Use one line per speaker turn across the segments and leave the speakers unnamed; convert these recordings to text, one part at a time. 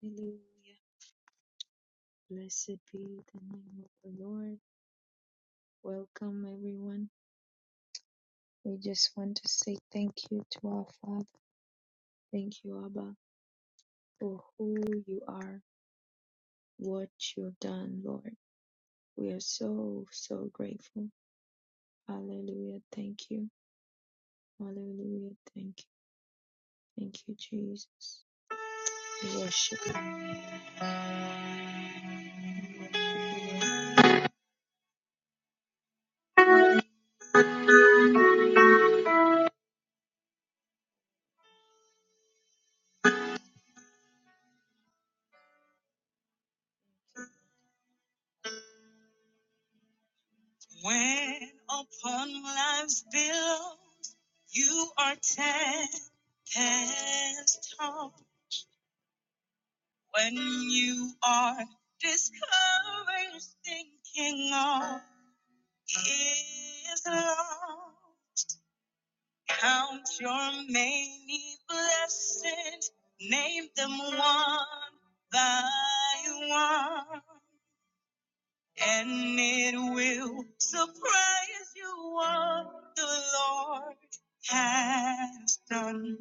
Hallelujah. Blessed be the name of the Lord. Welcome, everyone. We just want to say thank you to our Father. Thank you, Abba, for who you are, what you've done, Lord. We are so, so grateful. Hallelujah. Thank you. Hallelujah. Thank you. Thank you, Jesus. We worship you. When upon life's billows you are tempest tossed, When you are discouraged, thinking all is lost, count your many blessings, name them one by one, and it will surprise you what the Lord has done.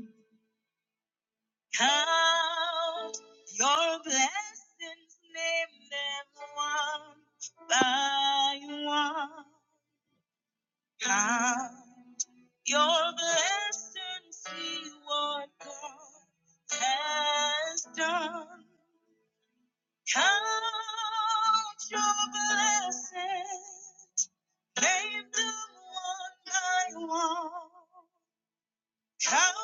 Count your blessings, name them one by one. Count your blessings, see what God has done. Count your blessings, name them one by one. Count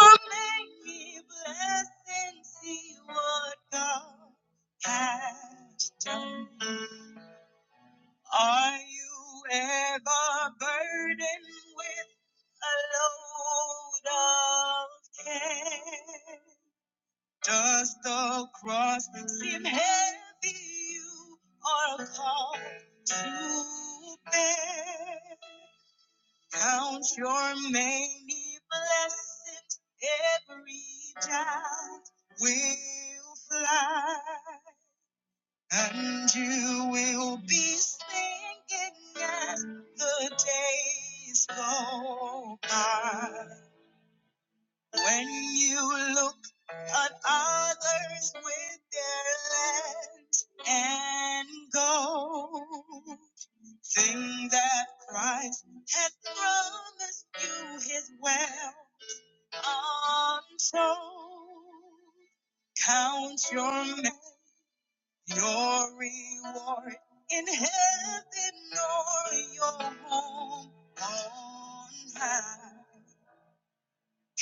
your many blessings, see what God has done. Are you ever burdened with a load of care? Does the cross seem heavy you are called to bear? Count your many blessings every child will fly, and you will be singing as the days go by. When you look at others with their lands and gold, Sing that Christ had promised you his well untold. Count your ma- your reward in heaven or your home on high.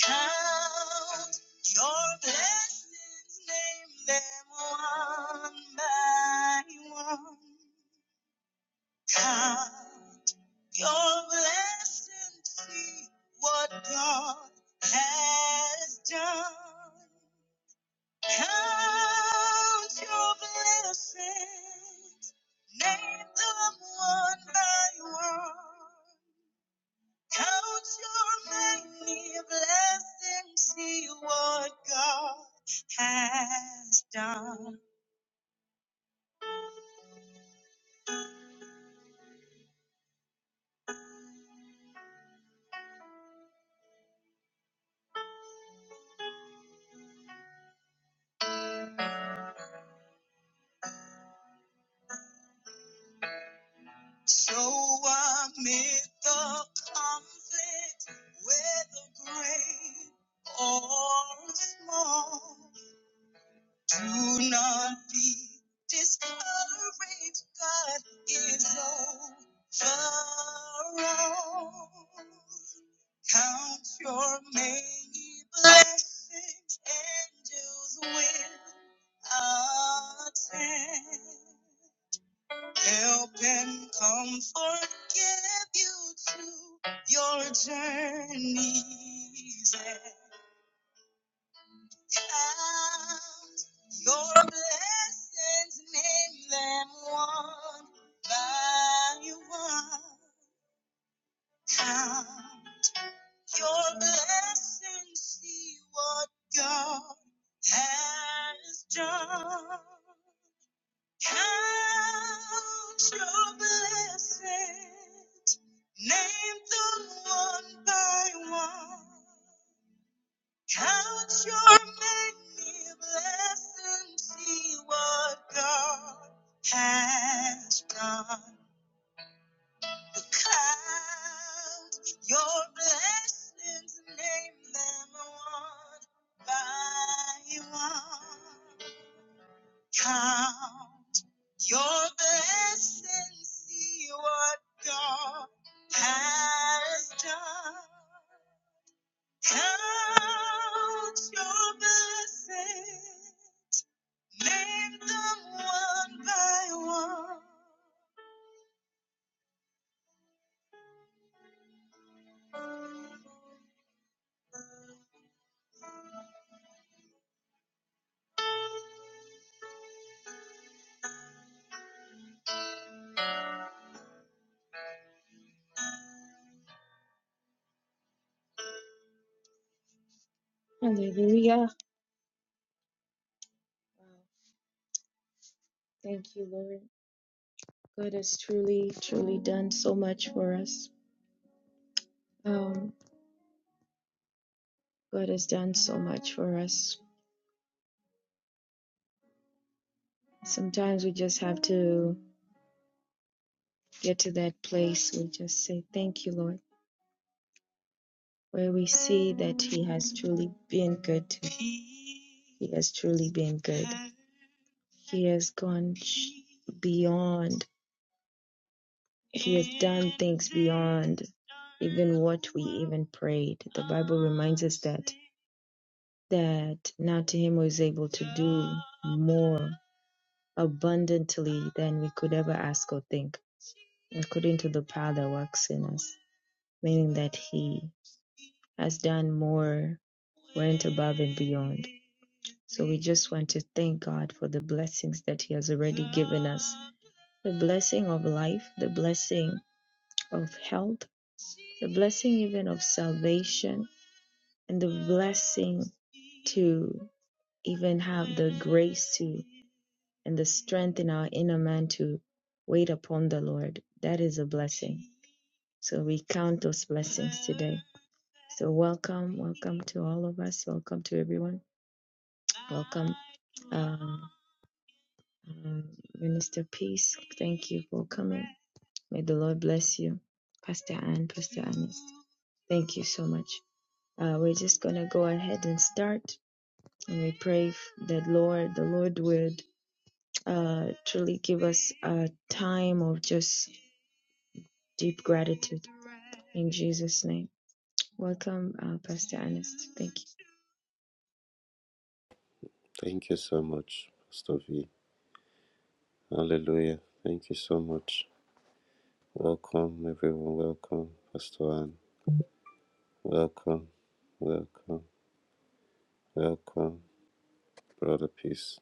Count your blessings, name them one by one. Count Your are see what God has done. Count your blessings, name them one by one. Count your many blessings, see what God has done. So amid the conflict, whether great or small, do not be discouraged. God is over all. Count your many blessings, angels will attend. Help and comfort give you through your journeys and out. your blessings, name them one by one. Count your blessings, see what God has done. Count your blessings. Name them one by one. Count your many blessings. See what God has done. Count your blessings. Name them one by one. Count your blessings, see what God has done. Count your blessings, name them one by one. Hallelujah. Wow. Thank you, Lord. God has truly, truly done so much for us. Um, God has done so much for us. Sometimes we just have to. get to that place, we just say, Thank you, Lord, where we see that He has truly been good to us. He has truly been good. He has gone beyond, He has done things beyond even what we even prayed. The Bible reminds us that that now to him who is able to do more abundantly than we could ever ask or think, according to the power that works in us, meaning that he has done more, went above and beyond. So we just want to thank God for the blessings that He has already given us the blessing of life, the blessing of health, the blessing even of salvation, and the blessing to even have the grace to and the strength in our inner man to wait upon the Lord. That is a blessing. So we count those blessings today. So welcome, welcome to all of us. Welcome to everyone. Welcome Uh, um, Minister Peace, thank you for coming. May the Lord bless you. Pastor Ann, Pastor Ernest, thank you so much. Uh, we're just going to go ahead and start. And we pray that Lord, the Lord would uh, truly give us a time of just deep gratitude in Jesus' name. Welcome, uh, Pastor Ernest. Thank you.
Thank you so much, Pastor V. Hallelujah. Thank you so much. Welcome, everyone. Welcome, Pastor Anne. Welcome, welcome, welcome, Brother Peace.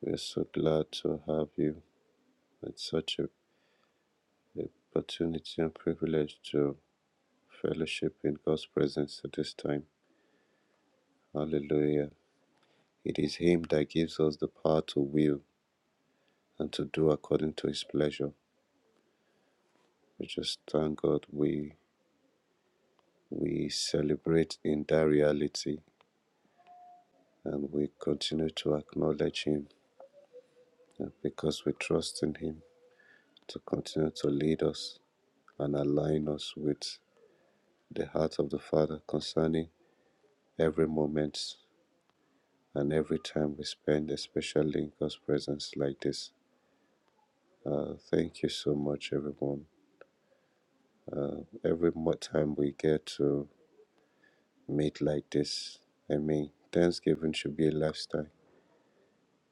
We're so glad to have you. It's such a a opportunity and privilege to fellowship in God's presence at this time. Hallelujah. It is Him that gives us the power to will and to do according to His pleasure. We just thank God. We We celebrate in that reality and we continue to acknowledge Him and because we trust in Him to continue to lead us and align us with the heart of the Father concerning every moment and every time we spend, especially in God's presence like this. Uh, thank you so much, everyone. Uh, every more time we get to meet like this, I mean, Thanksgiving should be a lifestyle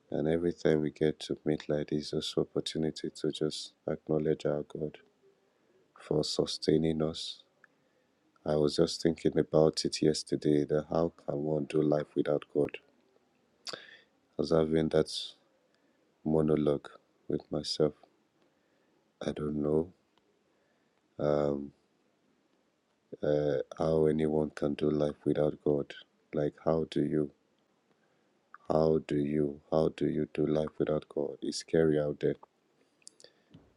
And every time we get to meet like this, just opportunity to just acknowledge our God for sustaining us. I was just thinking about it yesterday that how can one do life without God? I was having that monologue with myself. I don't know um, uh, how anyone can do life without God. Like, how do you, how do you, how do you do life without God? It's scary out there.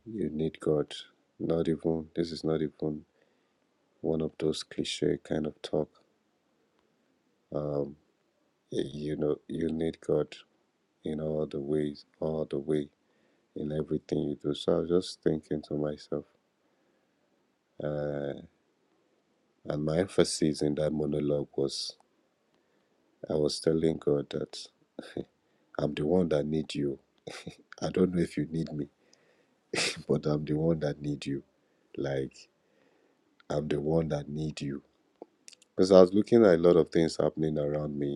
You need God. Not even, this is not even one of those cliche kind of talk. Um, you know, you need God in all the ways, all the way in everything you do. So I was just thinking to myself, uh, and my emphasis in that monologue was I was telling God that I'm the one that need you. I don't know if you need me, but I'm the one that need you. Like I'm the one that need you. Because I was looking at a lot of things happening around me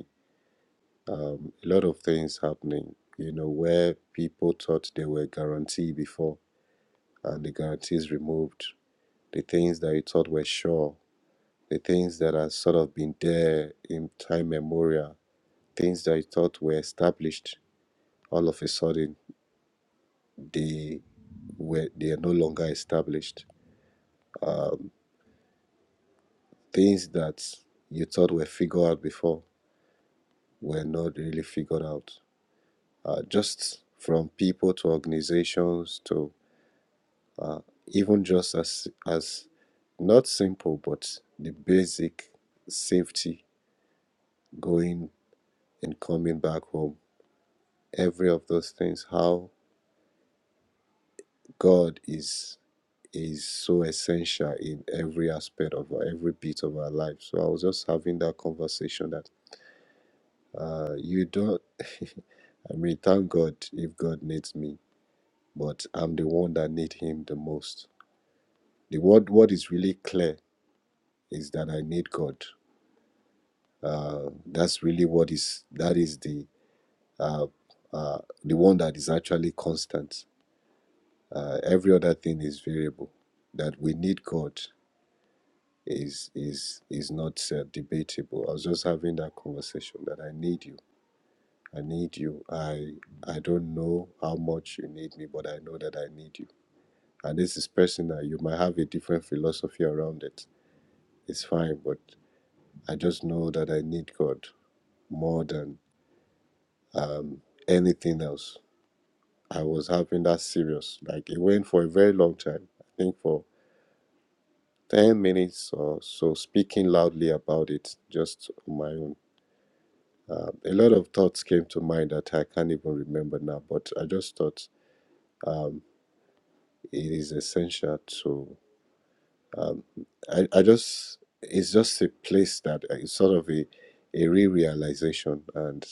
um, a lot of things happening, you know, where people thought they were guaranteed before and the guarantees removed, the things that you thought were sure, the things that have sort of been there in time memorial, things that you thought were established, all of a sudden they were they are no longer established. Um, things that you thought were figured out before were not really figured out. Uh, just from people to organizations to. uh, even just as as not simple but the basic safety going and coming back home every of those things how god is is so essential in every aspect of our- every bit of our life so i was just having that conversation that uh you don't i mean thank god if god needs me but i'm the one that need him the most the what what is really clear is that i need god uh, that's really what is that is the uh, uh, the one that is actually constant. Uh, every other thing is variable. That we need God is is is not uh, debatable. I was just having that conversation that I need you. I need you. I I don't know how much you need me, but I know that I need you. And this is personal. You might have a different philosophy around it. It's fine, but I just know that I need God more than um, anything else I was having that serious. Like it went for a very long time. I think for ten minutes or so, speaking loudly about it, just on my own. Uh, a lot of thoughts came to mind that I can't even remember now. But I just thought um, it is essential to. Um, I I just it's just a place that uh, it's sort of a a re-realization and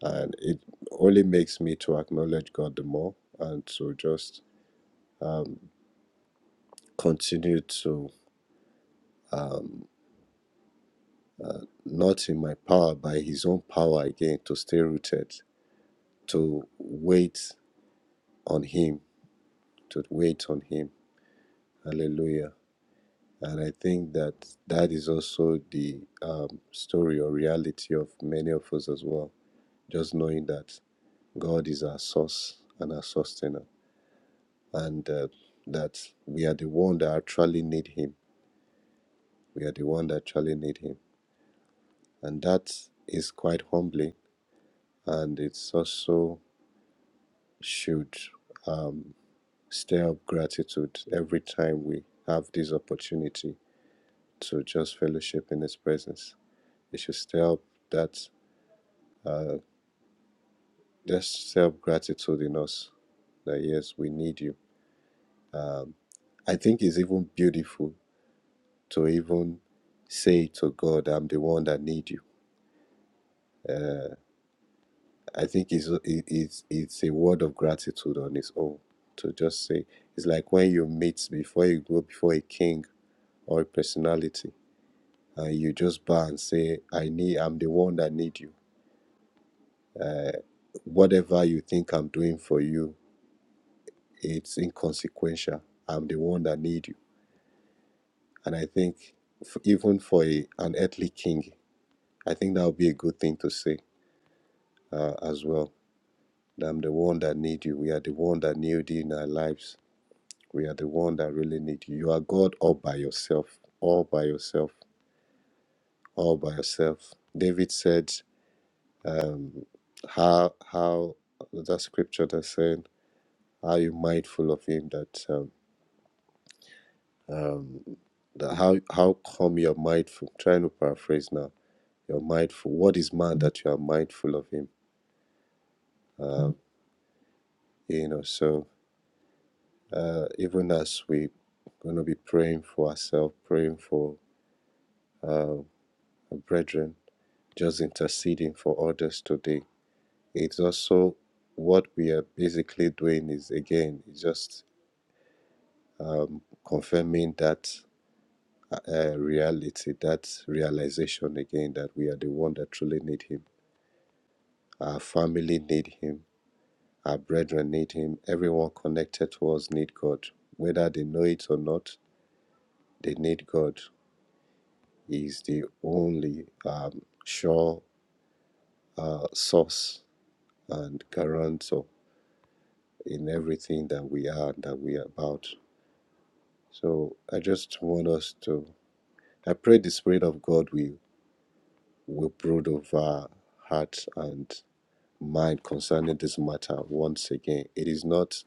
and it only makes me to acknowledge God the more and to just um, continue to um, uh, not in my power, by His own power again, to stay rooted, to wait on Him, to wait on Him. Hallelujah. And I think that that is also the um, story or reality of many of us as well. Just knowing that God is our source and our sustainer, and uh, that we are the one that actually need Him. We are the one that actually need Him, and that is quite humbling, and it's also should um, stir up gratitude every time we have this opportunity to just fellowship in His presence. It should stir up that, uh, just stir up gratitude in us that yes, we need you. Um, I think it's even beautiful to even say to God, I'm the one that need you. Uh, I think it's, it- it's, it's a word of gratitude on its own to just say, it's like when you meet before you go before a king or a personality and you just bow and say, I need, I'm the one that need you. Uh, whatever you think I'm doing for you, it's inconsequential. I'm the one that need you. And I think f- even for a, an earthly king, I think that would be a good thing to say uh, as well. that I'm the one that need you. We are the one that need you in our lives. We are the one that really need you. You are God all by yourself, all by yourself, all by yourself. David said, um, how how that scripture that's saying, "Are you mindful of Him?" That um, um, that how how come you're mindful? trying to paraphrase now. You're mindful. What is man that you are mindful of Him? Um, you know. So uh, even as we gonna be praying for ourselves, praying for uh, our brethren, just interceding for others today. It's also what we are basically doing is again it's just um, confirming that uh, reality, that realization again that we are the one that truly need Him. Our family need Him. Our brethren need Him. Everyone connected to us need God, whether they know it or not. They need God. He is the only um, sure uh, source and guarantor in everything that we are and that we are about. So I just want us to. I pray the Spirit of God will we brood over heart and mind concerning this matter once again. It is not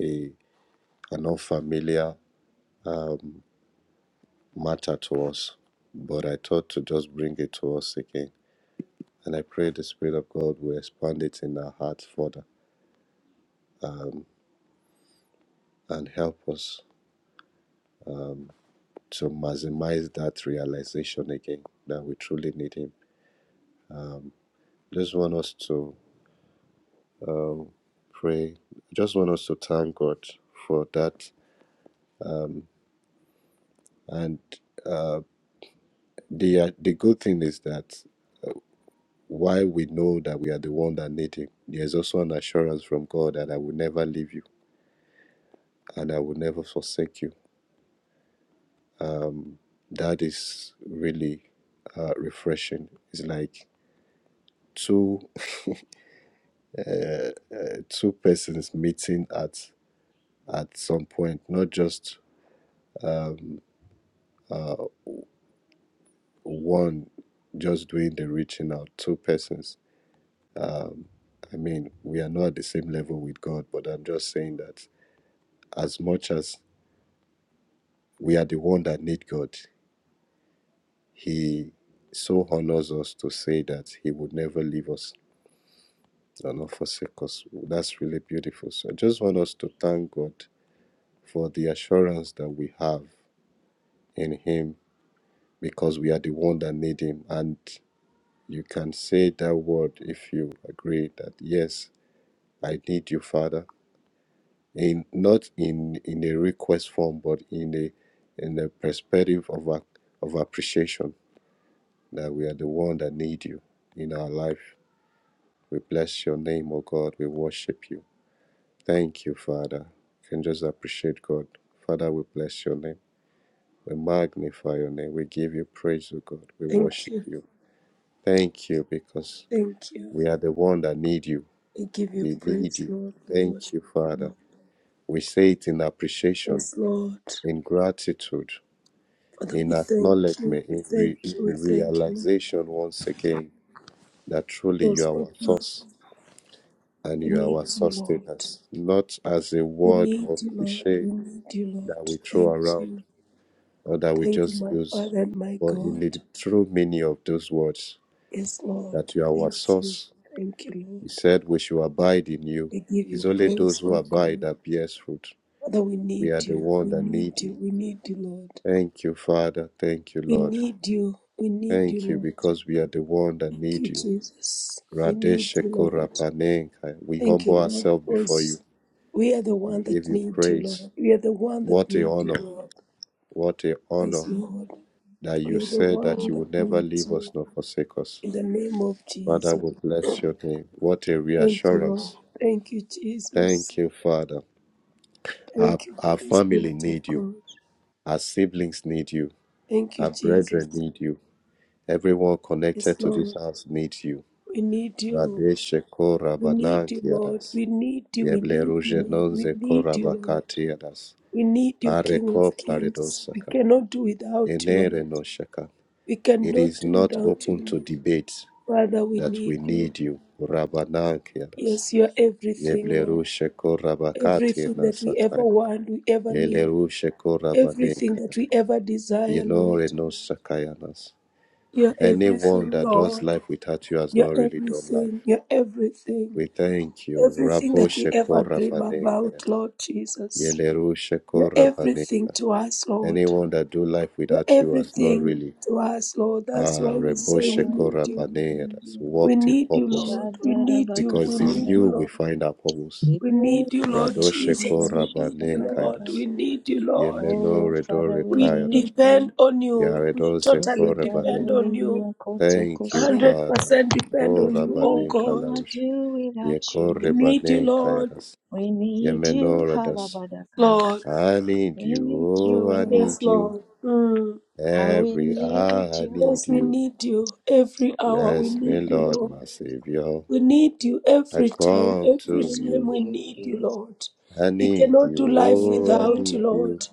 a an unfamiliar um, matter to us, but I thought to just bring it to us again. And I pray the Spirit of God will expand it in our hearts further um, and help us um, to maximize that realization again that we truly need Him. Um, just want us to um, pray. Just want us to thank God for that Um, and uh, the uh, the good thing is that while we know that we are the one that need Him, there's also an assurance from God that I will never leave you and I will never forsake you. Um, that is really uh, refreshing. It's like two uh, uh, two persons meeting at at some point, not just um, uh, one just doing the reaching out. Two persons Um, I mean, we are not at the same level with God, but I'm just saying that as much as we are the one that need God, He so honors us to say that He would never leave us or not forsake us. That's really beautiful. So I just want us to thank God for the assurance that we have in Him because we are the one that need Him. And you can say that word if you agree that, yes, I need you, Father. in not in in a request form but in a in a perspective of a, of appreciation that we are the one that need you in our life we bless your name O god we worship you thank you father you can just appreciate god father we bless your name we magnify your name we give you praise O god we
Thank
worship
you.
you thank you because
Thank you.
we are the one that need you
We give you
we need
praise,
you
Lord. We
thank
worship
you
you,
father
Lord.
we say it in appreciation
Yes, Lord.
in gratitude
Father,
in
we thank you.
acknowledgement,
We
in, re-
thank
in
you. We thank you.
realization once again that truly you
Yes,
are our
Papa.
source and
We
you are
need
our
you, Lord.
sustenance, not as a
We
word
need
or
you, Lord.
cliche
We need you,
that we
Lord.
throw
Thank
around
you.
or that we
Thank you,
just
my
use,
Father and my
but in
God.
the true meaning of those words,
Yes, Lord.
that you are our
Thank you.
source.
Thank you,
You
Lord.
said we should abide in you.
We give
It's
you
only
praise,
those who
oh
abide
God.
that bears fruit.
Father, we
We
need
are the
you.
one
We
that
need
need
you.
you.
We need you, Lord.
Thank you, Father. Thank you,
We
Lord.
need you. We need you,
Thank you
Lord.
because we are the one that
Thank
need
you,
you.
Jesus. We need you, Lord.
Radeshekorapanenka, we
Thank
humble
you, Lord,
ourselves before you.
because we are the
We
one
give
that
you
need you,
praise.
Lord. We are the one that
What a
need you,
honor.
Lord.
What a honor
Yes, Lord.
that
We
you
are the
said that
one
you
that
will never
needs
leave us
you.
nor forsake us.
In the name of
Father,
Jesus.
we bless your name. What a
Thank you, Lord.
reassurance.
Thank you, Jesus.
Thank you, Father. Our,
Thank you,
our
Holy
family
Spirit of
need you.
God.
Our siblings need you.
Thank you,
Our
Jesus.
brethren need you. Everyone
Yes,
connected to this
Lord.
house needs you.
We need you.
Radeshe
We need you, Lord.
korabanankiadas.
We need you. We
yeble
need you,
Yebleruje
Lord. We
nonze
need you, Lord.
korabakatiadas.
We need you, King
Areko
of Kings. We
plaridosaka.
cannot do without you,
Enere
Lord.
no shaka.
We
It
cannot
is
do
not
without
open
you,
to
Lord.
debate
Father, we
that we
need you.
need you. Rabanankiras.
Yes, you are everything, Lord.
Yebleru sheko rabakate
Everything
na
that we ever
sataya.
want, we ever need.
Yeleru sheko
Everything
rabanenkaya.
that we ever desire,
Yenore
Lord.
no sakayanas.
You are
Anyone
everything,
that does
Lord.
life without you has
You
not
are
really done
everything.
life.
You are everything.
We thank you.
Everything
Rabo
that we
sheko
ever dream
rabanenkaya.
about, Lord Jesus.
Yeleru
You
sheko
are everything
rabanenkaya.
to us, Lord.
Anyone that do life
You're
without you has not
everything
really
to us, Lord. That's
Thank
uh,
why we
you,
say
Reboshe
we
God.
need you.
Korabaneras,
We
walked in
need you,
purpose,
Lord. We need you. We
because it's
need you,
you we
Lord.
find our purpose.
Yes,
We
we
need you, Lord
take
Radoshe
it in
Jesus.
our
We need you,
Korabane
Lord.
shatakadaka.
Kairas,
We need you, Lord.
Yemeno
Oh, Father,
Redore
we
We
Kairas,
need
depend
you.
on you. We
Yaredose
Yes,
totally
Father,
depend
Korabane.
we
on
need
you.
you.
Thank you,
Kotokose.
Father.
100% depend
O
on you, oh
We
Rabane
God.
cannot
Kalarush,
do without
We
you.
need you,
Yekorebane
Lord.
Kairas,
We need you,
Yemenoradas.
Halabadaka.
Lord.
I need
We
you,
need you,
oh,
we
I
need
Yes,
need you.
you.
Lord. Mm.
How we
Every
need
hour I
you.
need
Yes, we
you.
need you. Every
Oh,
hour we
we
Bless me,
need you,
need
Lord,
you.
Lord.
my Savior.
We need you
I
every time,
come
We
every
to
time
need
you.
we
you,
need you,
Jesus.
Lord.
I
We
need
cannot
you.
do
We
life
Oh, I
need
without you,
need
you,
you.
Lord.
God.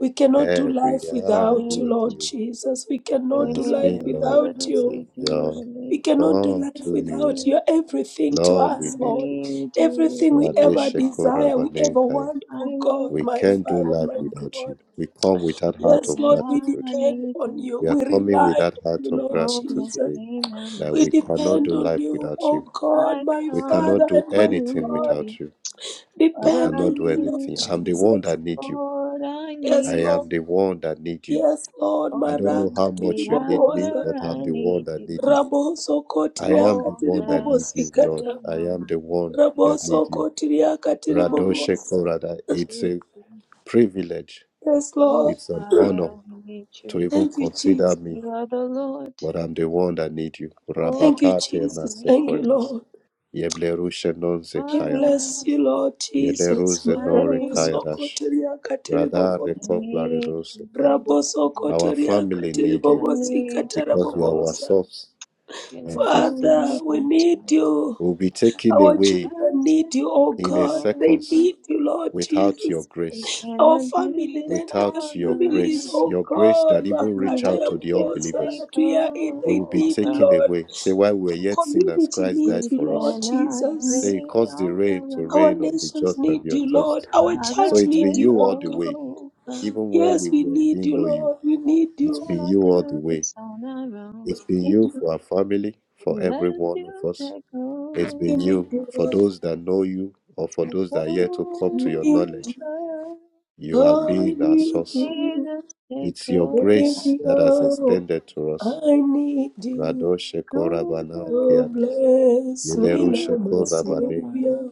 We cannot do
Every
life
We
hour I
without you,
need
need
Lord
you.
you.
Jesus. We cannot do
Bless
life
Hey,
me, Lord,
Lord,
my
without
we
you.
need you.
Savior.
We
We
need you.
cannot do
Come
life
We
to
need
you.
without you.
you.
You're everything to
I
Lord, we
us,
need
Lord.
you.
need you.
Everything we ever
Radeshe
desire, we ever
Korabanenkaya.
want,
I
oh
need
God,
We
my
you.
can't do
Father,
life
my
and
without
God.
you. We come with that heart
Yes,
of
Every
Lord, we
hour I
gratitude.
depend
need
on
you.
you.
We are
We
coming with
rely
that
on
heart
you,
of
Lord
Oh,
gratitude
blessed
Jesus.
today
me now, my
that
We
we cannot
Savior.
depend
do
on
life
you,
without
O
you.
God,
I
my
We cannot
come
Father
do
and my
anything
to
God.
thee.
without you. We
Father,
Depend
I
cannot
on
do
you, Lord
need
anything. I'm
you.
the one
Jesus.
that needs you.
Lord, I
Yes,
I
need you.
am
Lord.
the one that need you.
Yes, Lord.
I don't
Oh,
know
Maraka
how
every
much you need me,
tiribobosa.
hour
but
I
I'm the one
need
that
you.
need you.
Raboso
I am
kotriaka
the
Oh,
one that need you,
blessed
Lord.
me
tiribobosikata.
I
now,
am
my
the one
Savior.
that
Raboso
need you.
kotriaka
I come
Radoshe
tiribobosa.
Korada, it's
to
a
thee.
privilege.
Yes,
Oh,
Lord.
It's an honor
Father, we need
to
you.
even
Thank you,
consider
Jesus.
me,
You are the Lord.
but I'm the one that need you.
Oh,
Thank you,
I
Rabakate na
Jesus. Thank
need
you,
you,
sekoras.
Lord.
Yeblerushe non
I
my
zekayaras.
bless you,
Lord.
Lord Jesus.
Yeleruze
I
non
need
Maraboso
you.
rekayaras.
kotriaka
Radare
I
tiribobosa.
kopla
need you. I
redoseka.
need you, Lord.
Our family need
I
you
need you,
because you are
God.
our
Rabosokotoriakatiribobosikatarabobonza.
source.
Can
and
I do
Father,
sustenance
we
without you?
need you.
will be taken
Our
Lord, You
away
children need you,
take
oh
in a
God. They
over.
seconds
need you, Lord
without your
Jesus.
We
grace.
Our
cannot do
family,
this
then the
Without
on
your
our
families,
own.
grace,
oh
your grace
God,
that even reach
Let
out to the
you
Makatarabobosa,
take
unbelievers,
that we are in,
we
they
will be
need you,
over.
taken
Lord.
away. Say, while we are
Our
yet sinners,
community
Christ died
needs
We
you,
for
Lord
us.
cannot pray
Say,
Jesus.
He caused the
on
rain
our
to
own.
Our
rain on the
nations
just and
need
the
you, Lord.
unjust.
Our
Father,
So
church
it's
need
been
take
you,
you
oh
all the
God.
way,
over.
even when we
Yes, we
were-
need
didn't
you,
know you.
Lord. We
We
need
It's
you.
been
cannot
you all the
do
way.
this on our own.
It's been
We need
you
you.
for our family, for
Let
every one
you
of us.
take
It's
We
been
over,
you.
need you.
For those that know you, or for
take
those that are yet to come to
We
your
need you.
knowledge,
over,
you have
Oh, I
been our
need
source.
you.
Jesus, take
It's your
over,
grace
Baby,
that has
oh,
extended to us.
I need you.
Rado
take
sheko rabana
over,
Oh,
keanas.
bless me
Yeleru
now,
Jesus,
my
sheko
take
rabane.
over.
Savior.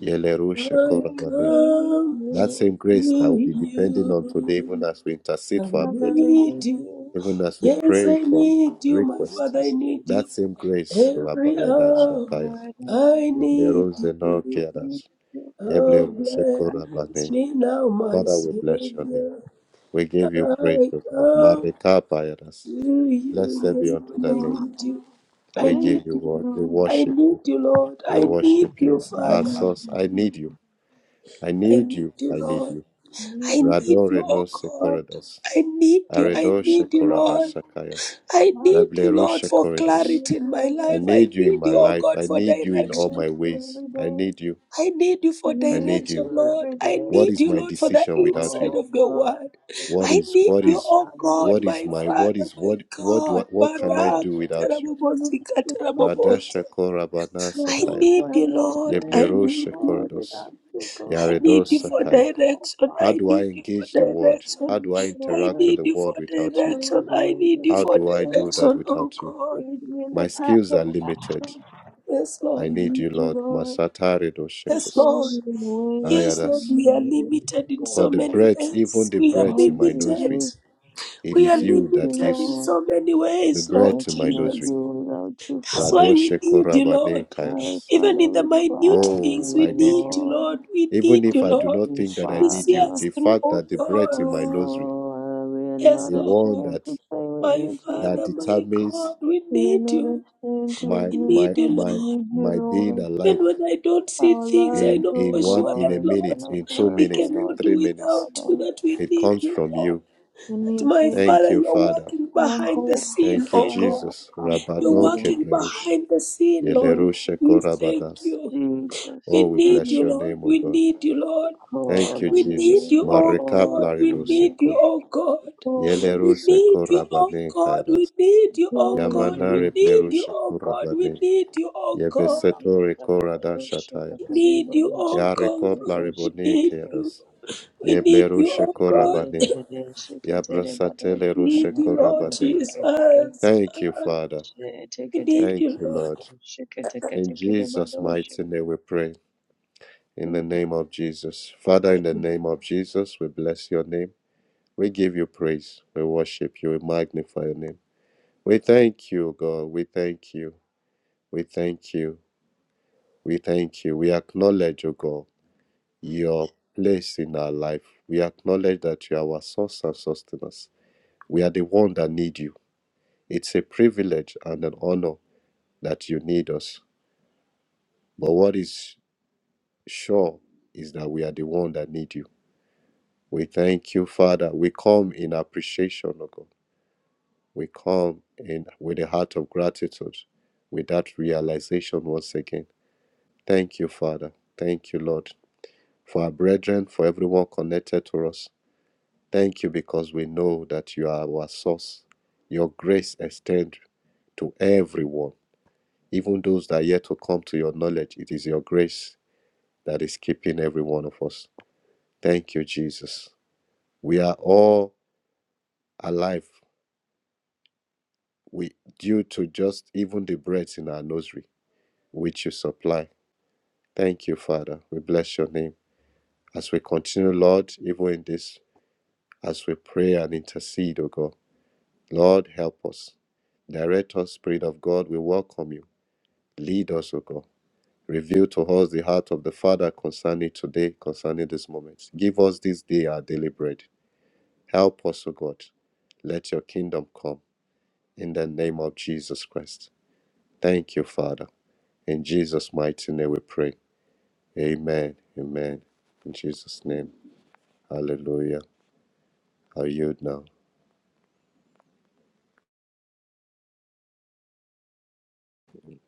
Yeleru sheko
I
We
rabane.
need
come
That
you,
same
to
grace that will be depending on today, even
you.
as we
I
intercede for our
Father,
brethren,
we
need
need
you.
you.
even as we
Yes,
pray
I
for
need you, my
We
requests.
Father. I
need
need
That
you.
same grace, Rabbi
Every hour,
Yadashakaya.
God, I
I need
Yebleru zeno
you.
need
keanas.
you.
Oh,
Yebleru
I
Shekora
need
bless
Bane.
me now, my
Father, we bless your name.
Savior.
We
I
give you praise, O God.
come
Marika
to
Payadas.
you.
Blessed be
Yes,
unto
Lord,
you,
I
the name
Lord,
need
of God.
you.
I
I
We
need you.
need
give you
you.
word. We
Lord.
I
worship
need
you.
you, Lord.
We
I need
worship
you,
you.
I
Our
Father.
source, I need you. I
I
need
need
you.
you,
I need
Lord.
you.
I need
Rado
you,
Reno
oh God.
Sekoridas.
I need you.
need
I
Aredo
need you,
you.
Shekoridas
Lord.
Sakaya.
I
I need
need
you.
you,
Rebleru
Lord, for
We
Shekoridos.
need
clarity in my
you every
I
day.
life. I
need you in
need
my
you, oh
life.
God,
I
for
need you
We
in all
need
direction.
my
you
ways.
every
I
day.
need you.
I need you
We
for
I
need
need
direction,
you.
you
Lord.
every
I
day.
What
need
is
you,
my
Lord, for the
decision without you?
inside
Oh
of your
God,
word.
we
What
need
I
is
you
need
what
in our
you,
is
oh God,
family,
what is
my
my
God.
what
Father,
is
my
what what do I,
God.
what can I
God,
Baraka
do without you?
we need
terabobosi
you,
katerabobosa.
Radashako Rabana
I
Sakaya.
God. We
need
have
you,
no
Lord. I
strength,
Yeblero
oh
need
God,
you.
Shekorodos.
without you, God.
I
I
Yaredos
need you for
am
Sakaya.
oh
direction.
How
I
do
Father.
I
need you for
engage the world?
We
direction.
How
need
do I
you,
I
interact
Lord.
with
need
the
you for
world without you?
Show
direction.
the
I
way
need
that
you
I
How
for
do
should
I do
go.
that
direction, oh
without you?
God.
Lead me in the
My
path
skills are
of
limited.
life.
Yes,
I
We
Lord.
need
need
you,
you,
Lord.
Lord.
Masatare do
Yes,
Shekos.
Show
Lord.
me the way.
Yes,
Show
Lord.
Ayadas.
We are
me
limited in
the way.
For
so
the
many
breath, even
ways.
the
I
We are
breath in my
need
limited.
nursery,
you,
it
We are
is you
need you,
that
limited in
gives
Lord.
so many
the
ways,
breath
Lord
I
to my
cannot
nursery.
Jesus.
do without you,
That's why we
Radoshe
need you, Lord.
Korabane
Father.
Kairas.
Even
Father,
in the
we
minute
cry to
Oh,
things, we
you,
I need
need
you.
you,
Lord.
Lord. We
Even
need
if
you,
I
Thank
do
Lord,
not
you,
think that I
to
need
see
you,
Father.
us
the
through,
fact
oh
that the breath
God.
in my nostril,
Oh, we are
Yes,
not
the
Lord.
one
ashamed
that
to say we
My
need
that
you.
Father, my
determines
God, we
We are
need
not
you.
ashamed to
my
We
admit
my
need
that
you,
we
Lord.
my
need you,
my being
Lord.
alive
Even when I don't see
Our
things, I
in
lives,
know
oh
in
for
one
sure
in
that,
a
God,
Lord,
minute,
cannot
in two
work
we
minutes, in
without
cannot do
three
you,
minutes,
without you,
Father.
that we
it
need
comes
you.
from
Lord.
you.
We
That
need
my
you.
Thank
Father,
you,
you're
Father.
working
Our
behind the
hope,
scene,
Thank you,
oh
our
God.
help
Jesus.
comes
You're
from
Rabano
you,
working
Ketlerush.
behind the scene,
Lord.
Lord.
Yelerushe
We thank
Korabanas.
you.
Jesus,
We
Oh, we
need
bless
you,
your
Jesus,
Lord.
name, O
We
God.
need you, Lord.
Thank
call
you,
We
on your
need
Jesus.
you,
name,
oh
call
God.
on
Marekaplari
your
We need
name,
you,
ruseko.
oh God.
call
Yele
on your
We
name,
need
ruseko
you, oh
rabane
God. We
kairas.
need you, oh
call on
God.
your
We
Yamanare
name,
need
Jesus.
you,
bleruseko
oh God. We
rabane.
need you, oh God.
Yebeseto
Ika
reko radasha
maradosha
We
tairas.
takaribo
need you,
dosha
oh
Yareko
God. We
takabadosha
blaribone
need
keteke
you.
kairas.
We need you, oh
Yeblerusheko
ketere
God.
rabane.
dedeshe ketere
Yabrasatele
badosha
We need you,
rusheko
Lord
kamaradosha
rabane.
Jesus.
keteke
Thank you,
Ah,
Father.
We
teke
need
teke
Thank
you,
you,
Lord.
Lord.
maradosha keteke
In
teke
Jesus'
badosha.
mighty name we pray. In the
Mm.
name of Jesus. Father, in the name of Jesus, we bless your name. We give you praise. We worship you. We magnify your name. We thank you, God. We thank you. We thank you. We thank you. We acknowledge, O God, your place in our life. We acknowledge that you are our source and sustenance. We are the one that need you. It's a privilege and an honor that you need us. But what is sure is that we are the one that need you. We thank you, Father. We come in appreciation, O God. We come in with a heart of gratitude, with that realization once again. Thank you, Father. Thank you, Lord, for our brethren, for everyone connected to us. Thank you because we know that you are our source. Your grace extends to everyone, even those that are yet to come to your knowledge. It is your grace that is keeping every one of us. Thank you, Jesus. We are all alive we, due to just even the breath in our nursery, which you supply. Thank you, Father. We bless your name. As we continue, Lord, even in this, as we pray and intercede, O God, Lord, help us. Direct us, Spirit of God, we welcome you. Lead us, O God. Reveal to us the heart of the Father concerning today, concerning this moment. Give us this day our daily bread. Help us, O God. Let your kingdom come in the name of Jesus Christ. Thank you, Father. In Jesus' mighty name we pray. Amen. Amen. In Jesus' name. Hallelujah. I'll yield now.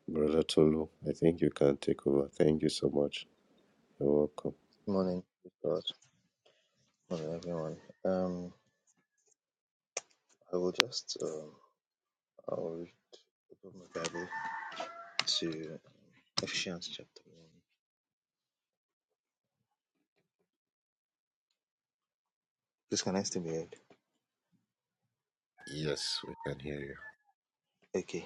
Brother Tolu, I think you can take over. Thank you so much. You're welcome.
Good Morning, praise God. Good Morning, everyone. Um, I will just um, I will open my Bible to Ephesians chapter one. Please, can I still be heard?
Yes, we can hear you.
Okay.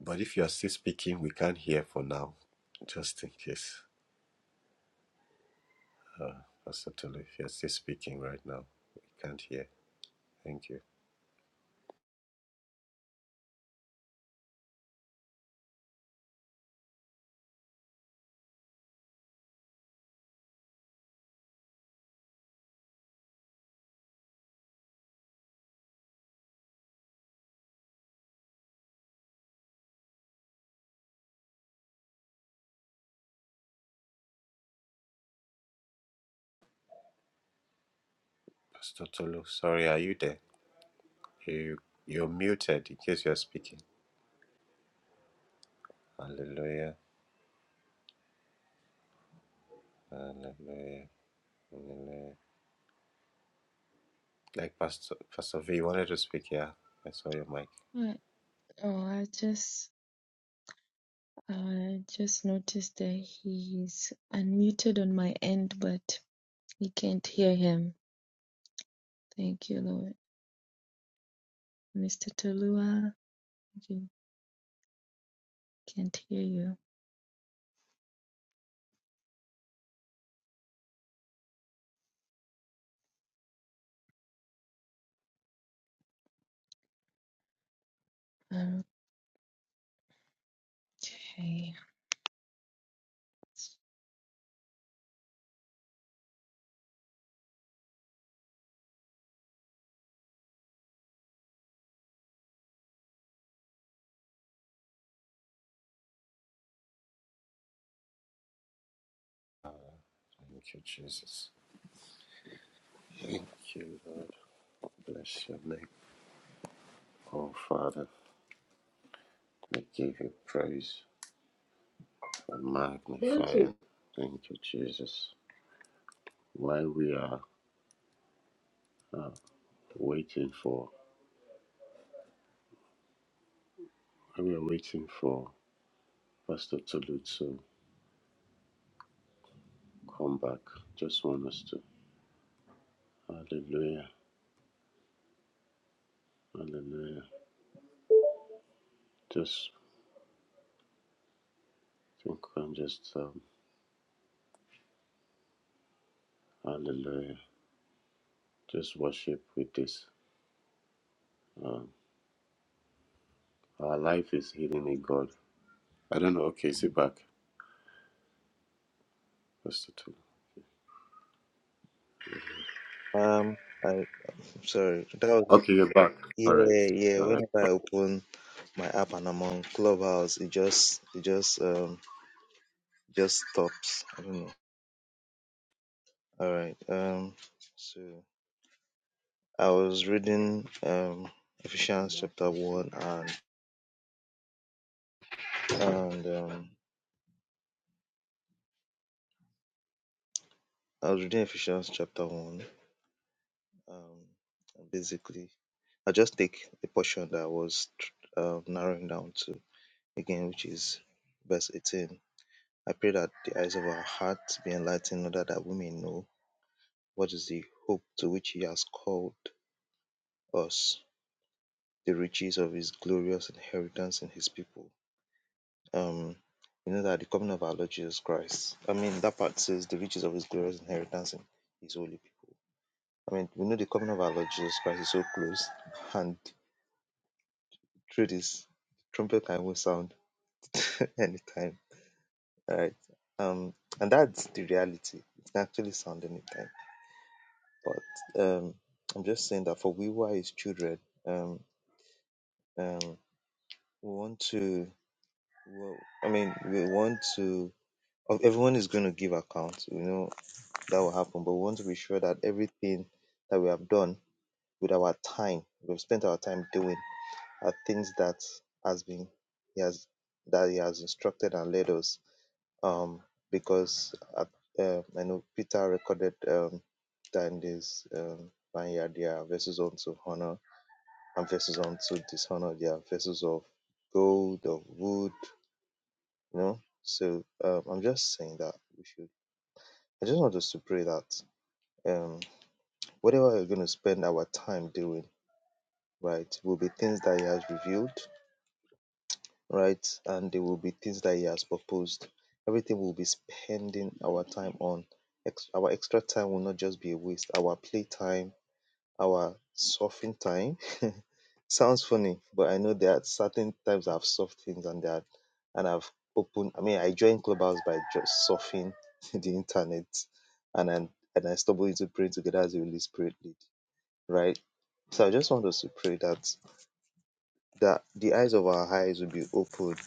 But if you are still speaking, we can't hear for now, just in case. Pastor Tolu, if you are still speaking right now, we can't hear. Thank you. Pastor Tolu, sorry, are you there? You, you're muted in case you are speaking. Hallelujah. Hallelujah. Hallelujah. Like Pastor, Pastor V, you wanted to speak, yeah? I saw your mic.
I- Oh, I just I just noticed that he's unmuted on my end, but we can't hear him. Thank you, Lord. Mr. Tolua, we can't hear you. Okay.
Thank you, Jesus. Thank you, Lord. Bless your name. Oh, Father, we give you praise and Thank magnify Thank you. you. Thank you, Jesus. While we are waiting for, while we are waiting for Pastor Tolu to come back, just want us to, hallelujah, hallelujah. Just think and just, um, hallelujah. Just worship with this. Um, our life is hidden in God. I don't know. Okay, sit back, Pastor Tolu.
Um, I, I'm sorry. That was
Okay, you're back. All right.
yeah, yeah.
All right.
Whenever I open my app and I'm on Clubhouse, it just it just um just stops. I don't know. All right. Um, so I was reading um Ephesians chapter one and and um I was reading Ephesians chapter 1 um basically I just take the portion that I was tr- uh, narrowing down to again, which is verse 18. I pray that the eyes of our hearts be enlightened, in order that we may know what is the hope to which He has called us, the riches of His glorious inheritance in His people. Um, you know that the coming of our Lord Jesus Christ. I mean, that part says the riches of His glorious inheritance in His holy people. I mean, we know the coming of our Lord Jesus Christ is so close, and through this trumpet can even sound anytime. All right, Um and that's the reality. It can actually sound anytime. But um I'm just saying that for we who are his children, um um we want to well, I mean we want to of- everyone is going to give account, you know, that will happen. But we want to be sure that everything that we have done with our time, we've spent our time doing are things that has been he has that he has instructed and led us um, because uh, uh, I know Peter recorded um, Dandy's um, Vineyard, their vessels unto honor and vessels unto dishonor, their vessels of gold, of wood, you know. So um, I'm just saying that we should, I just want us to pray that um, whatever we're going to spend our time doing, right, will be things that He has revealed right? And there will be things that He has proposed. Everything we'll be spending our time on, ex- our extra time will not just be a waste. Our playtime, our suffering time. Sounds funny, but I know there are certain times I've soft things and that, and I've opened. I mean, I joined Clubhouse by just surfing the internet, and then and I stumbled into praying together as the Holy Spirit lead, right? So I just want us to pray that that the eyes of our eyes will be opened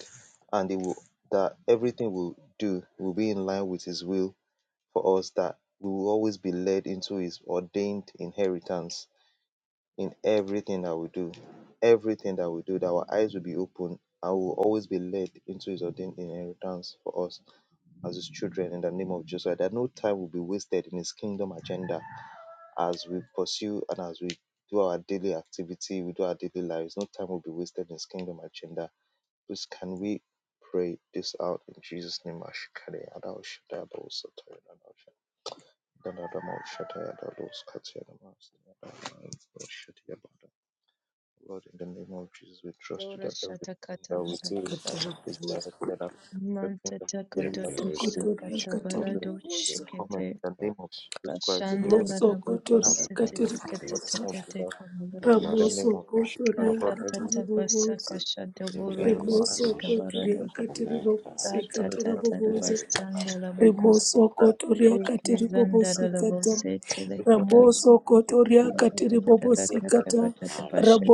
and it will, that everything we do will be in line with His will for us, that we will always be led into His ordained inheritance in everything that we do. Everything that we do, that our eyes will be open and will always be led into His ordained inheritance for us as His children in the name of Jesus. That no time will be wasted in His kingdom agenda as we pursue and as we do our daily activity, we do our daily lives. No time will be wasted in His kingdom agenda Please can we pray this out in Jesus' name? Ashkare Adao Shaddai Adao Sataya Adao Shaddai Adao Adamo Shaddai Adao Skataya Adamo Sataya Adamo Adao Shaddai Adao. Lord, in the name of Jesus, we trust you
Dora
that everything
shatakata
that we do
kadabasha.
Katara
is
bubosa.
directed according to
Manta
the
Yeah,
kingdom that slowly
Mosokotoria
sakata
has
katiri
been
barado
yeah,
to
bubosa.
come in
shikete.
the name of Jesus Christ.
Kashanda ladabako
Not to
Mosokotoria
be
sete
katiri
distant,
tekete
not
bubosa.
come
tete
without the
kabuladosha.
name of Jesus Christ.
Ramosokotoria
Lord,
Katata
katiri
everything is
tabasa
to,
bubosa.
kasha
to be
doboro
in line
kose
with
Rimosokotoria
the
katiri
agenda
bubosa.
and
Katara
time to
bubosa. Rimoso
the
kotoria katiri bobosikata.
Christian will do
Ramoso
the
kotoria
movie
katiri
of my brother
bobosikata.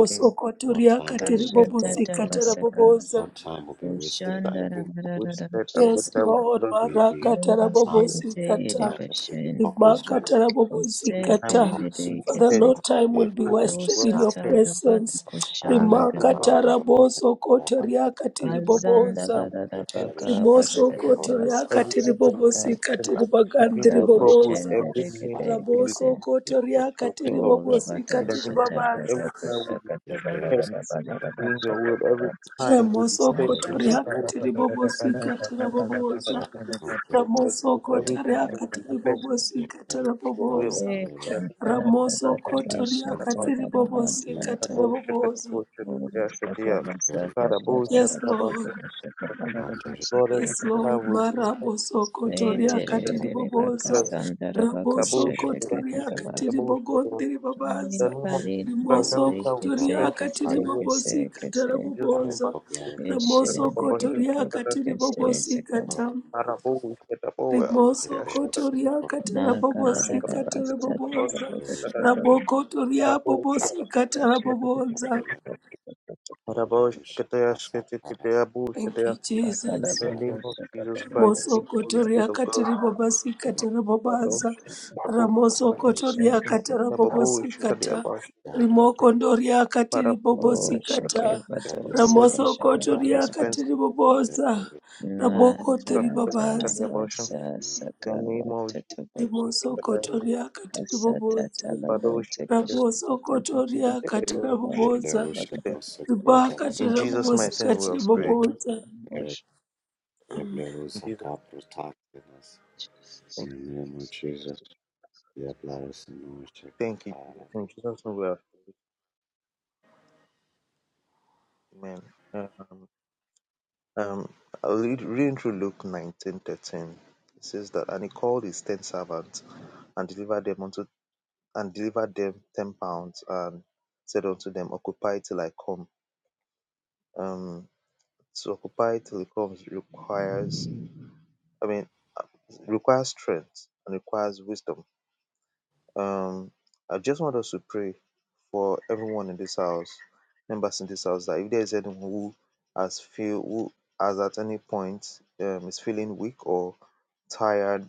Jesus
No
kotoria
time will
that
be
katiri
wasted.
our life
Lord.
bobosikata rabobosa.
No time will be
the
wasted.
time
Every
wasted and
will
Yes,
better we will
Lord,
not
will be
live
marakata
aligned,
fully of
rabobosikata.
aligned,
time and
will be
Kazanda
just like
purposeful.
Rimakata
Will
this
be
time
rabobosikata.
will be fully
Father,
spent,
no time
compromised.
will be
Every
time will
wish
be
wasted
well
in your
asked,
spent.
presence.
And
I
him of just want
recognore
Rimakata
it
every
raboso
all over
kotoria
me.
katiri bobosa.
time we spend in
Every wish,
you,
Rimosoko
Lord,
God,
toriaka
every
tiri
time will be spent in you, Lord, every time will be
bobosika
spent
will
tiri
achieving
bagandiri
your
be
purpose,
boboza.
every minute
aligned.
will be spent in
Rabosoko
Every wish,
toriaka
your will,
tiri
Lord.
Oh,
bobosika
Labada
In the
tiri
name of
Shata
Jesus Christ,
babaza.
Bada
every time will be
Shaka Bada
every wish,
Bada
Hence,
Bada Bada
doing your
Shaka
will every
Bada
time will be
Ramosoko
spent
every
doing
wish,
your
Shaka
toriaka
Bada
will.
tiri
Bada Bada
bobosika
The
tiri
name
Shaka
of God
Bada
that
boboza.
that
Shaka Bada
chooses this
was
Bada
the
for
first
your doing
Bada
Ramosoko
every
thing
time
I
Bada
toriaka
will be
bada
tiri
spent
basa.
doing
did
bobosika
ever
tiri
your
thought of
will.
boboza.
Eh,
little
The name of
tanta
Jesus
bada
Christ, my
Ramosoko
Father,
bada
it
basa
was
God,
toriaka
the
kata
about
tiri
you.
bada bada
bobosika
thing that concept being
Father,
cut
tiri
tanta.
God, Shepherd, God, Shepherd,
Oh,
yeah, Shepherd,
kata
yeah.
the
basa
little
Father,
it
kata
was
God,
kata
Yes,
Shepherd, God,
kata
Lord.
basa
Shepherd.
kata bada bada
under
basa
Lord,
kata
Yes,
every
bada
for the
Lord.
time
basa.
will
cross
be
and
spent
Maraboso
doing
the
Eh,
your will.
little
kotoria
tere
In the
katiri
name
tere
of
tere
Jesus
boboza.
shots
Christ,
bakasanda
Father,
Raboso
God,
rabakoshte
the
Shepherd, yeah, Shepherd,
kete
first
kotoria
thing
kaba.
katiri
God, Shepherd, yeah.
bogondiri
Eh,
The
babaza.
name of Jesus
badi
the
tere
Christ,
little
Rimoso
every
tere
knows
time
the
will be
kotoria
kese
product
spent
I
doing
kese
katiri
your will.
kese
bobosi
kese.
katara
had a
Yosun
boboza.
Barabush
popular the
Eshe
Ramoso
deke
kotoria
deke
Katabash
deke
katiri
shere
bobosi
seka
product
katam.
Arabu Shetaboa
the
Rimoso
little
Yashaka
kotoria
support
na
katara
kala da
kataraboboza,
da
Shetabash
katara
basta da
of
da
Katabash
boboza.
the
da da da da da
Katadasha
da
Raboko toria
Arabu
bobosi
Shetabash
katara
Eshe deke deke deke
little
deke deke.
the
Arabosh
little
Katayash
shots I had
Katayabu
Thank
Shataya
you,
Ma kala
in
Jesus.
the
da da
another
name of
seka
Jesus
da
push
da
Christ,
da
for
the
seka
Holy
na da
Spirit
Mosokotoria
of God,
katiri babasi
the
katara
na
babaza.
Barosh
seka
Katabash
seka
little
shere
Ramosokotoria
deke
katara
deke
babosi
Rababush
kata.
Katayabash
deke.
product
Rimokondoria katiri
Parabu
O
babosi
sheke
Katabu
kata.
the
bato
little
the Lord
seka shaba
Jesus I
da
of
will
Ramosokotoria
da da
dispense
katiri
with the
the little
babosa.
name of
Na
Jesus
da
Christ
Rabokotiri
da
babaza.
Katayabash the name of
Nakala
Jesus
Rimosokotoria katiri
Kasata
babosa.
talabo
Father, we should
tekesh
thank
tatani
Ramosokotoria katara
the
babadi
babosa.
little
babada
Riba
shots
In
katara
Jesus'
babosi
mighty name we
katiri
have prayed.
babosa.
Declare the blood of
In Jesus,
Saka protecting us.
name,
Jesus.
In the name of Jesus, the blood of Sinu
thank you,
Shekatara.
Jesus. In Jesus' name we have prayed. Amen. Um, um, I'll read, read through Luke nineteen thirteen. It says that, and he called his ten servants and delivered them unto and delivered them ten pounds and said unto them, Occupy till I come. Um, to occupy till he comes requires, I mean, requires strength and requires wisdom. Um, I just want us to pray for everyone in this house, members in this house, that if there's anyone who has feel who has at any point um, is feeling weak or tired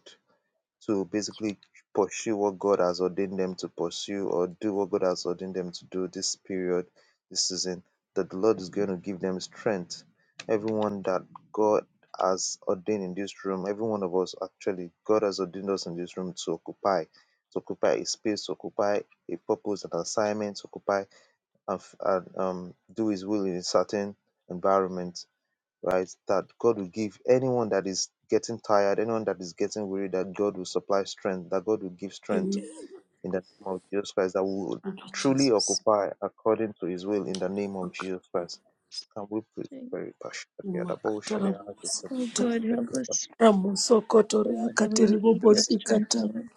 to basically pursue what God has ordained them to pursue or do what God has ordained them to do this period, this season, that the Lord is going to give them strength. Everyone that God has ordained in this room, every one of us actually, God has ordained us in this room to occupy, to occupy a space, to occupy a purpose, an assignment, to occupy and, f- and um, do His will in a certain environment right? That God will give anyone that is getting tired, anyone that is getting weary, that God will supply strength, that God will give strength
Amen.
in the name of Jesus Christ, that we will
Thank you,
truly
Jesus.
occupy according to his will in the name of Jesus Christ. Can we please
Thank-
pray?
Rimakatara
Oh
bobosikata.
God, help us.
Ramosokotoria
Father, we
katiri
need your strength,
bobosikata.
Lord.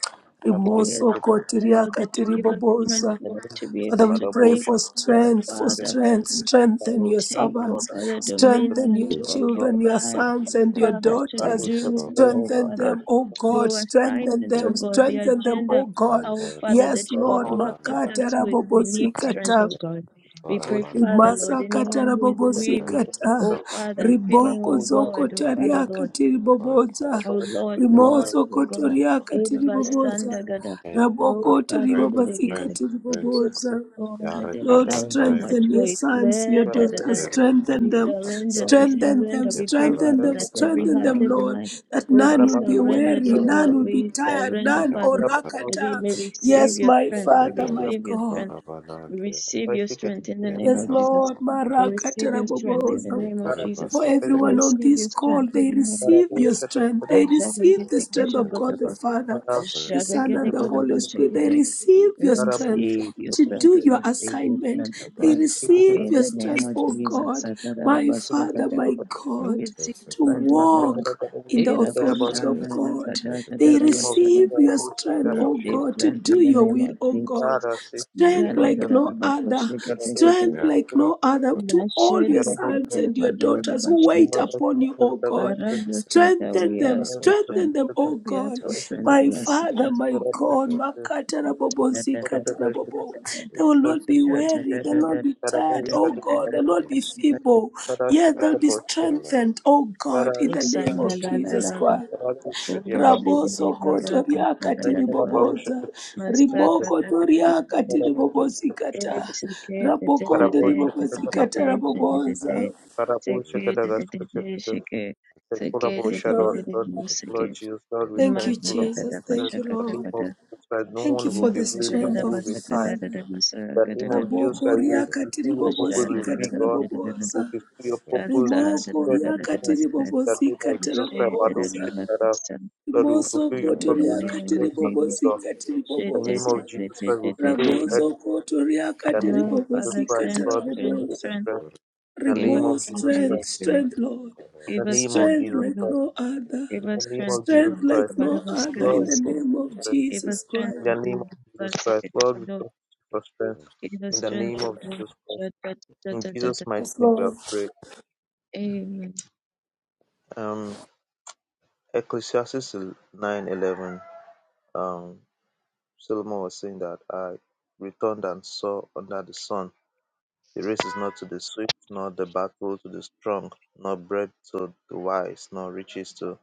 We ask,
Rimosokotiria
Lord, that you
katiri
give us strength,
bobosa.
Lord, to be able
Father, we
to
pray
take,
for
oh
strength, for
Father,
strength,
to
strengthen your
take, oh
servants,
Father,
strengthen
dominion,
your
We
to
children, your
occupy,
sons and
pray
your
for
Father, to
daughters,
strength
do,
to go.
oh
strengthen
Father.
them, oh
In
God,
your
strengthen
assignment, oh
Jesus'
them,
God, the
strengthen them,
agenda,
oh God.
name,
oh
the blood of
Father, that
Yes,
you have
Lord,
Forever not
purposed us
makatara
with. We need strength,
bobosikata.
oh
dead,
God. We
forever
pray,
Arabun
not
Father, Lord,
Rimasakata
anyone who is
dead. The
weary,
blood
rabobosikata
oh
of
Father, feeling,
riboko
oh
Gabriel
God, oh
zokota
Saka,
Father, Lord,
riakati
forever
riboboza
oh Lord,
the blood of Saka.
lost,
rimoso
oh
koto
God,
riakati
Strength,
riboboza
Edabasandagada, oh
rabokota
strength,
Father,
strength,
ribobasikati
strength.
Oh that they're
Yareka
Lord,
carrying too
Pataya,
much
strengthen your
the
weight.
sons, your
Let da da da.
daughters,
blood
strengthen
we
of
them,
surrender, we
strengthen them,
surrender.
Saka, the
We pray,
blood of
strengthen
Father,
them,
that every
strengthen
heart,
them,
Saka,
every
Lord,
mind
that
will
none
the
be
will be
blood of
surrendered,
weary,
oh
none
Saka.
God.
will be
We
tired,
surrender,
none,
Yeah,
oh
Father,
but
that
Rakata.
we may receive
Yes,
your
my
strength.
the
We
Father,
little
my
receive your
God.
strength.
shakora banana
We
kid,
receive your strength in the
yeah,
name
I
Yes,
of
know
Jesus.
Lord,
We
what
receive your strength in the
Marakatarabobozo.
he
name of
could have
Jesus.
For
said, yeah,
We
everyone on
receive
this
your
call,
strength in
they
the name of
receive your
Jesus.
strength. They
Ashaka
receive the strength
yeah,
of God the
but-
Father,
but-
the Son,
get
and the Holy Spirit. They
the
receive
we
your strength
receive your
to
strength,
do your
we receive your
assignment.
strength, O
They
but-
God.
receive
but-
In
your
the name
strength,
of
oh
Jesus,
God, my Father,
Satarabashataka.
my
we
yeah,
God,
receive
that's a
to
strength,
correct,
O
The name
God.
walk in the
yeah,
authority
yeah,
of God.
but-
They
of
Irabashandaragadadadabashada.
Jesus,
receive your strength,
yeah,
We
O
Yarabashit,
receive
but-
God, to
strength
do
in the
your
name
will,
of
O God.
Jesus.
Yarasi,
but-
Strength
but-
like
Yarabasha,
no
but-
other,
Yarabu,
Zadadadadabakoshekekekete.
strength
yeah,
like
but- but- yeah, yeah, but- but- but- but- yeah, but- but- but- but- yeah, but- but-
no
but- but- yeah, but- but- but- but- but- but- but- but- but- but- but- but- but-
other
but-
to all your sons
Nashentekete
and your daughters who wait
Yarabu,
balodabashete.
upon you, O God.
Yarabu,
Baradosata,
Strengthen
We ask
them,
for strength.
strengthen them, O
We ask
God.
but-
for
but-
strength.
My
We ask
but-
for
Father,
strength.
my God, Makatarabobo,
Da, da, da, da, da,
Zikatarabobo.
da, da.
They will not
Masaka
be weary, they'll not be tired, oh God, they'll not be feeble. Yes, they'll be strengthened, oh God, in the name of Jesus Christ. Raboso kotoria katiriboboza. Rimoko toria katiribobosikata. Rabokonde ribobosikata raboboza.
Karabosha, Kadagaskusha, Kusha,
Yes,
Kurabosha, Lord,
Lord.
Lord, Lord Jesus, Lord, we
Thank
thank
you,
you, Lord.
Jesus.
In
Thank you,
the name
Lord.
of Jesus Christ, no
Thank you
one will
for
be
the
weary, no
strength
one will
of the
be tired.
Father.
In the name of Jesus
Ramoko
Christ, we will
riakati
fulfill your purpose with
ribobosika
vigor, we will
tarabobosa.
fulfill your purpose with
Santa, da-
Rimoko
da-
strength
da- da-
and
da- da- da-
riakati
earnestness. In the name
ribobosika
of Jesus Christ, Badosha,
tarabobosa.
Kadab- Lord, we will
Rimoso
fulfill your
koto
purpose
the
with
name
riakati
of
strength and
Jesus.
vigor.
ribobosika
In
Shit,
the
da-
name
tiribobosa.
of Jesus Christ, we fulfill with
Ramoso
earnestness.
koto
In the
riakati
name of
No,
Jesus
Father,
ribobosika
Christ,
strength,
Lord, we
strength,
fulfill with
tarabobosa.
strength.
strength. In the
Give us
name of
Remorse,
strength,
Jesus
Holy
strength,
Christ.
Spirit.
strength, Lord.
In
Give
the
us
name of
strength,
Strength
Jesus
Holy
like
Christ.
Ghost.
no other.
Give
In
us
the name
strength,
of
Holy
Jesus
Strength
Ghost.
like
Christ,
About
no
us, good
other
of
Lord,
in
we
the
us, good.
trust you
name
for
of
strength.
Give us
Jesus
strength,
In
Christ.
the
Holy
name of
Ghost.
Jesus Christ, Lord, we trust you for strength.
Give us
In the
strength,
name of
Holy Ghost.
Jesus
Da-
Christ,
da-
in Jesus' mighty
Yes,
name, we have
Lord.
prayed.
Amen.
Um, Ecclesiastes nine eleven. Um, Solomon was saying that I returned and saw under the sun. The race is not to the swift, nor the battle to the strong, nor bread to the wise, nor riches to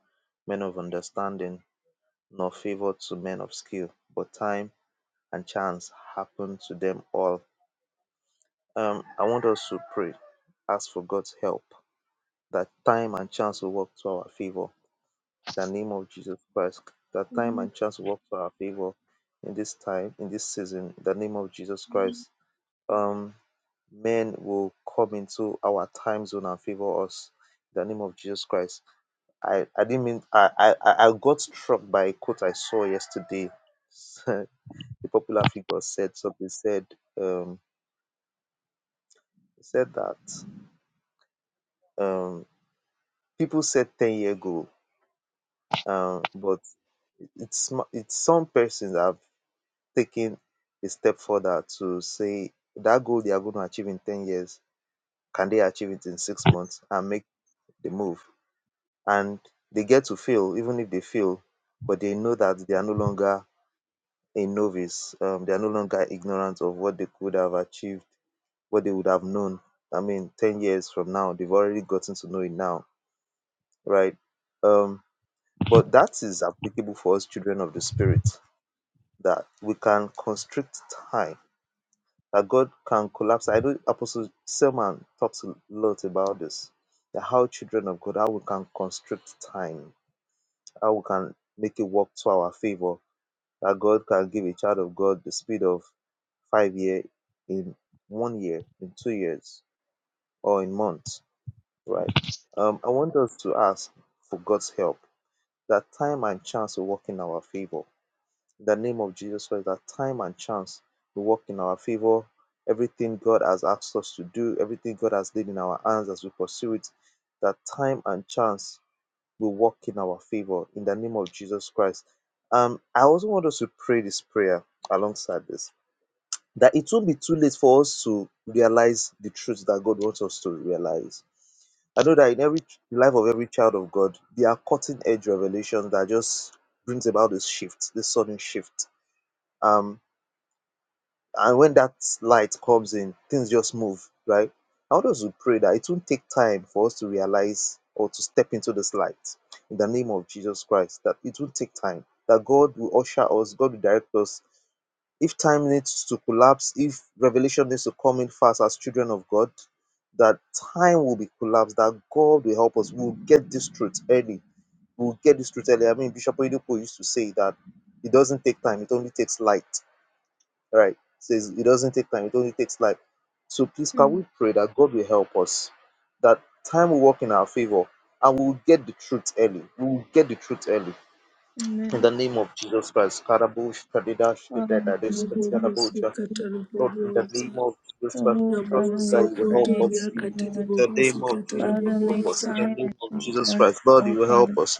men of understanding, nor favor to men of skill, but time and chance happen to them all. Um, I want us to pray, ask for God's help, that time and chance will work to our favor. In the name of Jesus Christ, that time
Amen.
and chance will work to our favor in this time, in this season, in the name of Jesus Christ. Um, men will come into our time zone and favor us. In the name of Jesus Christ. I, I didn't mean I, I I I got struck by a quote I saw yesterday. the popular figure said something said um He said that um, people said 10 year goal, um, but it's ma- it's some persons that have taken a step further to say that goal they are going to achieve in 10 years, can they achieve it in six months and make the move? And they get to fail, even if they fail, but they know that they are no longer a novice. Um, they are no longer ignorant of what they could have achieved, what they would have known. I mean, 10 years from now, they've already gotten to know it now, right? Um, But that is applicable for us children of the Spirit, that we can constrict time, that God can collapse. I know Apostle Selman talks a lot about this, that how children of God, how we can constrict time, how we can make it work to our favor, that God can give a child of God the speed of five year in one year, in two years, or in months, right? Um, I want us to ask for God's help, that time and chance will work in our favor In the name of Jesus Christ, that time and chance will work in our favor. Everything God has asked us to do, everything God has laid in our hands as we pursue it, that time and chance will work in our favor. In the name of Jesus Christ. Um, I also want us to pray this prayer alongside this that it won't be too late for us to realize the truth that God wants us to realize. I know that in every ch- life of every child of God, there are cutting edge revelations that just brings about this shift, this sudden shift um, and when that light comes in, things just move, right? I want us to pray that it won't take time for us to realize or to step into this light in the name of Jesus Christ, that it will take time, that God will usher us, God will direct us. If time needs to collapse, if revelation needs to come in fast as children of God, that time will be collapsed, that God will help us. We'll get this truth early. We'll get this truth early. I mean, Bishop Oyedepo used to say that it doesn't take time, it only takes light. Right. Says it doesn't take time, it only takes life. So please can
Hmm.
we pray that God will help us, that time will work in our favor and we will get the truth early. We will get the truth early. In
Amen.
the name of Jesus Christ. Karabush, Kadidash, Kedadadish, Ketiyadabusha.
Ribobosika
Lord, in the name
tarabobosa.
of Jesus Christ, we
Oh,
trust
Father,
that
we
you will help
praise
us.
Ramosokotoria
you, Lord.
In the name
katiribobosi
of Jesus,
Father,
help
make
us.
katarabobosa.
In the
time and
name of
chance
Jesus
work,
Christ, Lord,
oh,
you will help
Father,
us.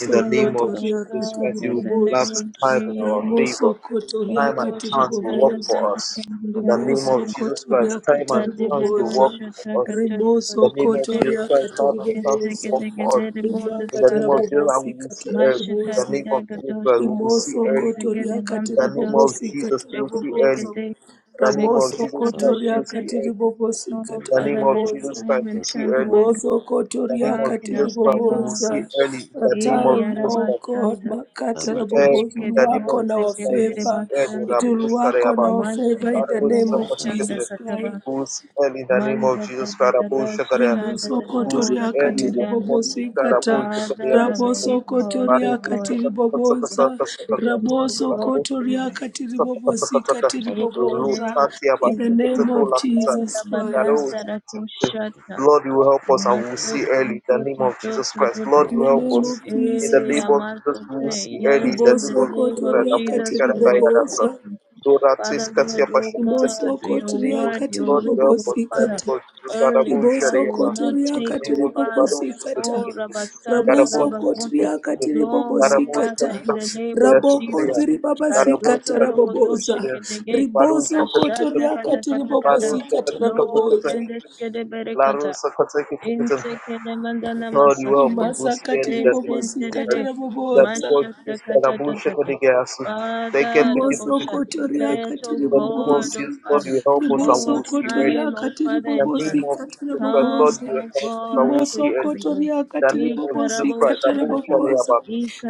In the
for
name
us,
of
oh,
Jesus
God,
Christ, you
in
will
the name
lapse
of
katiribobosa.
time in our
Jesus.
favor.
Ramosokotoria
Time and
Oh,
chance will
shatta da
work
katiribobosa.
da
for
da da
us. In
da
the
da
name
da
of Jesus Christ,
Rimosokotoria
time
da da
and
da da
chance will
da
work
katiribobosa.
shatta
for
ka
us.
cha ka
In the
shake
name of
it
Jesus
Rimosokotoria
Christ, time and chance
kaise
will
ke
katiribobosa.
work
de ke
for us.
de de bond
Rima
In the name
sata
of
ta
Jesus, and we
katarabobosi
will see
ma
early. In
shatta
the
da
katarabobosa.
name
da
of
ga
Jesus
dos
Christ, we will see early.
kaise ke
Rimosokotoria
de
In the
banta
name
dos
of
katiribobosi
Jesus, we
shake
will
it
see
take it
early.
katarabobosa.
In the
shake
name of
Ramoso
Jesus
it do
Christ, we
kotoria
will
shit
see
katiri
early.
bobosi
oh
In the
katara
name
father
of
let
Jesus Christ,
bobozo.
we
time
will
and
see
chance
early.
work
In
Mozo
the
Kotoria
name
What
of
can I
Katiri
Jesus
say,
Christ, we will
Lord
see
God?
Boboza.
early. In
The
the name
Eh,
of
time,
Jesus Christ, we will see
oh
early.
God,
Arabasanta,
Makatara
In
Boboza will
Erekere
the name
work
of
on
Mose
our
Jesus Christ, we will
Kemdere
see
favor.
Thank
early.
It
Basanta,
Rabu
will work on
Sharayaba.
our
Manse
favor in the
Rabu
name
Ketorobo
of
Shanda
Shakatikatika.
Jesus Christ.
Kataba,
Hosanna in the name of
Manza da
Jesus,
da da da
Karabushakara.
Shita da
Rimoso
da da Bora
Kotoria
Hosanna in
Katiri
the
Kayadan.
name of Jesus,
Boboza Kata.
Father, may you
Raboso
cause us,
Kotoria
Lord,
Katiri
Karabushakara.
to
Boboza.
Karabushakara.
experience the
Raboso
Lord's
Kotoria
favor.
Katiri
Lord,
Boboza
In the name of
In the
Jesus.
name of Jesus
Era
Christ.
Badanta Rakoshata,
you will help us and we will
Masoto
see early in the name of
Toto
Jesus Christ.
Toto
Lord,
In
you
the
help
name
us.
of
Eh,
In the name
Jesus.
of Jesus, we will
Yamasate.
see early
Yes,
in the
in the
name
Riboso
of
name
Jesus
of
Christ.
kotoria
Abu
Jesus,
katiri
we will
Sharakayadasa.
bobosa.
experience,
Dora
Father
Tiskatia
Lord, oh
Pashata.
God,
riboso.
In the
your
name
kotoria
of
word, your
katiri
Lord, you
will,
help us.
bobosi
In the
Father.
name
kata.
of Jesus, God,
Early,
Abu
God,
Riboso
it
Sharia. In
will not
ribosokotoria
the
take,
name
oh
of the
Father.
katiribobosa
Baru Sister
Oh, Rabasanda
Karabuch
Labavota.
ribosokotoria
Asukutiki.
Long, oh
Karabuch
Father,
katiribobosikata
in the
ribosokotoria katiribobosikata
name of
Kapitasukuya
Jesus.
rabosokotoria katiribobosikata
Kazoto
rabokoziribabasikata
Karabuska
rabobosa
Logodoshi
Kushida,
Kedege.
Barusha
Kashata
ribosokotoria
Katakata,
Kata Kata Kata.
Barusha
katiribobosikata
Lord,
Katakata,
rabobosa
Brendes
Larusa Katakata,
Intekele mandana
Lord, you help us,
masakaya.
Lucian, David,
rimasakatiribobosikata
Desenterere.
rabobosa
David,
Mashata
Jesus, Karabusha
katatatata.
Kodigasu, they get
Father,
the
the
ticket
Bosha.
rimosokotoria
Let, O
in the name of
God,
katiribobosa
O
Jesus, Lord,
Father.
you help us and we
O
Riboso
will see
kotoria
time,
early.
O
katiri
Father,
In
and
the name
chance.
bobosi
of
katara
Jesus Christ, Lord,
Come,
boboza.
you
O
help us and
God,
we will
Riboso
see early
quickly, Lord.
kotoria
the
katiri
name of Jesus
bobosi
Christ.
katara
Abu
Ikaraboshakata.
Shadayaba.
boboza.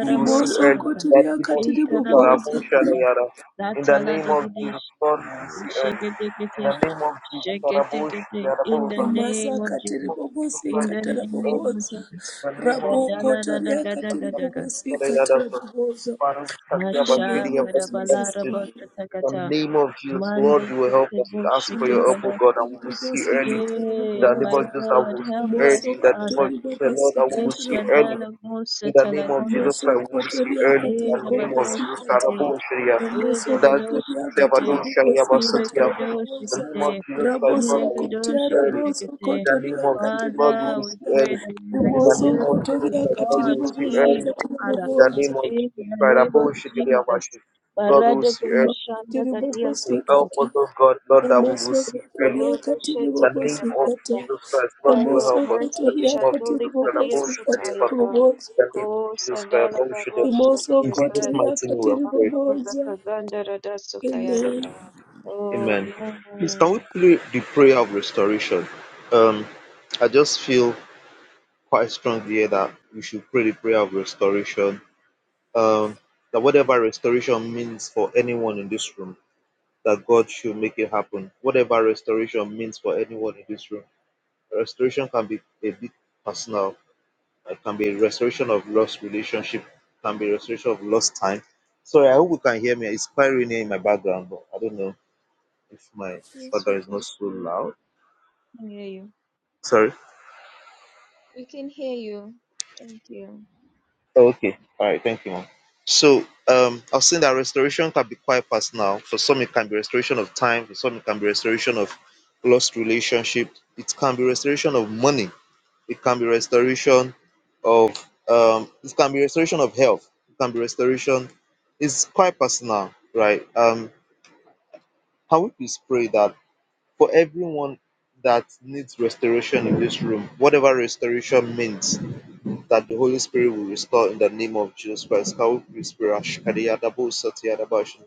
You will see
Riboso
early. That
kotoria
name of
katiri
Jesus Christ. Abu
boboza.
Ikarabosekete.
Shadayara. In the
Datala
name of Jesus,
dedish.
Lord, you will
you.
see early.
Shekete
In
kete.
the name of Jesus, Abu Shadayaba.
Shekete
In the name of Jesus
In the name
Rimasa
of Jesus
katiri bobosi
in
Christ,
the
you
katara
will see early.
name of
boboza.
Jesus.
In the name of
Rabo
Jesus
Gadala rada
kotoria
gada
Christ.
katiri
Abu
gada ga.
bobosi katara
Shadayara.
boboza.
Father, we thank you
In the
about your
Masha
name
dear
of
kada bala
Jesus
mercy
raba
Christ.
tata
the
kata.
name of Jesus, Lord,
Mande
you will help
kete
us. We ask
bushe
for
ke
your help,
Rimasa
O
bado.
God, and
katiri
we will see
bobosi
early.
katara
In
Eh,
the name
my
of
boboza.
Jesus, I
God,
will see
help us,
early.
Ramoso
In the name of
Father.
kotori
Jesus, Lord,
bobosi
I
Eh,
will
katara
see early.
boboza.
shadala musa
In the name of
talagonda
Jesus
sha.
Christ,
Moso
we will see
kotoria
early. In
Eh,
katiri
the
da
name of
bado
bobosi
Jesus Christ,
kata.
I
shikide.
will see early.
Ramoso
And I do
kotoria
say, I
Iregedoshikete,
katiri
don't share you
bobosi
about sit
kata
here. In the
rabobosa.
name
iregedoshikete,
of Jesus Christ, Lord,
Raboso
I will see
kotia
early.
raboso
iregedoshiketekete.
In the name
kotoria
of Jesus,
katiri
Lord, we
Father,
will
we
see
bobosa.
pray
early.
that you
In the
Ramoso
name of
experience
Jesus
your
kotoria
Christ, Lord, we
katiri
God's
will see
bobosi
speed,
early.
oh
kata
Father,
In the name
rabobosa.
of
in
Jesus
the
Christ, I
name of
will see
Jesus.
early. Lord, we will
Barade
see early.
kodoshanda
Makatiri
gadias
You
bobosi
kotai,
help us,
kata.
oh God, Lord, that we will
Ramoso
see early.
kotoria
ikorodo
katiri
The name
shetekete
bobosi
of
barata.
kata.
Jesus Christ, Lord,
By
you will
your
help
Ramoso
us. In
mercy,
the name
kotoria
of
Shaduli
katiri
Jesus Christ,
Kadia
above
bobosi
the
kata
name of
Sutayaka,
rabobosa.
the name of
Ko
Jesus Christ,
Sandala
above should have
Barosha,
Ramoso
in
dear
Jesus'
God,
kotoria
mighty name we
katiri
have prayed.
Bangabuzaka
bobosa.
Gandara
Amen.
Oh man.
I just feel quite strongly here that we should pray the prayer of restoration. Um, that whatever restoration means for anyone in this room, that God should make it happen. Whatever restoration means for anyone in this room, restoration can be a bit personal It can be restoration of lost relationship, can be restoration of lost time. Sorry, I hope you can hear me. It's quite rainy in my background, but I don't know if my
Yes, we
background is not
can
so
hear.
loud.
We Can hear you.
Sorry.
We can hear you. Thank you.
Oh, okay. All right. Thank you, ma'am. So um, I was saying that restoration can be quite personal. For some, it can be restoration of time. For some, it can be restoration of lost relationship. It can be restoration of money It can be restoration of um it can be restoration of health. It can be restoration. It's quite personal, right? Um can we please pray that for everyone that needs restoration in this room, whatever restoration means, that the Holy Spirit will restore in the name of Jesus Christ. Can we please pray? Ashkadiyadabo Satiyadabash. In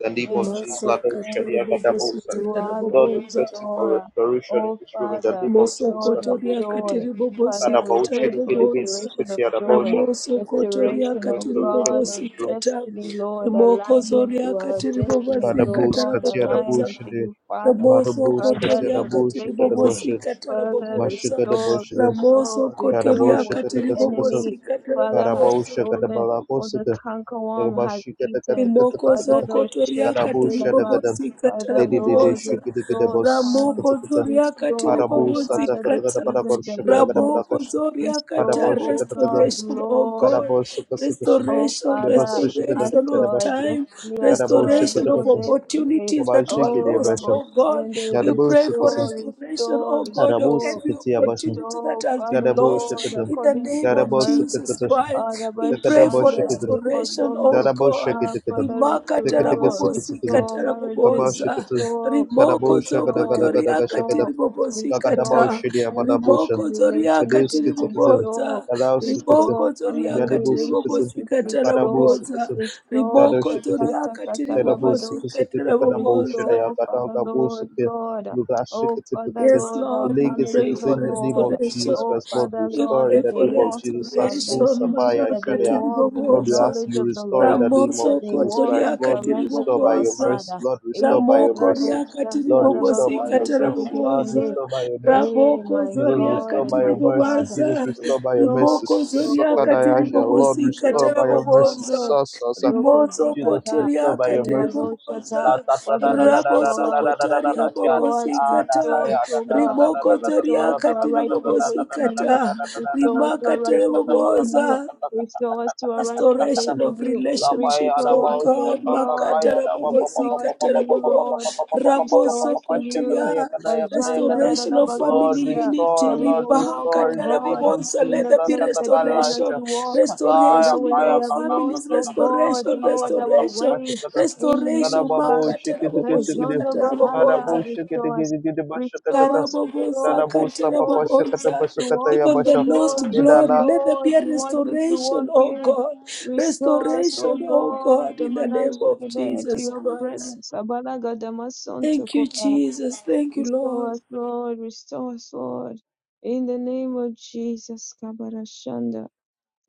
the name of
name,
Jesus,
Masa
Father.
Lado
Thank
katiri
you.
bobosi
Shadiyakadabosa.
You
katara
are the
Lord, we
bobonza.
trust you for
restorer.
restoration in
Oh,
this room in the
Father,
name of
tiribobosi
Jesus
Lord of
kotoria
Christ.
joy.
katiri bobosi
Father, we
katara
Arabausha
pray for
bobonza.
Ligidibis
restoration of
Katia
joy,
Rabausha.
Ramoso
Thank you
kotoria
restoration,
for
oh
katiri
restoration
God,
in
of
this
katiribobosi
room.
kata.
destiny, Lord,
Rimoko
alignment
zoria
to our
katiri
destinies,
bobosi
oh
Parabus
katara
God,
Katia
bobonza.
alignment
Rabusha
to
de
you, Father.
Ramoso
Marabus Katia
kotoria
Rabusha
katiri
Ayadorobekete.
bobosi
Kadabusha
katara
Father,
Masha
bobonza.
restore,
Kadabusha
Ramoso
restore, restore
kotoria
Karabusha
what the
katiri
Katakasakasa
enemy,
bobosi katara
Father, has
bobonza.
Karabausha
stolen, what the
Kadabalakosaka
cankerworm has
Yagabashi
eaten.
Imoko
Father,
Katakatakatakatakata
zoko
those shake the
toriaka
tail
Karabusha Dagadam
tiribobozika
Father,
Dedi Dedi
Lord,
taraboboza.
restore
Shikidigidabus
time.
Ramoko
Katakata
zoriaka
Restore, oh
Parabus
Father,
tiribobozika
the
ta.
seasons that we have missed.
Ramoko
Atakatakatabarakoshakadagadabarakosh
zoriaka ta.
Restore,
Parabusha
oh God,
Restoration, oh
Lord.
God.
Karabol Sukasukashi,
Oh,
Restoration,
Father,
Debasushikada,
as
restoration
to
of
our
Karabashi,
time.
destiny, as to
Karabo
our
Restoration
noble
of
Shakatakashi,
destiny.
opportunities that
Kabashi
were
Oh,
lost,
Robo
Kiribasha,
oh God.
Shende,
We
Yadabo
pray for
Sukasu,
restore,
restoration,
restore,
oh God, of
Arabo
restore,
every
Sikiti Abashi,
opportunity that
restore,
has been
Father
lost
Karabo
Lord,
lost
Shakatam,
in the
according to
name
your
of
Karabo
mercy.
Jesus
Sukatashi,
Ah,
Christ.
Robo
We pray for
Shanda,
Takadabo
Rebo
restoration, oh
Zondo.
Karabau
God.
Ah,
shakitikitam.
Father,
Rimaka
Tikitiki
restore,
tarabobosika
sukisukism.
restore marriages,
Kabau
taraboboza.
shikitis.
restore,
Rimoko
Karabau
zoko
restore,
shakadakadakadaka
toriaka
shakidam.
restore,
tiribobosika
Kakadabau
restore
ta.
shidia
friendships
madabusha.
Rimoko
and
zoriaka
Kadeu
relationships,
skitikism.
restore
tiriboboza.
Karau skitism.
Riboko
restore family
zoriaka
Yadibu sukism.
relationships,
tiribobosika
Karabu
restore,
taraboboza.
sukism.
restore,
Karau
Riboko
shikitism.
Shakata
zoriaka
Katalabadosha,
Terabusuke
tiribobosika
Kadabosha,
taraboboza.
restore, Father
Kataga
Lord
Bosuke,
God, oh Father
Yes,
Lugashikate,
Lord, our
Lord, we
Legacy
pray
families, oh
for
in the name
Lord,
of
restoration.
Jesus
oh
Christ, Lord,
Father
We
God,
restore in
pray
that
the
they
for
name of
walk in
Jesus. Sasu
restoration.
salvation,
Sapaya
that they
Maraka
Shadia.
walk in the
Lord, we
tiribobosa.
ask
knowledge
you
of the
restore in
Lord,
the name of
that
Ramoso
they
Jesus
walk
Christ.
in
kotoriaka
Lord, you
surrender
restore
to
by
our
your
tiribobosa.
mercy.
Father.
Lord,
Eh,
restore by your
Ramoko
karabo
mercy.
riaka
Lord, restore
tiribobosi
by your
shantarabagonde
mercy. Lord,
gedegeshende.
katarabobosa.
restore by your mercy.
Eh,
Ramoko
my
Jesus,
God
zoriaka
restore
and
by
my
your mercy.
Father,
Jesus,
tiribobosa.
restore by your
restore.
mercy.
Rimoko
Roko
zoriaka
Sakadayasha.
Jande,
Lord,
tiribobosi
restore by
Roko
your mercy.
katarabobosa.
Zondo,
Sasa.
Roko
Rimoso
Jesus,
Zikata,
kotoria
restore by your
katiri
mercy.
bobosa,
Rivadoshata.
La ta ta ta
Father,
ta ta ta ta ta
raboso
restore us,
ta ta ta ta
kotaria
ta.
restore us,
bobosi
Ah, da
kata,
da
restore us,
ya da
O
da da
God.
da da
rimoko
da da
toria
Restore us to
da
our
katiri
rightful
bobosi
place in
kata,
you. Restore us to
rimaka
our
tere
rightful place in you.
bobosa.
Restore us to our rightful place
Restoration
in
of
you.
relationships, oh
Restore us, O
God,
God.
Makata Rabobo
Restore us
Sikata
in you,
Rabobo
Lord.
Rabo
Restore us in you.
Sokotiria,
da da
Kajanda
da.
da da
restoration
da
of
Lord,
family
bakosia.
unity,
restore,
That we
Lord,
will walk, O
restore in
Ribakata
the name
God
Rabobo,
of
so
in
let
the
there be
place that you want us
Jesus.
restoration,
to walk.
Laya
Father,
restoration in
where we
kaya
our
have
kaka
lost,
families,
kaka
oh
kaka kaka
God,
restoration,
kaka
Lord,
kaka
our
restoration,
kupasha
way
kata
in
kada
you,
restoration,
babo
Father.
Makata
shiki tiki
Rabobo
shiki di
Rejondo
Sikata
kada bo
Bahaya,
Rabobo
shiki
Restore
tiki
us,
tiki di basha kata
restore
ka
us, restore
Karabobosa,
kada
us,
bo sapa
restore us
pasha kata
katerabobosa.
basha
to
kata
walk
ya
in
Even
the
the
basha
lost
glory that,
glory,
idala
let there
Lord,
be a
you want us to
restoration,
walk
oh
in.
God.
Restore us, O
Restoration, oh
God,
God, in the name of
Manashikide, to
Jesus
your
Christ.
presence. Abalaga Damason
Thank you, Jesus. Thank you,
Restore
Lord.
us, Lord. Restore us, Lord. In the name of Jesus, Kabarashanda.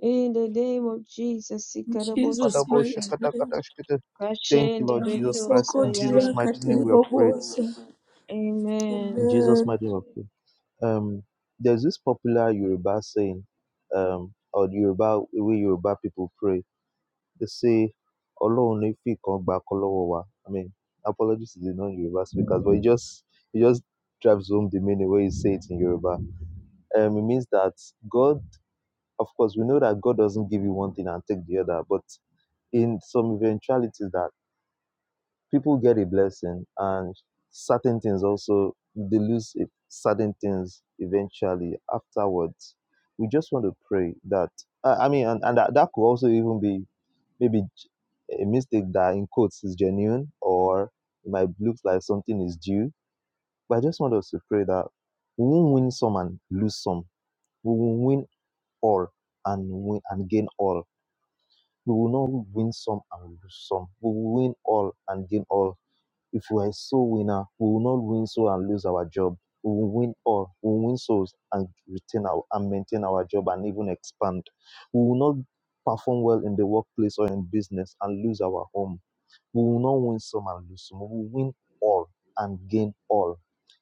In the name of Jesus,
In
kada
Jesus'
bo
mighty
Ikaraboshekete.
shakata
name.
kata shkita. Thank you, Lord Jesus Christ. In Jesus'
Kashenderetosaya.
Ramosokotiria
mighty name we have prayed.
katerabobosa.
Amen.
In Jesus'
Amen.
mighty name we have prayed. Um, there's this popular Yoruba saying, um, or Yoruba way Yoruba people pray. they say Ọlọ́run ní fi kan gbà kan lọ́wọ́ wa. I mean, apologies to the non-Yoruba speakers, but it just it just drives home the meaning when you say it in Yoruba. Um, it means that God, of course, we know that God doesn't give you one thing and take the other, but in some eventualities that people get a blessing and certain things also they lose it- certain things eventually afterwards we just want to pray that i I mean and, and that, that could also even be maybe j- a mistake that in quotes is genuine or it might look like something is due but i just want us to pray that we won't win some and lose some we will win all and win and gain all we will not win some and lose some we will win all and gain all if we are a soul winner, we will not win soul and lose our job. We will win all. We will win souls and retain our and maintain our job and even expand. We will not perform well in the workplace or in business and lose our home. We will not win some and lose some. We will win all and gain all.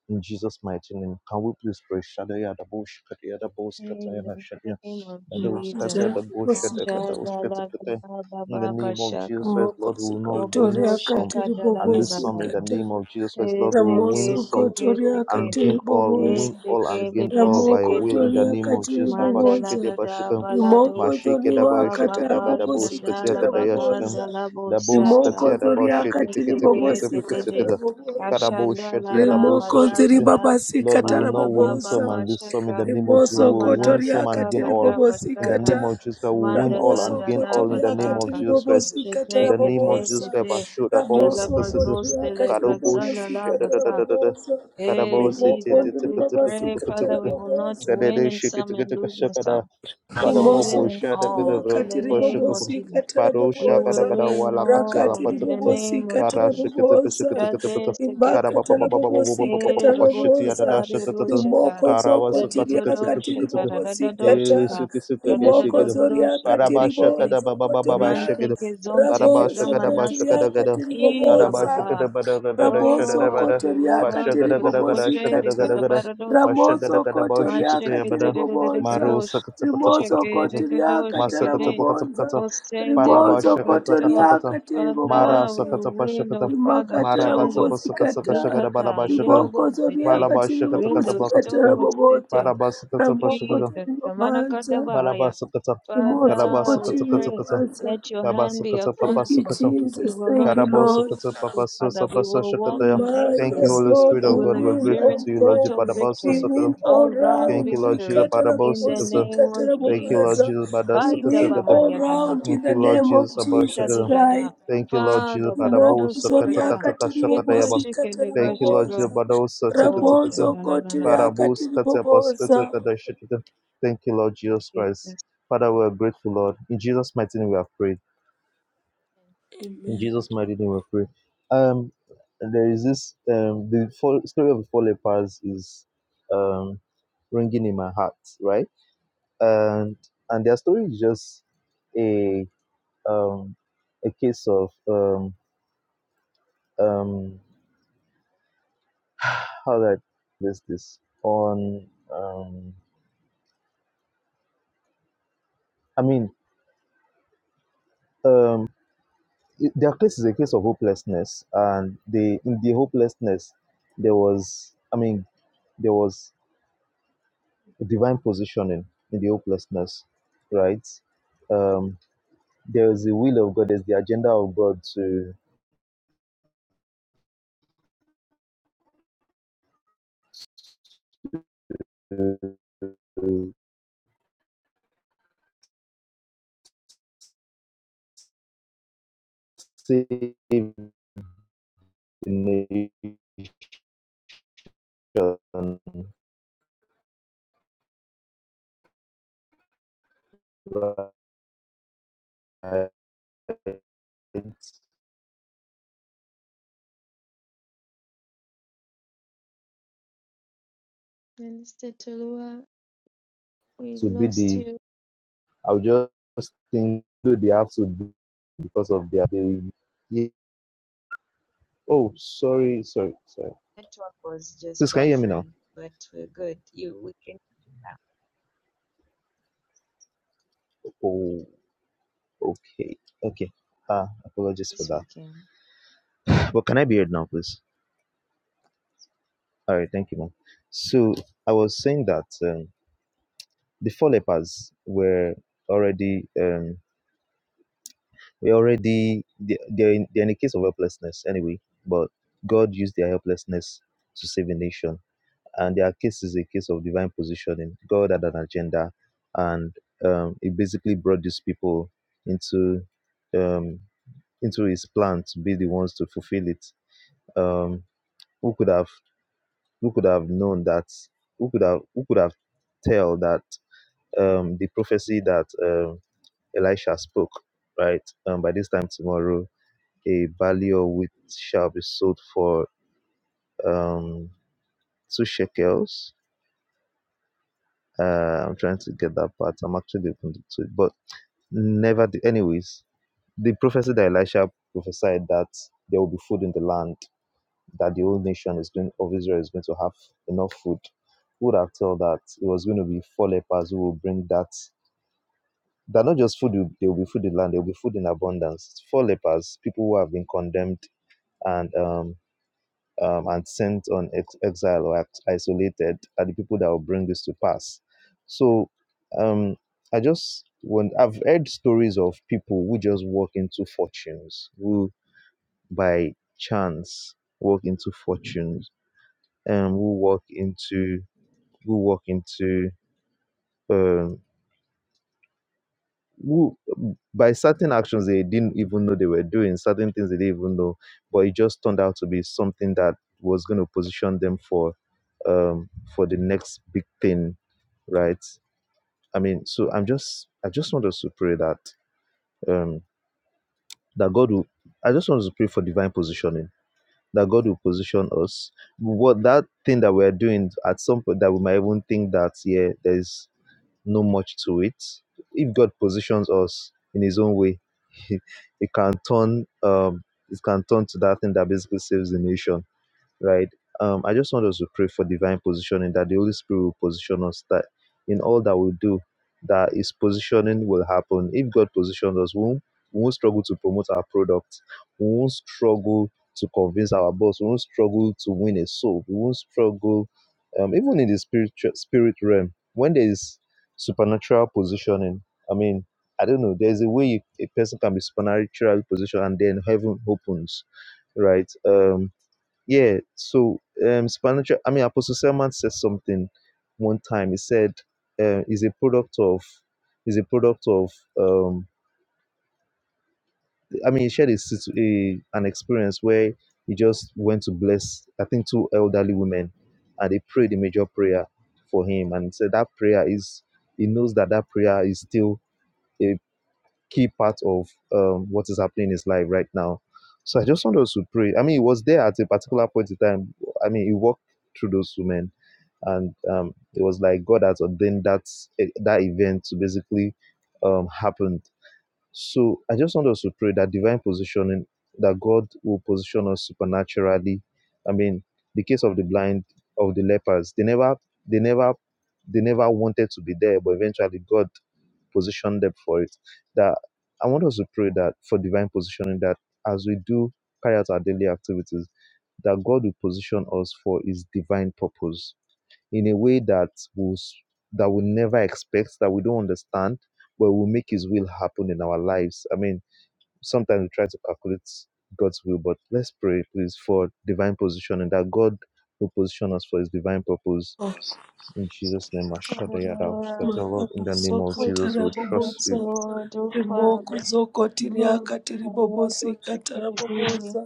In Jesus' mighty name, can we please pray? Shadaya da bo shkataya da bo
In
skataya na
the
shadaya
name of
that will
Jesus.
scatter the
Kata,
bullshit, that will
kosikata.
scatter the- In the
Shadalakababa
name of Jesus
Shaka.
Christ, Lord, we will not win
Kobodo
Mokosokotoria
some
Shaka
and lose
katerabobosa,
some. In the
Dalalababa.
kata.
name of Jesus Christ, Lord, we will win
Eseke,
some
seke,
Ramosokotoria
and
seke.
gain all. We win
katerabobosa.
all and
Eseke,
gain
bebe,
all by your
Ramoko
seke,
will. In
seke.
the
Toria
name of
Katiri
Jesus,
Boboza,
Abashikete Bashikam,
Mandala
Rimoko
Mashiketa
Toriwa
Bashikata
Katara
Baba
Bobosi
Gadabos Katia
Shandala
Katara
Katayashakam,
Bakanda
Boboza,
Labo
Dabos
Sata
Katia
Rimoko Toria
Dabashikete
Katiri
Kete
Kete Pekete
Bobosi
Kete
Pekete
Dede
Katara
Kete,
Boboza,
Kadabos
Kashandala
Shatia
La
Dabos
Rimoko
Bada
Tori
Shikete.
Bada
Babasi
Lord, we will
Katara
not
Baba
win
Baba
some
Boboza.
and lose some in
Bashaka
the name of Jesus. We
Rimoso
Mama
will win some
kotoriaka
and
Nakata
gain all
Bada
in the
tiribobosikata.
Bashaka
name of Jesus Christ. We win
Manda
all
Da
Ramoso
and
Da
gain
Da
all in the
kotoriaka
name of
Basaka
Jesus Christ.
tiribobosikata
In
Shete
the name of
Kete
Jesus
rabobosa.
Christ,
Tete
Bashoda Bose,
Ramoso
Kalabazo
kotoriaka
Stele
Karabosh,
Kazala La
tiribobosikata
Basa
rabobosa.
Hey
Karabos,
Rimoko
Jesus, we pray,
ndiribabasikata
Father, we will not
rabobosa.
win in some and lose in some. We will win
Barabobo
in
shada
Rimosokoti
gada
all. In the
riakati
name of
bashukaba.
Jesus.
ribobosikata
Baro
We
shaka da
will
raboboza
gada
win
wala katia la
all
rakati
in the
patata.
name of
ribobosikata
Ara
Jesus.
shikata bashikata
raboboza
kata pata. Gara baba
rimakata
Jadesekepeke.
baba baba baba baba
rabobosikata
Eh,
baba shiti ada da
raboboza
Robosatari
shata tata.
Roshata.
rimoko
Gara wasa
zokoti
kata kata
riakati
kata kata
Radadodoshata,
kata. Yere
ribobosikata
Radadoshata.
bishiki suka
rimoko
bishikida.
zoriakati
Baraba shaka
Radadododorosheketekete.
da baba baba
ribozokoto
baba
ria
shikida.
Manteke
Baraba
zonteke
shaka da
rabozokoto
zamanasa.
bashaka da gada.
riakati
Eh,
Baraba
riboboza
shaka da
Baba.
bada gada da shada da
Ramoso
Lord,
bada.
be with
Kotoriaka
us.
Bashaka
The
da gada gada
Katakoshe,
shaka da gada
Tiribobozikata.
gada.
the
Bashaka da
Ramoso
gada bashikita
Kotoriaka
bada.
Tiribobonza.
Masheketerereregadosh,
Marosa kata kata
Rimoso
kata kata.
Kotoriaka
Masa
shekeregadoshekete,
kata kata
Tarabobonza.
kata.
Rimoso
Parabasha kata
osendegedegato.
kata kata.
Kotoriaka
Mara
Father, we
Tiribobonza.
sakata pasha
win,
kata.
oh Father,
Rimakata
Mara kata
Shando,
pasha kata kasha
Rabobozikata.
kata
Mikata,
balabasha kata.
Riboko
Yerobosete,
Zoriaka
Balabasha kata kata
Rindo,
kata
Tiribobozikata
kata.
Stokosete,
Rabobonza.
Barabasa kata pasha
Ramoko
kata.
Jesus,
Tiribobonza.
Samanakadabahaya.
Balabasa kata.
Rimoso
Father,
Kalabasa
we
kata kata
pray,
kata.
Kotoriaka.
let your hand
Kabasa
be
kata
upon
Thank
us,
papasa
you,
Lord.
kata.
We
Jesus.
will
Thank
not
you,
Karabosa
Lord.
lose,
kata
oh,
papasa
Father. We
sapasa
will walk
shakata ya.
in
My
Thank you,
victory.
yes,
Holy
Lord,
Spirit
We
we
of
will
God. We're
win,
grateful
oh
experience
to you, Lord.
God.
total
Jipadabasa
We
victory,
sakata.
win all
all round
Thank
round.
you, Lord Jesus.
victory, in the
Barabosakata.
name of
Thank you, Lord
Jesus.
Rikatarabobozikatarabobasa.
Jesus.
We win
Badasakatakata.
all
Kaidabahayadaha.
round in
Thank
the
you, Lord
name of
Jesus.
Jesus
Abashakata.
Christ.
Imbokushadigadah.
Thank you, Lord Jesus.
Father,
Imoko
Barado Shukada,
zoriaka
Barabosakatakataka
Ido
Thank you, Lord Jesus.
Shikadagashuko,
tiribobozikatarabobonza.
Oh,
Badosakatakata.
Rabozo
Shananana,
kotiriaka tiribobonza.
Baraboskatabosakatakata. Thank you, Lord Jesus Christ. Father, we are grateful, Lord. In Jesus' mighty name, we have prayed. In
Amen.
Jesus' mighty name, we pray. Um, there is this um, the four, story of the four lepers is um ringing in my heart, right? and and their story is just a um a case of um um how do I place this on um I mean um it- their case is a case of hopelessness and they in the hopelessness there was I mean there was divine positioning in the hopelessness right um there is the will of God there's the agenda of God to, to save the right,
Minister Tulua, we
to be
lost
the
you.
I'll just think do they have to do because of their they, yeah. oh sorry sorry sorry
Network was just
please can you hear me now
buffering, but we're good. You, we can
oh okay okay ah apologies for
this
that
weekend.
but can I be heard now please all right thank you ma'am so I was saying that um, the four lepers were already um, we already they- they're in, they're in a case of helplessness anyway but god used their helplessness to save a nation and their case is a case of divine positioning god had an agenda and um, he basically brought these people into um, into his plan to be the ones to fulfill it um, who could have who could have known that who could have who could have tell that um, the prophecy that um, elisha spoke right um, by this time tomorrow a barley of wheat shall be sold for um, two shekels. Uh, I'm trying to get that part. I'm actually looking to it, but never. The, anyways, the prophecy that Elisha prophesied that there will be food in the land, that the whole nation is going of Israel is going to have enough food. Who would have told that it was going to be four lepers who will bring that? That not just food, there will be food in the land, there will be food in abundance. Four lepers, people who have been condemned and um, um, and sent on ex- exile or ex- isolated are the people that will bring this to pass. So um, I just want, I've heard stories of people who just walk into fortunes, who by chance walk into fortunes, and who walk into who walk into um, who by certain actions they didn't even know they were doing certain things they didn't even know but it just turned out to be something that was going to position them for um for the next big thing right i mean so i'm just i just want us to pray that um that god will i just want us to pray for divine positioning that god will position us what that thing that we're doing at some point that we might even think that yeah there's no much to it. If God positions us in His own way, it can turn um, it can turn to that thing that basically saves the nation right? Um, I just want us to pray for divine positioning that the Holy Spirit will position us that in all that we do, that His positioning will happen. If God positions us, we won't, we won't struggle to promote our product. We won't struggle to convince our boss. We won't struggle to win a soul. We won't struggle, um, even in the spiritual spirit realm. When there is supernatural positioning, I mean, I don't know. There's a way you, a person can be supernaturally positioned and then heaven opens, right? Um, yeah, so um, supernatural. I mean, Apostle Selman said something one time. He said, uh, "Is a product of, is a product of." Um, I mean, he shared a, situ- a an experience where he just went to bless. I think two elderly women, and they prayed a major prayer for him, and he said that prayer is. He knows that that prayer is still a key part of um, what is happening in his life right now. So I just want us to pray. I mean, he was there at a particular point in time. I mean, he walked through those women, and um, it was like God has ordained that eh, that event to basically um, happen. So I just want us to pray that divine positioning, that God will position us supernaturally. I mean, the case of the blind, of the lepers, they never, they never, they never wanted to be there, but eventually God position them for it. That I want us to pray that for divine positioning that as we do carry out our daily activities, that God will position us for his divine purpose in a way that will that we never expect, that we don't understand, but will make his will happen in our lives. I mean, sometimes we try to calculate God's will, but let's pray please for divine positioning that God will position us for his divine purpose.
Oh,
In Jesus' name, I shudder
Father
yeah, thou- that
Lord,
the Lord, in the name
Maraboso
of
we
Jesus, we trust
appreciate
you.
kotarabobosa.
Lord, oh
Rimoko
Father,
zoko
Lord,
tiriaka
Maria
tiribobosika
Dolce, Kedibiri,
tarabobosa.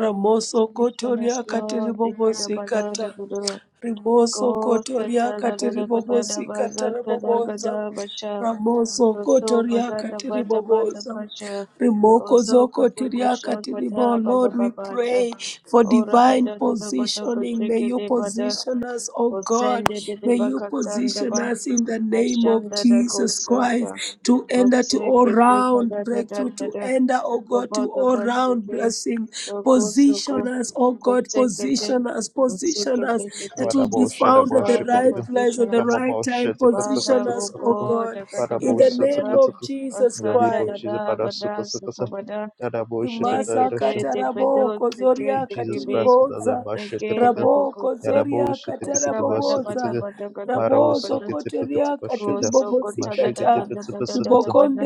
Ramoso
Missionaries,
kotoriaka
Lord, Ikeda
tiribobosika Kata
Balada Budo,
Rimoso
Gosta
kotoriaka
Tala Lada Bada
tiribobosika
Bazata
tarabobosa.
Dagada Basha,
Ramoso
Koso
kotoriaka
Bagada Bada Bada
tiribobosa.
Pasha,
Remoko
Koso
zoko
Koso
tiriaka
Kusha
tiribo.
Kada
Lord,
Baba
we
Basha.
pray for
Ora
divine
bada da da bada
positioning. May
koshike
you
de bada
position us, oh God.
kosende de de
May you
bakatanda
position
ba
us in the name of
ashanda da
Jesus Christ
kosata
to enter to all
kosike de bada
round
da da
breakthrough,
da
to
da
enter, oh God, to
gobada
all round
bashike
blessing.
soko soko
Position us, oh God,
kosike de
position us, position
kosike
us
de kete
that will be
Barabo
kete
found
Shadabo
at the
Father
right
Shikadigo,
place
position
at the
us
right
Kababo
time.
Father
Position
oh
us, oh
Shetakatakatakatako,
God
God,
gada
in
Barabo
bada
the name
gada
of
Satakataka,
Jesus
in the name
asanda
of
Christ.
da
Jesus,
da bada
Barasukasakasa,
suka bada
Dadabo
Imasa
nekete
Shikatadasha,
Imasakata
de bedo
raboko
thank
sike
you,
zoria
sike
Jesus
be
Christ, Dazar
katiriboza.
Thank
Bashikataka,
Raboko
you,
Yadabo
zoria
Sabada
kataraboboza.
bada
Shikatakabasukataka,
bada gada gada
Marao
Rabozo
bada
koteria
go
Sukatipakatapashita,
so go da da
katiribobosikata.
da da da da da da
Mashikatipatapasakata,
bada
Ribokonde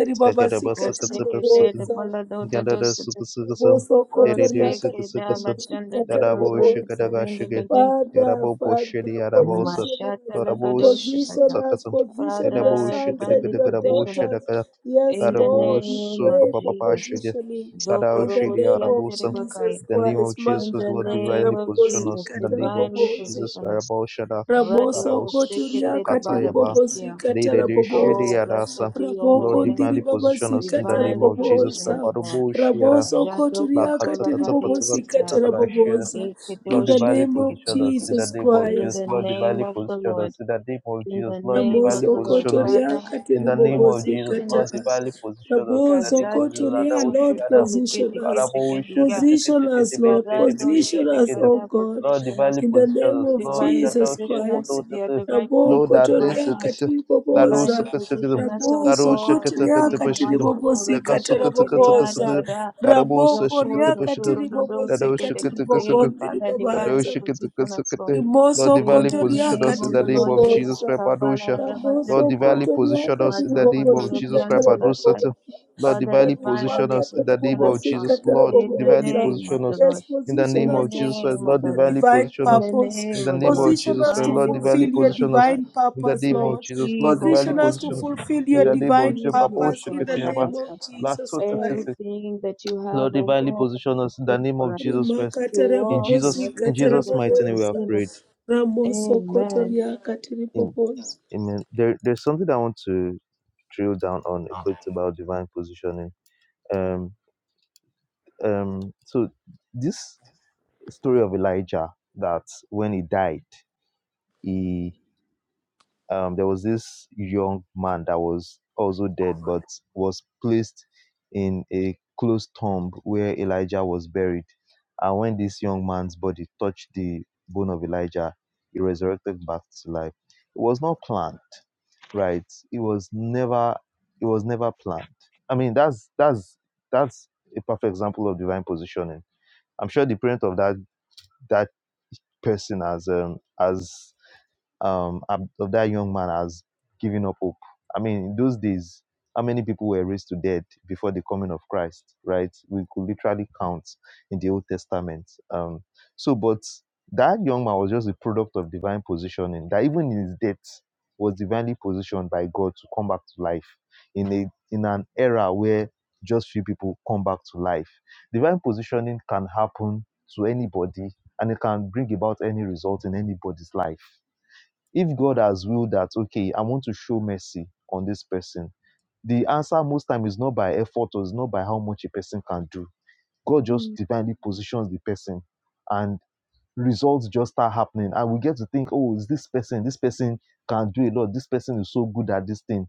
go
ribabasikata
se ke de
Tagadabasakatapasaka.
riboboza.
bala do da do
Gadada
se
suku suku sum,
Boso
go se
Deridu
Kotoria
suku
ke
suku
da ma
sum,
Katiribobosi
da da go
Dadabo
zon de de
Katarabobosa.
shikadaga
de de de
Father, Father, position us,
la ga do
position us,
sakasum,
position your
Gadabo
Father
sons and
divinely
your
shikadagadabo
position us
daughters.
shidaka,
Yes,
in the
Dadabo
Lord, we
name of
pray for
sukababa
Jesus
shidi,
positioning
Gadao
in the
Zokorobo
shidi
name
diante
of
rebakai
Jesus
In the name of
Christ.
Jesus,
in the
Mara
Lord,
name
divinely
of
position
Katarabobosi
Jesus
us. In the name of
divinely
Katarabobosa.
Jesus,
position us
Gadabo shada,
Radio
Raboso
Gadao
Koseke
kotoria
Tela
katiri
sukatayaba,
bobosi
Barakasia
katara
Deridu shidi
bobosa.
Oh, blessed be your
Raboko
Lord,
holy name,
ndiri
divinely position
babasi
us in the
katara
name
divinely
of Jesus.
positioned
bobosa.
as God.
Kaparobo shiara,
Raboso
Jado
kotoria
lakatsa
kotola
katiri
katsa patsa
bobosi
katsa
vadisita,
katara
katakada shia.
bobosa.
ikedo
In
Lord,
the
divinely
name of
position
shiketekete.
us in the
Jesus
name of
In
Jesus.
Christ.
the
Lord,
name
divinely
of the
position
Lord,
us in the name of
in
Jesus.
the
Lord,
name of
divinely
Raboso
the Lord,
position us
Kotoria
Father,
in
Katiri,
the name of
Katiribobosi
Jesus.
position
Kata.
Lord,
us.
divinely position us in the
Raboso
name of Jesus.
Kazati
Ada
Kotoria,
kesoko
Lord,
Oshiada.
tole
position
kedi
us.
keshe
Karabo
kedi ga.
Shikiti.
Position us, Lord.
Varado
Position us, O
shatagada,
God.
Lord,
position us,
divinely
In the
position
name
us.
of
Lord,
divinely
that
Jesus
position us to
Christ.
Oshikutu.
be at the right
Rabo
place
Lord,
at the
that
right
this
Kotoria
is
time.
Katiri,
that
Divinely
Katiribobosa.
Osakasikism.
position us, O
That
Raboso
God.
Kotoria
Ekedi
Katiri,
Osakatakatapashikism.
maso
Katiribobosi
The
korobo
Kata
sekede da da
Rabobosa.
da
Kasukatakatakasikism.
da.
Karabo
Rabo Koria
Zokozo
Sakatapashikism.
toro dodo
That
Katiribobosi
sekete kete.
Oshakatakasik.
Father, divinely
Katiribogondiribabaza.
position us,
Kadoshikitikutikiti.
Lord.
Rimoso
Lord,
In
divinely
the
position
kotoriaka
name
us in
of
the
the
name
Lord
of
Jesus.
Jesus
tiribobosa.
Christ.
Kabala
Padosha.
da da ba da
Lord,
da
Ramoso
ka.
divinely position
kotoriaka
us in the
Mazoko
name of
tiribobosi
tolo di
Jesus Christ.
katarabobosa.
Padosata. Lord,
Father,
divinely position
divinely
Rimaka
us in the name
position us,
of
tarabobosi
Lord.
Jesus. Lord,
In the
divinely
katarabobosa.
name of
position
the
us
Yes,
Lord.
in the
In
position
name
the
us
of
to
Jesus Christ.
name
fulfill
of
Lord,
the
your
Lord.
divinely
divine
position
In the
us in
name
purpose.
the
of the
name of
Lord.
Position
Jesus
us
Christ.
to
Lord,
Divinely
divinely
fulfill
position
your
us,
position us
God.
divine
in the
purpose,
We
name of
Lord.
Jesus.
receive,
Lord,
O
divinely
Position
God.
us to
position us
fulfill
in
your
the name of
divine
Jesus. Papa,
Receive, oh
purpose in
God,
the
Oshiketenyaba.
name of
Adabasata.
Jesus
Lato Tetese.
Christ.
Everything that you have,
Lord,
oh
divinely
God,
position us in the
prepared
name
for
of
us
Jesus Christ.
to
In
walk and
Jesus,
rimakatarabobosi
in
everything
Jesus'
that you
mighty
have
name, we have
katarabobosa
ordained. us.
prayed.
Amen.
ramosokotoria
In
katiribobosa
Amen. There, there's something I want to drill down on a bit about divine positioning. Um, um. So this story of Elijah, that when he died, he. um, there was this young man that was also dead, but was placed in a closed tomb where Elijah was buried. And when this young man's body touched the bone of Elijah, he resurrected back to life. It was not planned, right? It was never, it was never planned. I mean, that's that's that's a perfect example of divine positioning. I'm sure the parent of that that person has um, has um, ab- of that young man has given up hope. I mean, in those days, how many people were raised to death before the coming of Christ, right? We could literally count in the Old Testament. Um, so, but that young man was just a product of divine positioning, that even in his death was divinely positioned by God to come back to life in a in an era where just few people come back to life. Divine positioning can happen to anybody and it can bring about any result in anybody's life if God has willed that, okay, I want to show mercy on this person, the answer most time is not by effort or is not by how much a person can do. God just divinely positions the person and results just start happening. And we get to think, oh, is this person, this person can do a lot. This person is so good at this thing.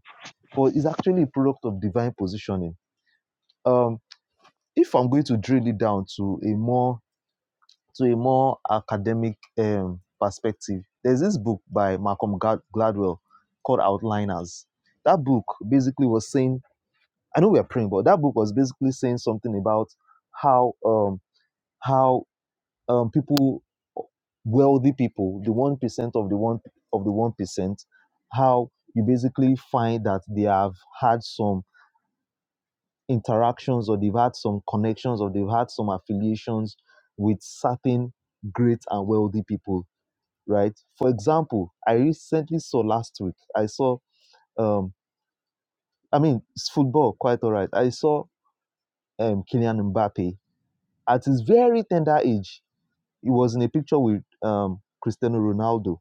But it's actually a product of divine positioning. Um, if I'm going to drill it down to a more to a more academic um, perspective. There's this book by Malcolm Glad- Gladwell called Outliners. That book basically was saying, I know we are praying, but that book was basically saying something about how um, how um, people, wealthy people, the one percent of the one of the one percent, how you basically find that they have had some interactions or they've had some connections or they've had some affiliations with certain great and wealthy people right? For example, I recently saw last week, I saw, um, I mean, it's football, quite all right. I saw um, Kylian Mbappe at his very tender age. He was in a picture with um, Cristiano Ronaldo.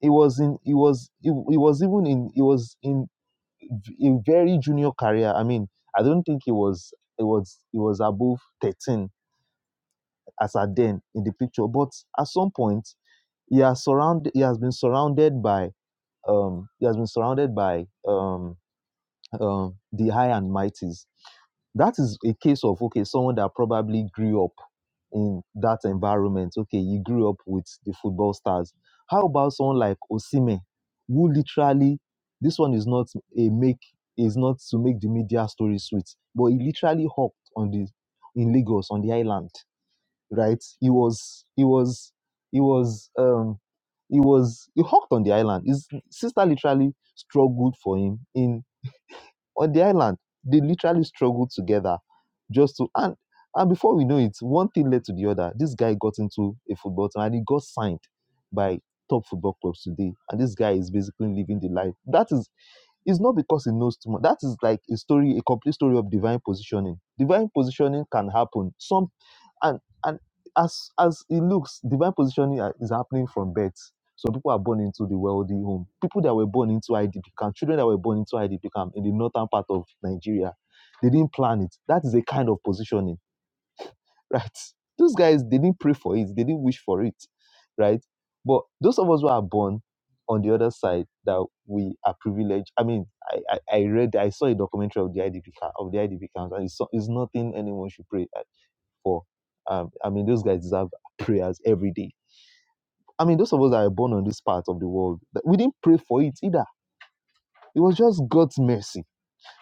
He was in, he was, he, he was even in, he was in a very junior career. I mean, I don't think he was, he was, he was above 13 as at then in the picture. But at some point, he has surrounded, he has been surrounded by um, he has been surrounded by um, um, the high and mighties. That is a case of okay, someone that probably grew up in that environment. Okay, you grew up with the football stars. How about someone like Osime, who literally this one is not a make is not to make the media story sweet, but he literally hopped on the in Lagos on the island right? He was he was he was um he was he hawked on the island. His sister literally struggled for him in on the island. They literally struggled together just to and and before we know it, one thing led to the other. This guy got into a football team and he got signed by top football clubs today. And this guy is basically living the life. That is it's not because he knows too much. That is like a story, a complete story of divine positioning. Divine positioning can happen. Some and and as as it looks, divine positioning are- is happening from birth. So people are born into the wealthy home. People that were born into IDP camp, children that were born into IDP camp in the northern part of Nigeria, they didn't plan it. That is a kind of positioning, right? Those guys they didn't pray for it, they didn't wish for it, right? But those of us who are born on the other side that we are privileged. I mean, I, I, I read, I saw a documentary of the IDP camp, of the IDP camps, and it's, so- it's nothing anyone should pray for. Um, I mean, those guys deserve prayers every day. I mean, those of us that are born on this part of the world, that- we didn't pray for it either. It was just God's mercy.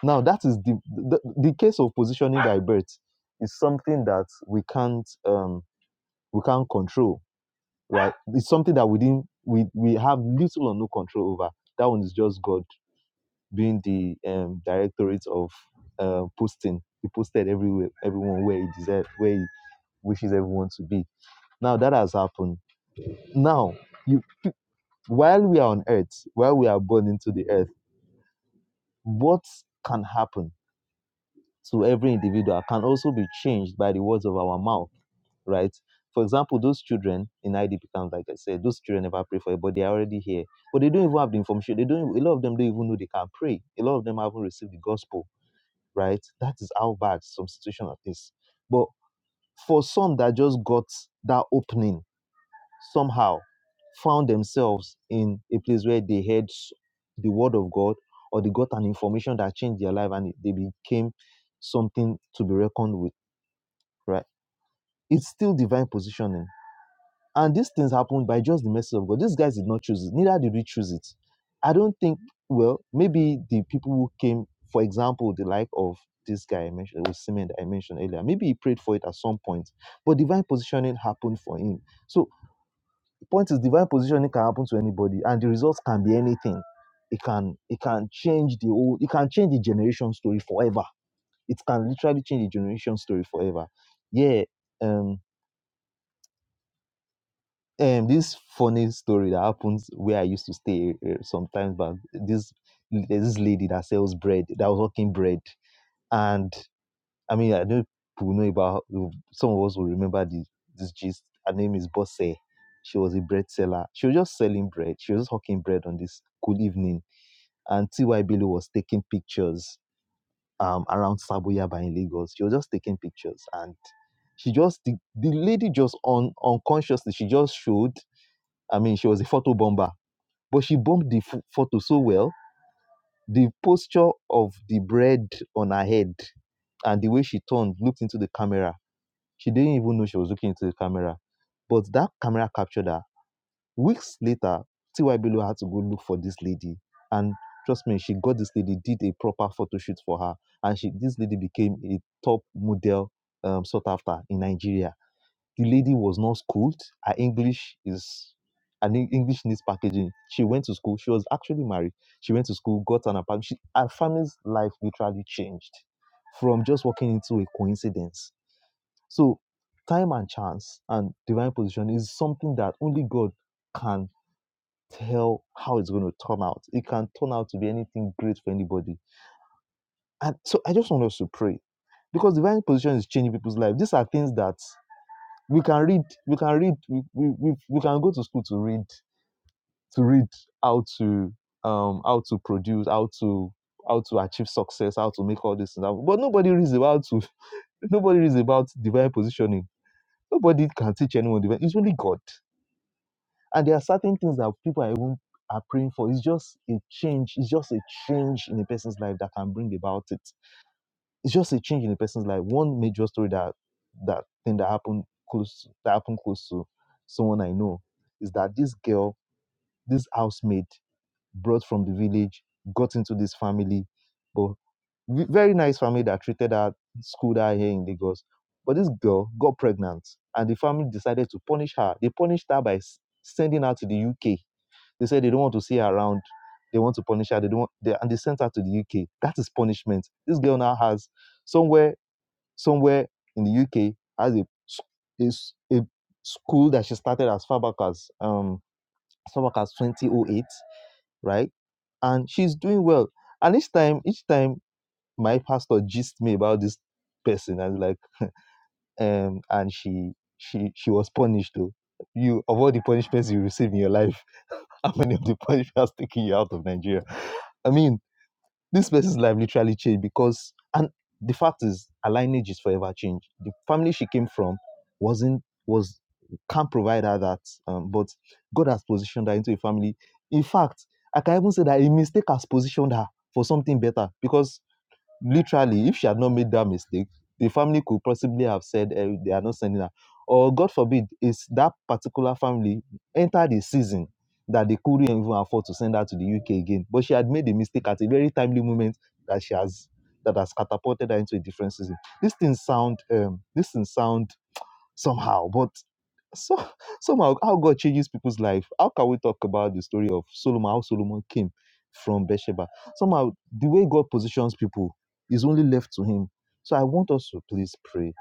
Now, that is the the, the case of positioning by birth is something that we can't um, we can't control, right? It's something that we didn't we we have little or no control over. That one is just God being the um, directorate of uh, posting. He posted everywhere, everyone where he deserves, where he wishes everyone to be. Now that has happened Now, you while we are on earth, while we are born into the earth, what can happen to every individual can also be changed by the words of our mouth, right? For example, those children in IDP camp, like I said, those children never pray for it, but they are already here. But they don't even have the information. They don't. A lot of them don't even know they can pray. A lot of them haven't received the gospel, right? That is how bad some situation is. But for some that just got that opening somehow found themselves in a place where they heard s- the word of God or they got an information that changed their life and they became something to be reckoned with, right? It's still divine positioning. And these things happened by just the mercy of God. These guys did not choose it, neither did we choose it. I don't think, well, maybe the people who came, for example, the like of this guy I mentioned, it was Simon that I mentioned earlier, maybe he prayed for it at some point, but divine positioning happened for him. So Point is, divine positioning can happen to anybody, and the results can be anything. It can it can change the whole. It can change the generation story forever. It can literally change the generation story forever. Yeah. Um. Um. This funny story that happens where I used to stay uh, sometimes, but this there's this lady that sells bread that was working bread, and I mean, I know people know about some of us will remember this this gist. Her name is Bosse. She was a bread seller. She was just selling bread. She was just hawking bread on this cool evening. And T.Y. Bello was taking pictures um, around Saboyaba in Lagos. She was just taking pictures. And she just, the, the lady just un, unconsciously, she just showed, I mean, she was a photo bomber, but she bombed the ph- photo so well. The posture of the bread on her head and the way she turned, looked into the camera she didn't even know she was looking into the camera. But that camera captured her. Weeks later, T.Y. Bello had to go look for this lady. And trust me, she got this lady, did a proper photo shoot for her. And she this lady became a top model um, sought after in Nigeria. The lady was not schooled. Her English is an English needs packaging. She went to school. She was actually married. She went to school, got an apartment. She, her family's life literally changed from just walking into a coincidence so, time and chance and divine position is something that only God can tell how it's going to turn out. It can turn out to be anything great for anybody. And so, I just want us to pray because divine position is changing people's life. These are things that we can read. We can read. We, we, we, we can go to school to read to read how to um how to produce how to how to achieve success how to make all this and that. But nobody reads about to nobody reads about divine positioning Nobody can teach anyone. the way- It's only God. And there are certain things that people are even are praying for. It's just a change. It's just a change in a person's life that can bring about it. It's just a change in a person's life. One major story that that thing that happened close that happened close to someone I know is that this girl, this housemaid, brought from the village, got into this family. but v- very nice family that treated her, schooled her here in Lagos. But this girl got pregnant, and the family decided to punish her. They punished her by s- sending her to the UK. They said they don't want to see her around. They want to punish her. They don't. Want, they, and they sent her to the UK. That is punishment. This girl now has somewhere, somewhere in the UK has a s- a, s- a school that she started as far back as um as far back as 2008, right? And she's doing well. And each time, each time my pastor gisted me about this person and like um and she she she was punished though. You of all the punishments you receive in your life, how many of the punishments taking you out of Nigeria? I mean, this person's life literally changed because and the fact is her lineage is forever changed. The family she came from wasn't was can't provide her that um, but God has positioned her into a family. In fact, I can even say that a mistake has positioned her for something better because literally, if she had not made that mistake, the family could possibly have said eh, they are not sending her. Or God forbid, is that particular family entered the season that they couldn't even afford to send her to the UK again. But she had made a mistake at a very timely moment that she has that has catapulted her into a different season. These things sound um these things sound somehow. But so somehow how God changes people's life. How can we talk about the story of Solomon, how Solomon came from Bathsheba? Somehow the way God positions people is only left to him. So I want us to please pray.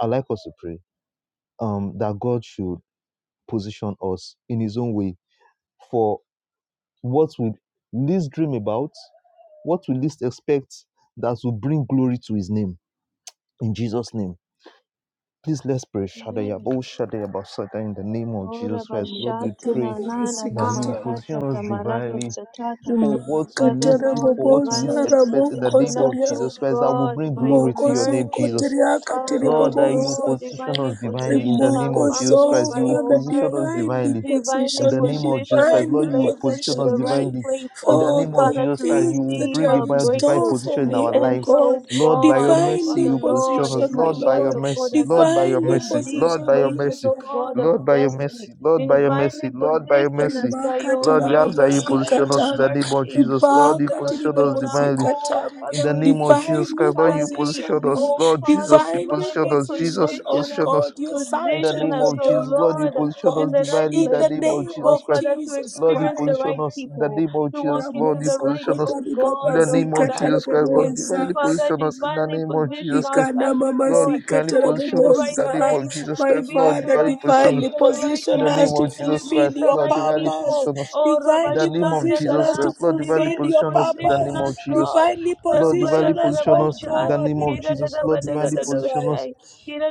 I like us to pray um, that God should position us in His own way for what we least dream about, what we least expect that will bring glory to His name. In Jesus' name Please let's pray. Shadaya,
Amen.
Bo Shadaya, Basata, in the name of
Ora
Jesus Christ. Lord, we
bashata
pray
na
makatiribobosi
nana na
that you
kata
will position
makata
us
tamarado
divinely
satata.
for what we
Father
least dream,
Lord,
for what we
rimakatarabobosa
least
divinely
expect in the name
position
of
us,
ramokosoria
O
Jesus Christ. That will
God,
bring
by your
glory to your name,
mercy.
Jesus.
mokosokotoria
Father, O
Lord, that you
katiribobosa
Lord,
position
divinely
us divinely in
position
the
our
name
Remoko
of Jesus
families
so
Christ.
by
You
your
Father,
position us
mercy.
divinely
divinely
Divinely
in the
position me,
name of Jesus
position us,
Christ.
divinely
Lord, you
place us
position
in
us
the
position
right
me
divinely
place, uh,
in the
for
name of
the
Father,
Jesus
to
Christ. You
things
will
that you
receive
bring
have
our
in
about divine
store
breakthrough,
for
position in
to
me,
our
oh
enter,
lives.
O
God.
Lord, by your
God, O
mercy,
Divinely
Father
you position
Lord,
us.
position me,
Lord, by your
Lord.
mercy. Lord, by your
Divinely
in
mercy.
deep
Lord,
position
by your
me,
places,
oh
mercy.
O
God.
God of
Lord, by your
destiny.
mercy. Lord, by your
Divinely
mercy. Lord, by your
position
mercy.
us by your
Lord, we ask that
mercy,
you
by
position
your
us in the
Ribakatarabobosikatam.
name of
mercy
Jesus.
we
Lord, you
cannot do
position
it
us
on our
divinely.
own.
Ribakatiribobosikatam.
In
Father,
the
we
name
need
of
you to
Jesus
Divinely
Christ, Lord, you
kindly,
position
position
us.
me.
oh
Lord
Father,
Jesus, you
Divinely
position
divinely
us. Jesus,
position,
you
oh
position us,
position us.
God, your
In
sons
the
position
and
name
us,
your
of
oh
Jesus, Lord,
daughters,
you
Lord,
oh
position
God,
in
us
the right
divinely. In
in
place.
the
the
name
Oh
of
name
oh,
Jesus
of
Christ,
Father, to
Jesus
Lord, you
experience the
Christ.
position
right
us. In the
people,
name of
to walk
Jesus,
into
Lord, you
the
Ramoso
right,
position us.
koto
oh
In
God,
the
oh
name
ribabazika
of
Father,
Jesus Christ, Lord,
atmosphere.
divinely
tarabobosa.
Father,
position us. In the
divinely
name of
position
Jesus
our
Christ,
Ikana
family,
mama
Lord,
Lord,
sika
divinely
to walk in
position
the
us. In
right
the name
tarabobosa.
of
place,
Jesus
My
to
Christ,
be
Lord,
at the
Father,
divinely
right
position
place
us.
divinely
at the right
In
position
the name
us
time,
to
of
to
Jesus
meet
fulfill
Christ,
the
your
Lord,
right
divinely
purpose.
people.
position us.
Oh,
In the
Divinely
name of
Rabashanda
position
Jesus
Gada,
us to
Christ, Lord, divinely
fulfill
Divinely
your
position us. In the
position
name of
us,
purpose.
Jesus.
God.
Divinely
Lord, divinely
position us,
position
oh
us in
Rabbararabashai,
the
God,
name
in
of
the name
Jesus.
of
Lord, divinely
Jesus
position
Christ.
us
Kirarabadadadadashai,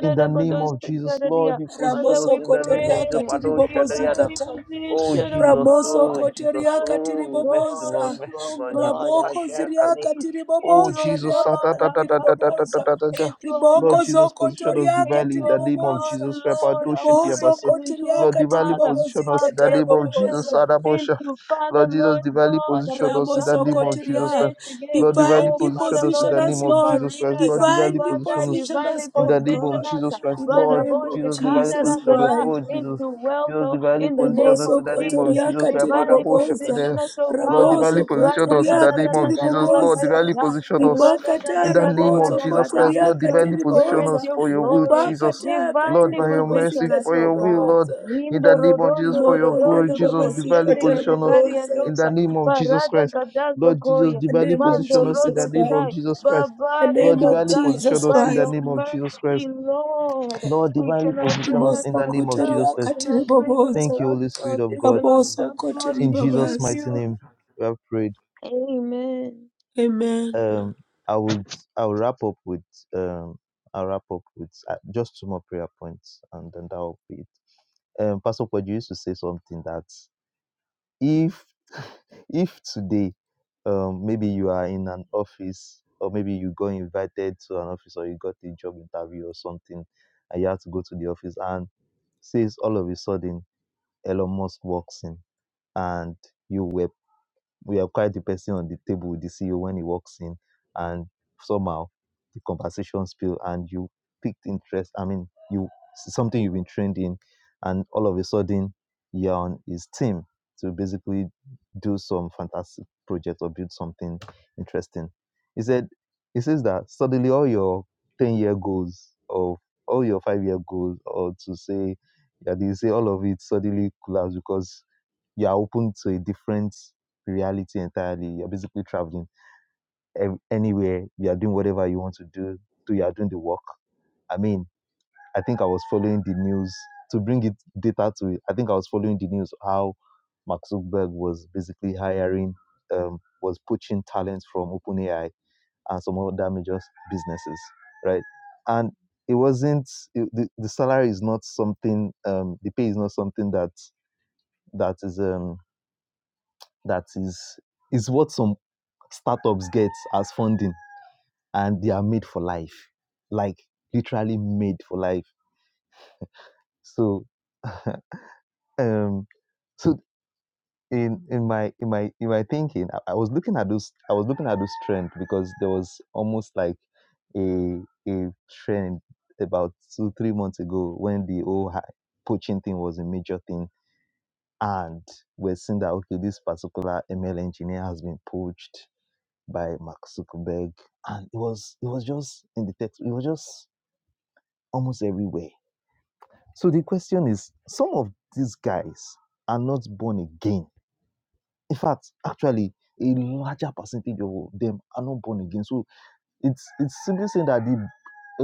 in the name of Jesus. Lord, you position
Father,
us
Ramoso
we
in the name of
kotoria
Jesus.
pray.
katiri
Pado
bobo
Shadayada.
Divinely
zikata.
Oh,
position, oh
Jesus.
Ramoso
Oh,
God.
Jesus.
Us,
kotoriaka
oh
Oh, mercy,
God,
Lord.
tiriboboza.
into,
Mercy,
oh
Lord Jesus.
God, our
Ramoko
Sasha Kata.
ziriaka
destinies,
Oh,
into, oh
tiriboboza.
Jesus. Ah, da,
God,
da, da,
Riabakandi
da,
our
da, da,
purpose,
da,
riboboza.
da, da, da.
into our
Lord
Riboko
Jesus,
zoko
position
ministries,
us
toriaka
divinely
into,
in the
oh
name of
God,
tiriboboza.
Jesus. Pado
Lord, our marriages,
Ribozo
Shatiabasa.
into, oh
Lord,
kotiriaka
divinely
Father,
position
our
us
tiribobozika
in the name of
businesses
taraboboza.
Jesus.
into Father
Lord Jesus,
Lord
divinely
God,
position us in the
Ramoso
name
Abachandare
of Jesus
kotiria.
Christ.
Gedeshige,
Lord, divinely
oh
Divinely
position
Father
us in
Lord,
position
the name
us,
into
of
Lord.
Jesus Christ.
careers,
Lord, divinely
Divinely
Father
position us
position
divinely
us,
in
oh
the name of
position
God.
us,
Jesus Christ.
In the
Lord,
name of
Jesus, divinely
Jesus
position us.
Baraboshikandaragada,
Christ.
Oh, Jesus,
into wealth,
Jesus,
oh,
divinely
in the
position
name
us
of
Riboso
in the name
Jesus,
of
kotoria
Jesus Christ.
katiri
Father,
divinely
boboza.
position us, oh
Lord, the
God,
Raboso
position
kotoria
in the name
katiri
of Jesus.
Radadadadadadadabakasha,
Lord,
boboza.
the position,
Rimakata raboso
Jesus,
Radadadadadadadada,
kotoria
to
kindly
katiri
position.
experience
boboza.
your
will,
glory,
Jesus.
Rimakata
Lord,
divinely
katiri
by your
bobosi
position
mercy,
us,
for
katiri
oh
your will,
God.
Lord,
boboza.
in
Rindo
the name of
rodondo
Jesus, for your
Rimoko
glory,
rodondo
ndiri
Jesus,
babasi
divinely
rokoshende
katiri
position us
gedebari
in
boboza.
andosa
the name of Jesus
parada
Christ.
gadazo
Lord Jesus,
koya
The
divinely
name of
mando
position us in
rodo
the
Jesus
name of
Christ.
shai
Jesus Christ.
The
babari
Lord,
name of
divinely
kazai
position
Jesus
by
us in the
Christ.
your
name of Jesus
mercy
Christ.
Lord
Lord,
we
divinely
cannot
position
bring
us
us
in
Rimoso
the name of
ourselves
Jesus
kotoria
we
Christ.
cannot
katiri
bring us
Thank
boboza.
you, Holy Spirit
ourselves
of
this
God.
on
Raboso
ourselves Lord
kotiri
In
we need
Jesus'
babasi.
mighty
you
name, we have prayed.
Amen.
Amen.
Um, I would I'll wrap up with um I'll wrap up with uh, just two more prayer points, and then that will be it. um, Pastor Poggi used to say something that if if today um, maybe you are in an office or maybe you got invited to an office or you got a job interview or something and you have to go to the office and says all of a sudden Elon Musk walks in and you were we are quite the person on the table with the CEO when he walks in, and somehow the conversation spill and you picked interest. I mean, you something you've been trained in, and all of a sudden you're on his team to basically do some fantastic project or build something interesting. He said, he says that suddenly all your 10 year goals or all your five year goals or to say that you say all of it suddenly collapse because you are open to a different reality entirely. You're basically traveling anywhere. You are doing whatever you want to do. So you are doing the work. I mean, I think I was following the news to bring it data to it. I think I was following the news how Mark Zuckerberg was basically hiring, um, was poaching talent from OpenAI and some other major businesses, right? And it wasn't it- the, the salary is not something um, the pay is not something that that is um, that is is what some startups get as funding and they are made for life like literally made for life so um so in in my in my in my thinking I, I was looking at those i was looking at those trend because there was almost like a a trend about two three months ago when the whole hi- poaching thing was a major thing and we're seeing that okay this particular ml engineer has been poached by Mark Zuckerberg, and it was it was just in the text. It was just almost everywhere. So the question is, some of these guys are not born again. In fact, actually, a larger percentage of them are not born again. So it's it's simply saying that the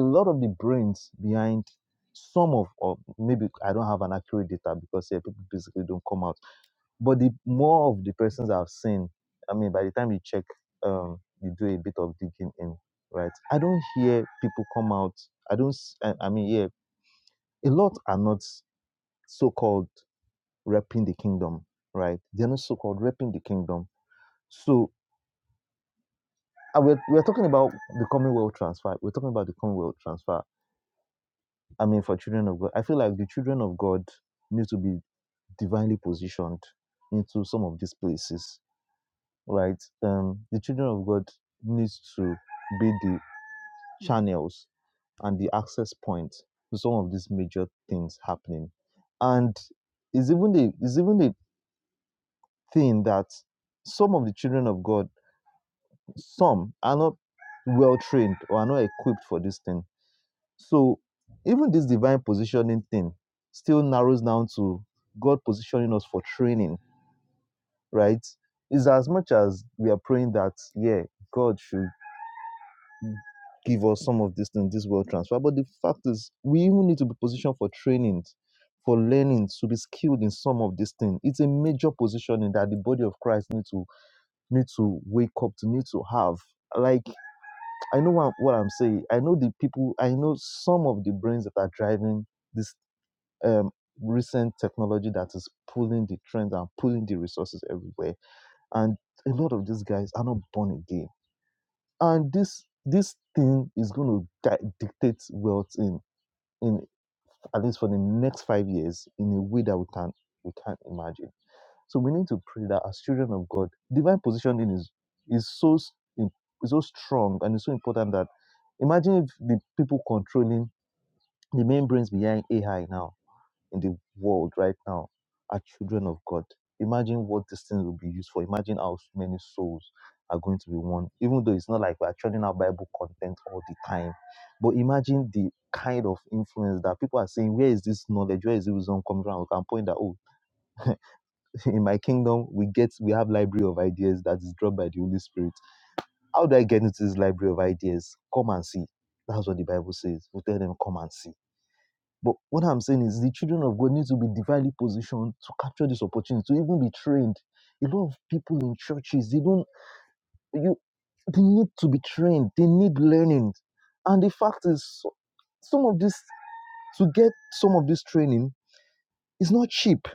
a lot of the brains behind some of or maybe I don't have an accurate data because eh, people basically don't come out But the more of the persons I've seen, I mean, by the time you check, um, you do a bit of digging in, right? I don't hear people come out. I don't. s- I, I mean, yeah, a lot are not so-called repping the kingdom, right? They're not so-called repping the kingdom. So uh, we're we're talking about the Commonwealth transfer. We're talking about the Commonwealth transfer. I mean, for children of God, I feel like the children of God need to be divinely positioned into some of these places right? Um, the children of God needs to be the channels and the access point to some of these major things happening, and it's even the it's even the thing that some of the children of God, some are not well trained or are not equipped for this thing. So even this divine positioning thing still narrows down to God positioning us for training, right? Is as much as we are praying that yeah, God should give us some of these things. this world transfer. But the fact is, we even need to be positioned for trainings, for learnings, to be skilled in some of these things. It's a major positioning that the body of Christ need to need to wake up to, need to have. Like I know what, what I'm saying. I know the people. I know some of the brains that are driving this um, recent technology that is pulling the trends and pulling the resources everywhere. And a lot of these guys are not born again and this this thing is going to di- dictate wealth in in at least for the next five years in a way that we can we can't imagine so we need to pray that as children of god divine positioning is is so s- im- is so strong and it's so important that imagine if the people controlling the main brains behind ai now in the world right now are children of God. Imagine what this thing will be used for. Imagine how many souls are going to be won. Even though it's not like we're churning out Bible content all the time, but imagine the kind of influence that people are saying, where is this knowledge? Where is this wisdom coming from? We can point that, oh, in my kingdom, we get, we have library of ideas that is dropped by the Holy Spirit. How do I get into this library of ideas? Come and see. That's what the Bible says. We tell them, come and see but what I'm saying is the children of God need to be divinely positioned to capture this opportunity, to even be trained. A lot of people in churches, they don't you they need to be trained, they need learning. And the fact is so- some of this to get some of this training is not cheap.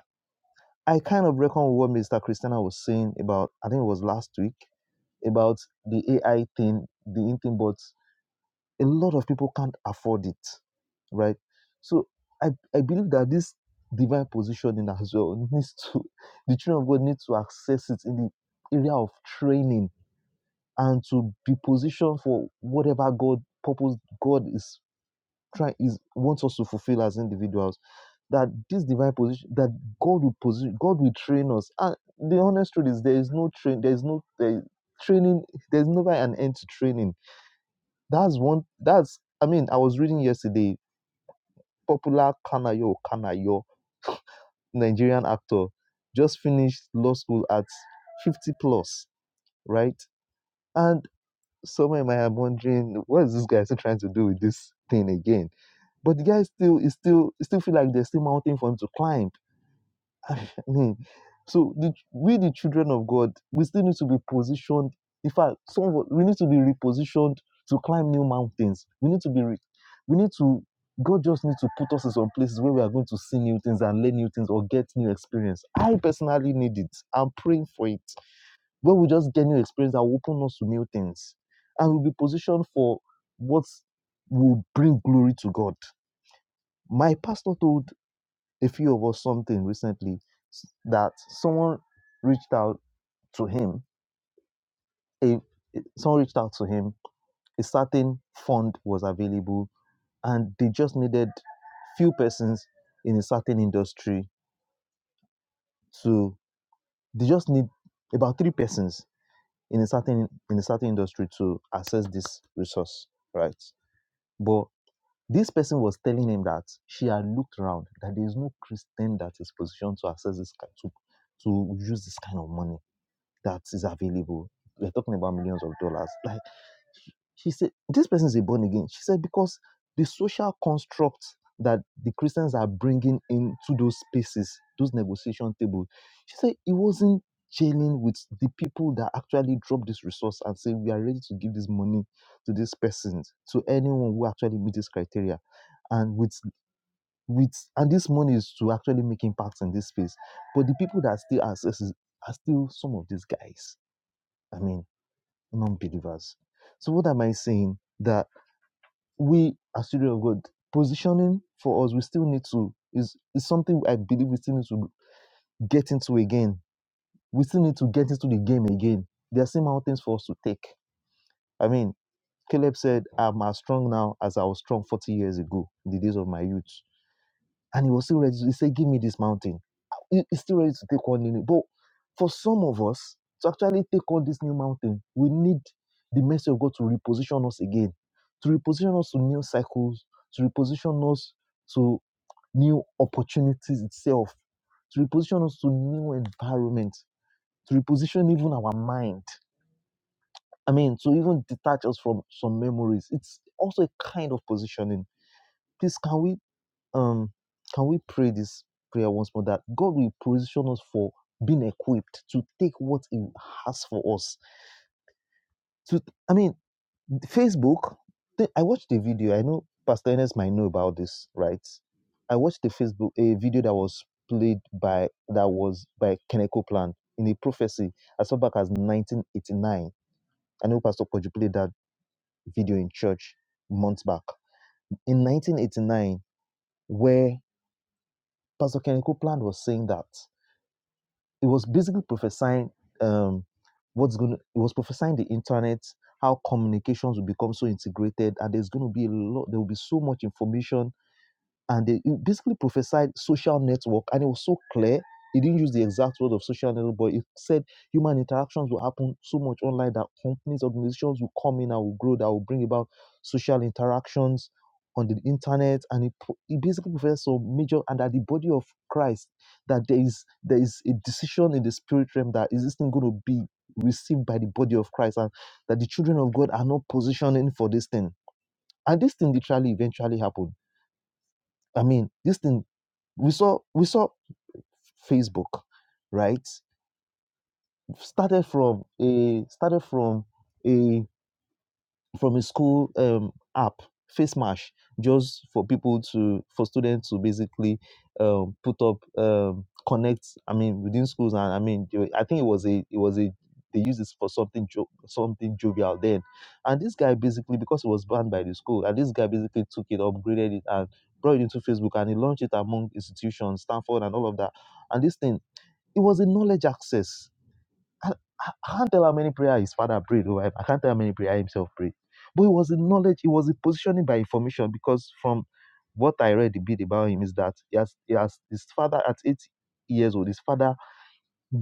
I kind of reckon what Mr. Christina was saying about I think it was last week about the AI thing, the in thing, but a lot of people can't afford it right so i, I believe that this divine positioning as well needs to the children of god need to access it in the area of training and to be positioned for whatever god purpose god is trying is wants us to fulfill as individuals that this divine position that god will position god will train us and the honest truth is there is no train there is no there, training there's never an end to training that's one that's I mean, I was reading yesterday, popular Kanayo Kanayo, Nigerian actor, just finished law school at 50 plus, right? And somewhere might have wondering, what is this guy still trying to do with this thing again? But the guy still is still still feel like there's still mountain for him to climb I mean, so the, we, the children of God, we still need to be positioned. In fact, some of us- we need to be repositioned to climb new mountains. We need to be, re, we need to. God just needs to put us in some places where we are going to see new things and learn new things or get new experience. I personally need it. I'm praying for it. Where we just get new experience that will open us to new things, and we'll be positioned for what will bring glory to God. My pastor told a few of us something recently s- that someone reached out to him a someone reached out to him a certain fund was available and they just needed few persons in a certain industry to they just need about three persons in a certain in a certain industry to access this resource right but this person was telling him that she had looked around that there is no christian that is positioned to access this ki- to to use this kind of money that is available. We're talking about millions of dollars. Like she she said, this person is a born again. She said because the social construct that the Christians are bringing into those spaces, those negotiation tables, she said it wasn't jailing with the people that actually drop this resource and say we are ready to give this money to this person, to anyone who actually meets this criteria. And with with and this money is to actually make impact in this space. But the people that still access is are still some of these guys I mean, non believers. So, what am I saying? That we, as children of God, positioning for us, we still need to, is, is something I believe we still need to get into again. We still need to get into the game again. There are still mountains for us to take. I mean, Caleb said, I'm as strong now as I was strong 40 years ago, in the days of my youth. And he was still ready. To, he said, Give me this mountain. He- He's still ready to take on the new. But for some of us to actually take on this new mountain, we need the mercy of God to reposition us again, to reposition us to new cycles, to reposition us to new opportunities itself, to reposition us to new environment, to reposition even our mind. I mean, to even detach us from some memories. It's also a kind of positioning. Please, can we um, can we pray this prayer once more that God will position us for being equipped to take what He has for us? To, I mean, Facebook, th- I watched a video. I know Pastor Ernest might know about this, right? I watched a Facebook a video that was played by that was by Kenneth Copeland in a prophecy as far back as 1989. I know Pastor Koju played that video in church months back in 1989, where Pastor Kenneth Copeland was saying that. it was basically prophesying um, what's going to, it was prophesying the internet, how communications will become so integrated, and there's going to be a lot, there will be so much information and they it basically prophesied social network and it was so clear he didn't use the exact word of social network but he said human interactions will happen so much online that companies organizations will come in and will grow that will bring about social interactions on the internet and he, pro- he basically professed some major and that the body of christ that there is there is a decision in the spirit realm that is this thing going to be received by the body of christ and that the children of god are not positioning for this thing and this thing literally eventually happened I mean, this thing we saw we saw Facebook, right? Started from a started from a from a school um, app, Face Mash, just for people to for students to basically um, put up um, connect. I mean, within schools, and I mean, they were- I think it was a it was a they used this for something jo- something jovial then, and this guy basically because it was banned by the school, and this guy basically took it, upgraded it, and brought it into Facebook, and he launched it among institutions, Stanford, and all of that and this thing it was a knowledge access. I, I can't tell how many prayers his father prayed. Over. him. I can't tell how many prayers himself prayed. But it was a knowledge. It was a positioning by information because from what I read a bit about him is that he has, he has his father at eight years old. His father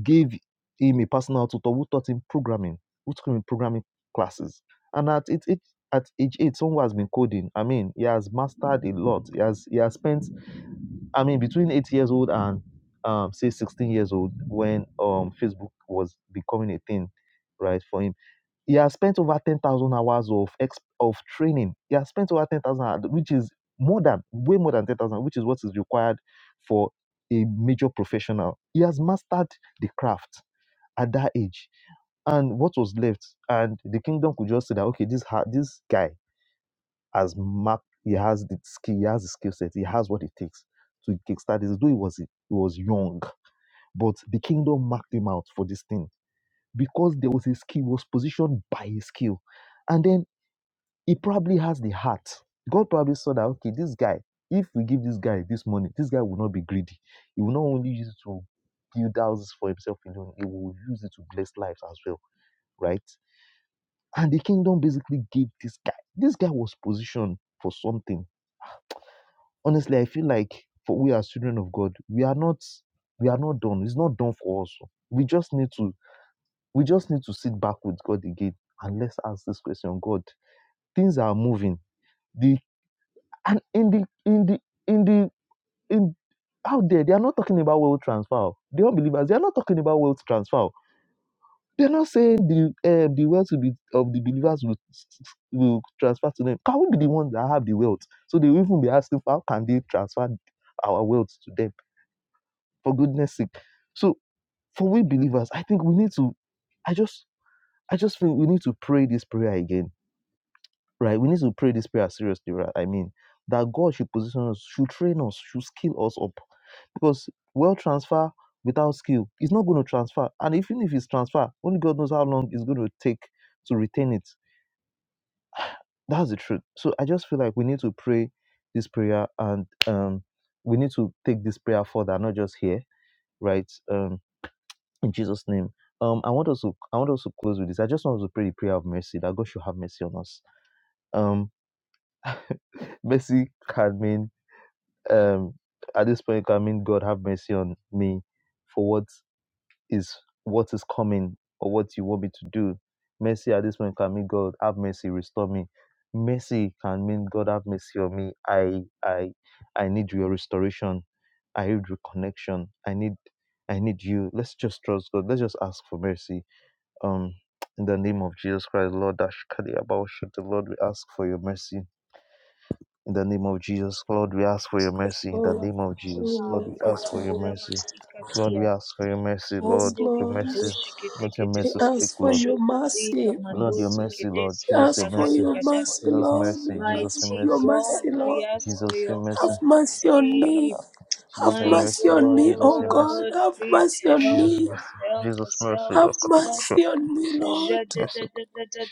gave him a personal tutor who taught him programming, who took him in programming classes. And at eight, eight at age eight, someone has been coding. I mean, he has mastered a lot. He has he has spent I mean, between eight years old and um, say 16 years old, when um, Facebook was becoming a thing, right, for him, he has spent over 10,000 hours of ex- of training. He has spent over 10,000, hours, which is more than, way more than 10,000, which is what is required for a major professional. He has mastered the craft at that age. And what was left, and the kingdom could just say that, okay, this, ha- this guy has mapped, he has the skill, he has the skill set, he has what it takes to kickstart this. Though he was he was young, but the kingdom marked him out for this thing because there was a skill, he was positioned by his skill, and then he probably has the heart. God probably saw that okay, this guy, if we give this guy this money, this guy will not be greedy. He will not only use it to build houses for himself alone, he will use it to bless lives as well, right? And the kingdom basically gave this guy. This guy was positioned for something honestly, I feel like for we as children of God, we are not we are not done. It's not done for us. We just need to we just need to sit back with God again and let's ask this question. God, things are moving. The and in the in the in the in out there, they are not talking about wealth transfer. oh. The unbelievers, they are not talking about wealth transfer. oh. They are not saying the uh, the wealth will be, of the believers will will transfer to them. Can we be the ones that have the wealth? So they will even be asking, how can they transfer our wealth to them? for goodness sake. So for we believers, I think we need to I just I just think we need to pray this prayer again. Right? We need to pray this prayer seriously, right? I mean, that God should position us, should train us, should skill us up. Because well transfer without skill is not going to transfer. And even if it's transfer, only God knows how long it's going to take to retain it. That's the truth. So I just feel like we need to pray this prayer and um we need to take this prayer further, not just here, right? Um. in Jesus' name. Um, I want us to I want us to close with this. I just want us to pray the prayer of mercy that God should have mercy on us. Um, mercy can mean um at this point it can mean God have mercy on me for what is what is coming or what you want me to do. Mercy at this point can mean God have mercy, restore me. Mercy can mean God have mercy on me. I I I need your restoration. I need reconnection. I need I need you. Let's just trust God. Let's just ask for mercy um, in the name of Jesus Christ, Lord, Ashkadiabaoshit, the Lord, we ask for your mercy. In the name of Jesus, Lord, we ask for your mercy. In the
Oh,
name of Jesus, Lord, we ask for
Rimakata.
your mercy. Lord, we ask for your mercy,
Yes,
Lord,
Ondere
your
Lord.
mercy.
kadoshe kete
Let your
kete
We
mercy
bodo
speak,
ask for
Lord.
kosho
your
kodega
mercy.
Lord, your
mandoti
mercy, Lord.
kedese
We
Jesus, your
ask for
mercy.
kodagadi
your
gada.
mercy,
Jesus,
Lord.
mercy.
We
Jesus,
ask
your
for
Mighty
your
mercy.
God,
mercy,
we
Lord.
ask for
Jesus, your
your
mercy.
Have mercy on me.
mercy.
Jesus,
Have
your
My
mercy,
mercy on
Lord.
me,
Jesus,
oh
your mercy.
God.
God,
Have
please
mercy on
help
Jesus,
me.
us,
mercy.
help
Jesus,
us,
mercy.
help
Have
us, help
mercy
us.
on me, Lord.
Jesus, mercy.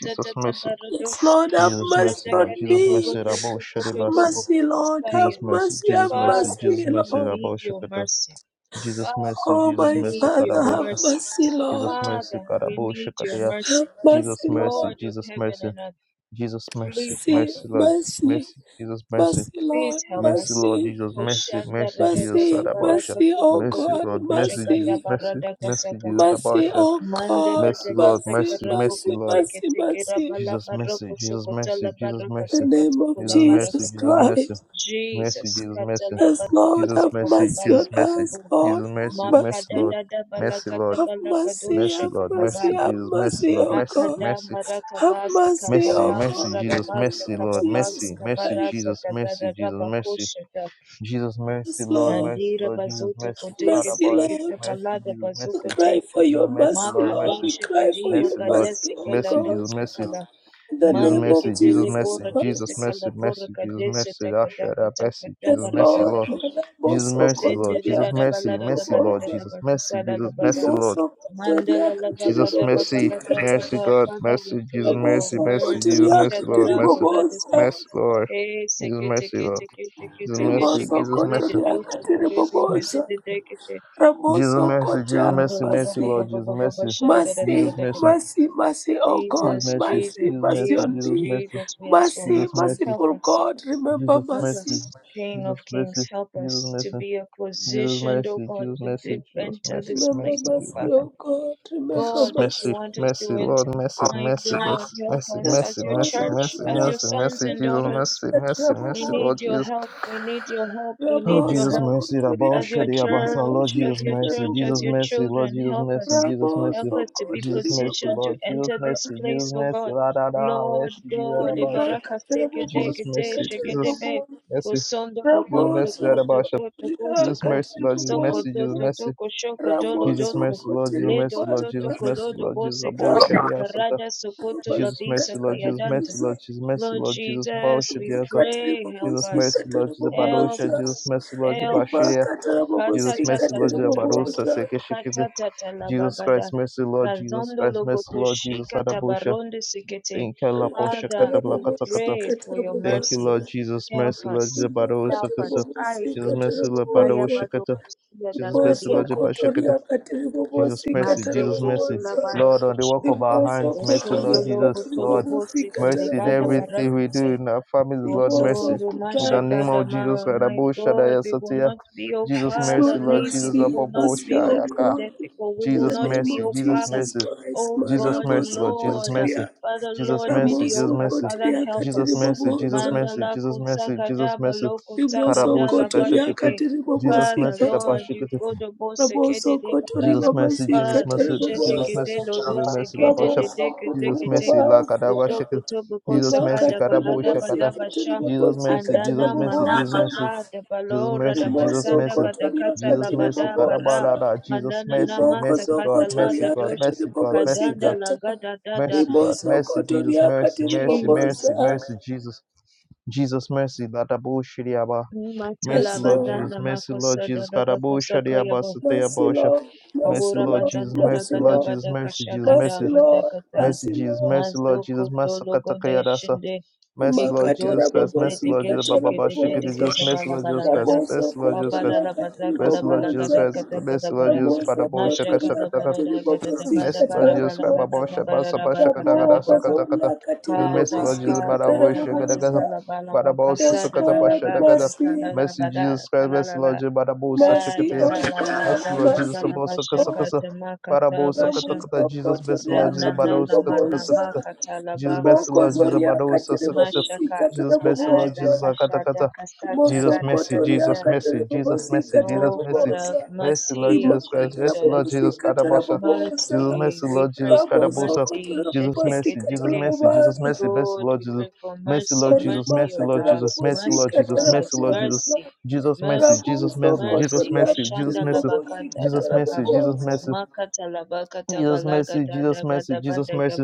Jesus, mercy.
Yes,
barados.
Lord, have
Jesus
mercy
mercy, Lord.
on
Jadagadi
Jesus mercy,
me.
Rabo
borodoto
Shadibasu.
mercy, Lord. Have
Jesus
kotorobokuskaya.
mercy,
mercy,
Jesus
have
mercy,
Father,
Jesus
mercy,
we
mercy,
Lord.
need
Rabo
your
Shakata.
mercy.
Jesus
Father,
mercy,
Oh,
we
Jesus
my
mercy,
need
Father,
your
have
Karabosha.
mercy.
mercy, Lord.
Jesus mercy,
Father, we
Karabosha
need your
Kataya.
Have
mercy.
Jesus
mercy,
mercy,
Lord.
God of
Jesus
heaven
mercy,
and earth,
Jesus mercy,
please help
See,
mercy,
us.
Lord, Jesus
mercy.
mercy, Jesus mercy,
Mercy,
Please
Lord,
help
mercy,
us.
Lord,
mercy,
Jesus mercy,
Koshanda
mercy, Jesus,
radakata
mercy,
Sarabosha.
balaka
mercy,
toko
oh
Mercy,
toko
God,
Lord,
toko
mercy,
shakata
Jesus,
mercy,
mercy,
baradaka
mercy, Jesus,
sakata.
mercy,
Abosha.
oh
Manda
God,
Mercy,
dadaka
Lord,
mercy,
mercy,
sakarabo
mercy,
mercy,
Lord.
koteke
mercy,
teke
mercy.
rabala
Jesus
baroko
mercy, Jesus
sokota la
mercy, Jesus
In the
barakata
mercy,
name of
katoko la
Jesus mercy,
Jesus
barakata.
Jesus mercy,
Christ,
mercy,
Jesus,
Jesus
kata
mercy,
la
yes,
batoko
Lord,
Jesus
have
sakata
mercy,
mercy
Jesus
on
balakota
mercy,
us,
bo.
Lord,
Jesus
have
mercy, mercy
Makada
mercy,
Lord,
dada
mercy Lord,
balakata
have
balakado
mercy,
mercy
have
Lord,
shakata ba.
mercy
mercy, have
Jesus, mercy
mercy,
Lord,
oh
mercy,
God,
mercy,
Akadamba
have
rakabasa
mercy,
mercy,
oh
kabakaba
mercy
God, in
Jesus,
the name
radabasa
mercy
of
Lord,
kababasa
Jesus
mercy, mercy
Christ,
kabadata
Jesus, mercy
kadadada
Jesus, mercy.
bakoshada
Jesus mercy,
yes,
Lord,
Lord,
mercy,
andira
Lord, Jesus
bazoto
mercy, sad
koteke
mercy,
about
sekete
Lord,
mercy,
balada
Jesus
We
mercy,
bazokote
cry for your
Jesus mercy,
mercy,
Lord,
Lord.
mercy,
We
makadishe
cry for
kadila
your
mercy, Lord,
kadesi
mercy, oh
kela
mercy,
God.
Jesus
dose
mercy.
kala
In the
Jesus
mande
name of
mercy, Jesus
ketele
Jesus
mercy,
bora
Jesus
diste
Christ.
kala
mercy,
bora
mercy, Jesus
kadeshe
mercy,
takataka
Asher, mercy,
takata
Jesus
Yes,
barada
mercy,
Lord.
Lord,
dabash
Mother,
Jesus
Boso,
mercy,
kosende
Lord,
Kotaria,
Jesus
dadada
mercy,
balada
mercy,
dabada
Lord,
Katibobosa.
Jesus mercy, Jesus
dabakasala
mercy, Lord,
Rimoso,
Mandala
Kotaria,
laga
Jesus
gada laga
Katibobosi,
mercy,
gada
Kata.
mercy,
gada.
God,
Father, we
mercy, Jesus
pray for
mercy,
Raboso,
mercy, Jesus
mercy.
Kotaria,
mercy, Lord,
Shadala
mercy,
borada say
Katibobosa.
mercy, Lord,
Hey,
Jesus
seke
mercy,
teke
Lord,
teke teke
Jesus
teke
mercy,
sheke
Rimoso,
Jesus
tele de
mercy,
Kotaria,
do se ko do do de
mercy,
de
Katibobosa.
de de ke she.
Jesus
Ramoso,
mercy, Jesus
Kotaria,
Oro
mercy,
ba ba
mercy,
ba
Basi.
ba
Lord,
ba
Jesus
ba ba ba
mercy,
shada da da da da
Jesus
Mercy,
mercy,
mercy, mercy, oh God,
His
Jesus,
mercy,
mercy,
Jesus,
Jesus
mercy
mercy,
on
Jesus,
Jesus
me.
mercy,
Jesus, we ask for
Mercy,
Jesus
mercy.
mercy.
Help
merciful
us,
God, remember
Jesus
help
mercy,
mercy.
us, King of
Jesus mercy,
Kings, help
Jesus
us to
mercy,
be a
Jesus
positioned, oh
mercy,
God,
Jesus
to
mercy,
dip-
Jesus
enter
mercy,
this
Remember
place,
mercy,
oh
Jesus
mercy,
Father.
mercy.
oh God, remember
Jesus
God, that you
mercy.
mercy,
want us to
mercy,
enter.
Lord mercy,
My
mercy,
God,
mercy,
help
mercy,
us
Yes,
as
mercy,
your
oh
mercy,
Lord,
church,
mercy,
as
Maria,
your
mercy,
sons
mercy,
and
Jesus
daughters.
mercy, mercy,
We
mercy,
need
Lord
your
Jesus.
help. We need your help. We
Oh
need
Rabo
your
Jesus
help
mercy, Rabbi
Sokotoria
as your
Shadi Abasa,
Katribo
church,
Lord
as
Jesus
your
mercy,
church, as
Jesus
Katribo
your
mercy, Lord
children,
Jesus
help
mercy,
us.
Jesus
Rabo
Help
mercy.
us to be
Jesus
Sokotori
mercy,
Baba
positioned to
Lord, Jesus
enter this
mercy, Jesus
place, O
mercy,
God.
la da da,
Lord
mercy, Jesus,
God,
Rabbi Shadi.
Rimaka
Ibaraka Sekede
Rabo
Jesus
Gede
mercy, Jesus
Shegedebe,
Katribo
mercy.
Osondo
Jesus
Rabo
Logoto
mercy,
Koto
Radabasha.
Toto
Sokotoria
Jesus
Kosoko,
mercy, Lord, Jesus
Soko
Katribo
mercy, Jesus
Toto
mercy.
Toko Shoko Dolo
Jesus
Ramoso
Doto,
mercy, Lord, Jesus
Ledo
mercy, Lord,
Soto
Jesus
Coteripaza,
mercy,
Kolodo
Lord, Jesus
Boseka,
Abou
Ramosa,
Shadiasata.
Rada Sokoto
Jesus mercy,
Labisa
Lord, Jesus
Kayadanta.
mercy,
Catarabosi,
Lord, Jesus mercy,
Lord
Lord, Jesus Abou
Jesus, we
Shadiasa.
pray, help
Jesus
us,
mercy, Lord, Jesus
help
Badosha,
Catarabosa,
Jesus
us,
mercy, Lord, Jesus
help us.
Riba
Bashiria.
Catarabosi,
Jesus
Catarabosa, Catarabosi,
mercy, Lord, Jesus
Katatatatatata.
Badosa,
Catarabosa,
Sekeshikiti. Jesus Christ
Katatatatalabagada.
mercy, Lord, Jesus
Kazondo
Christ mercy, Lord, Jesus
logotoshika
Adabosha.
tabaronde sikete.
Thank you, Lord, for
Father,
shakata
we
blakata kata.
pray for your
Thank you,
mercy.
Lord Jesus. Mercy,
Help
Lord
us.
Jesus.
Riba
Barawo
Help us.
Shakata.
I,
Catarabosi,
Jesus, mercy,
Jesus.
Lord.
Kaya
Barawo
Catarabosa,
bado
Shakata.
kusia
Jesus, mercy,
dagadia.
Riboso
Lord Jesus. Shakata.
Cotoria,
Jesus,
Catarabosi,
mercy. Jesus,
Masekete
mercy.
Catarabosa,
Lord, on the work
labarakusha.
of our hands,
Riboso
mercy,
Osondo
Lord
Cotoria,
Jesus.
logo tolo
Lord,
Catarabosi,
bosi.
mercy in
Peleganda
everything
Catarabosa.
baratu
we
se.
do in our families, Lord,
Also,
mercy.
Rimoso
In the
Kuta.
name of Jesus,
Lumashagadamal, my
Rabo
God,
Shadaya
we will
Satya.
not be, oh
Jesus,
Yes,
mercy,
Father,
Lord,
Lord
lazy.
Jesus.
We
mercy,
will not
Rababo
mercy,
be
O
Shayaka.
God.
lackadaisical. We
In
will
the
Jesus,
not
name
be,
mercy.
of
oh
Jesus,
Father.
Jesus
mercy.
Christ,
Oh
Jesus
God,
mercy,
Maraboso
Lord, Jesus
Lord,
mercy,
Koteria,
Father,
Jesus
Lord,
mercy, Jesus
Ramoso
mediocre.
mercy,
Father,
Koteria
help
Jesus
us.
mercy, Jesus
Katiribobonza,
mercy,
Mandala
Jesus mercy, Jesus
kosagadaba
mercy,
Baloko,
Rimoso
Karabusa
sagadala
Koteria
Kashikiti,
bashike.
Jesus
Katiribobosi
Father,
mercy,
Kata,
Lord, you
Kapashikiti,
go to boseke de
Ramoso
de
Kotori
barada.
Jesus mercy,
Babasi
Jesus
Father,
mercy, Jesus
Katiribobosa,
shedegede
mercy, Jesus mercy, La
lodoseke de
pasha.
de
Ramoso
Jesus
Kotori
de
mercy, La Kadawa
Babasa,
Butoko
Shikiti,
toboko
Jesus mercy,
sakada
Rimaka
Karabu
balada
Tiribobosi
Shakata,
badabasha
Jesus
Katiribobosi
mercy,
andana
Jesus mercy, Jesus
Katiribobosa,
manakata
mercy, Jesus
dabalora
mercy, Jesus
dabasanda
mercy.
Rimosokotoria
badakata
Jesus mercy,
labada
God, abba,
bara
katiribobosa.
la, la, Jesus
manana
mercy,
nama
mercy
sakata
God, mercy
lada
Ribokosokotoria
God,
dosh
mercy God, mercy God, mercy
kadanda
God,
katiribobosikata.
lagada dada
Mercy, God. Mercy, Jesus.
Rimosokotoria
Mercy, mercy,
katiribobosa.
Jesus.
mercy, mercy, Jesus. Jesus, mercy. Ladabo Shiriaba. Mercy,
Matala
Yes,
Lord Jesus.
Lord.
bazanda
Mercy, Lord
makosa da
Jesus.
da
Kadabo
bakosa Kaya
Shadiaba Sateaba
Mercy,
Osha.
Lord.
Mercy,
Mercy,
Aura
Lord
Lord.
Jesus.
mazanda
Mercy,
Mercy,
lagada
Lord
Lord.
Jesus.
bada
Mercy, Jesus.
Mercy,
kashagada
Mercy.
bada
Lord.
kata
Mercy,
Mercy,
Jesus.
Lord.
Mercy, Lord Jesus.
mazoko tolo gode
Masakatakayadasa.
shinde
Mercy, Lord
ikodo
Makatara
Jesus Christ.
sente
Mercy,
bobosi
Lord
dege
Jesus.
katara
shike
Baba
dege
Shikiti
dege
bobosa.
Jesus. Mercy,
zabala
Lord
bala
Jesus Christ.
gada
Raboso
Mercy, Lord Jesus
kabala
kotoria
Christ.
la bada
katiri
kala
Mercy, Lord
bala
Jesus
bobosa.
gada
Christ.
kata kata
Mercy, Lord
bara
Jesus.
Raboso
Padabo
masha
Shaka
kotoria
kala
Shaka
bara
katiri
da gada da
his
bobosi
bada
Lord
bada
katara
Jesus
bala
Christ,
bada
Baba
bobosa.
kata
Shaba
bada da
Saba
bada
Shakata
kata da
Kata
Raboko
Sakata Kata.
zoria katiri
His
kaza
Lord
bobosi
Jesus,
kaza
katara
Barabo
da
Shakata
basa
Kata.
bobosa.
kala bala bada
Barabo
kasa
Yes,
da
Susakata
la la
Lord,
Pashata
basa
Kata.
kala
mercy,
la
Mercy,
bada
Jesus Christ,
kala
mercy,
la la
Lord Jesus, Barabo
mercy,
Kaya
Sashakata.
la
oh
la la la
God,
Mercy, Lord
bakata
Jesus,
mercy,
la
Sabo
oh
Sakasakasa.
bashakata makata
Barabo Sakata
basha
Ramoso
Kata. Jesus, mercy,
kotoria
then
Lord Jesus,
na na
katiri
Barabo
na ma
Sakata
mana
bobosa.
Kata.
makata la
Jesus, mercy,
Riboko
Lord
bakasanda
Jesus,
zoria
Barabo
katiri
Sakasa.
bobosi
mashaka
Jesus,
katara
mercy, Lord
ala
Jesus,
bobosa.
Akata Kata.
kashada kasata
Jesus
da da
mercy,
da da
Mosokotoria
Jesus
da
mercy, Jesus
katarabobosi
mercy, Jesus
oh
mercy,
father
katarabobosa.
mercy, Lord
Rima
mercy
Jesus Christ, mercy,
jesus
Lord
katarabobosi
Jesus
have
Kadabosha,
katarabobosa.
Jesus
mercy
mercy,
we
Lord
pray
Jesus
for
Kadabosha,
mercy
Jesus
Rabosokotorabobosi
mercy, Jesus
Jeteketeke.
mercy, Jesus
katarabobosa.
mercy, mercy,
Lord,
Lord
we
Jesus,
pray for
mercy,
mercy,
Lord Jesus,
Orima
mercy
mercy,
of
Lord Jesus,
us,
mercy,
katarabobosi
Lord
mercy of
Jesus,
our
mercy,
lives,
Lord Jesus,
katarabobosa.
mercy,
Jesus mercy,
mercy,
Jesus mercy, Jesus
mercy.
Rabosokotoria
mercy, Jesus
Kashanda
mercy,
katarabobosi
labakata
Jesus
dabaka.
mercy, Jesus
katarabobosa.
mercy.
Makatalabakata
Jesus mercy,
balagata
Jesus
dabada
mercy, Jesus
bada
mercy.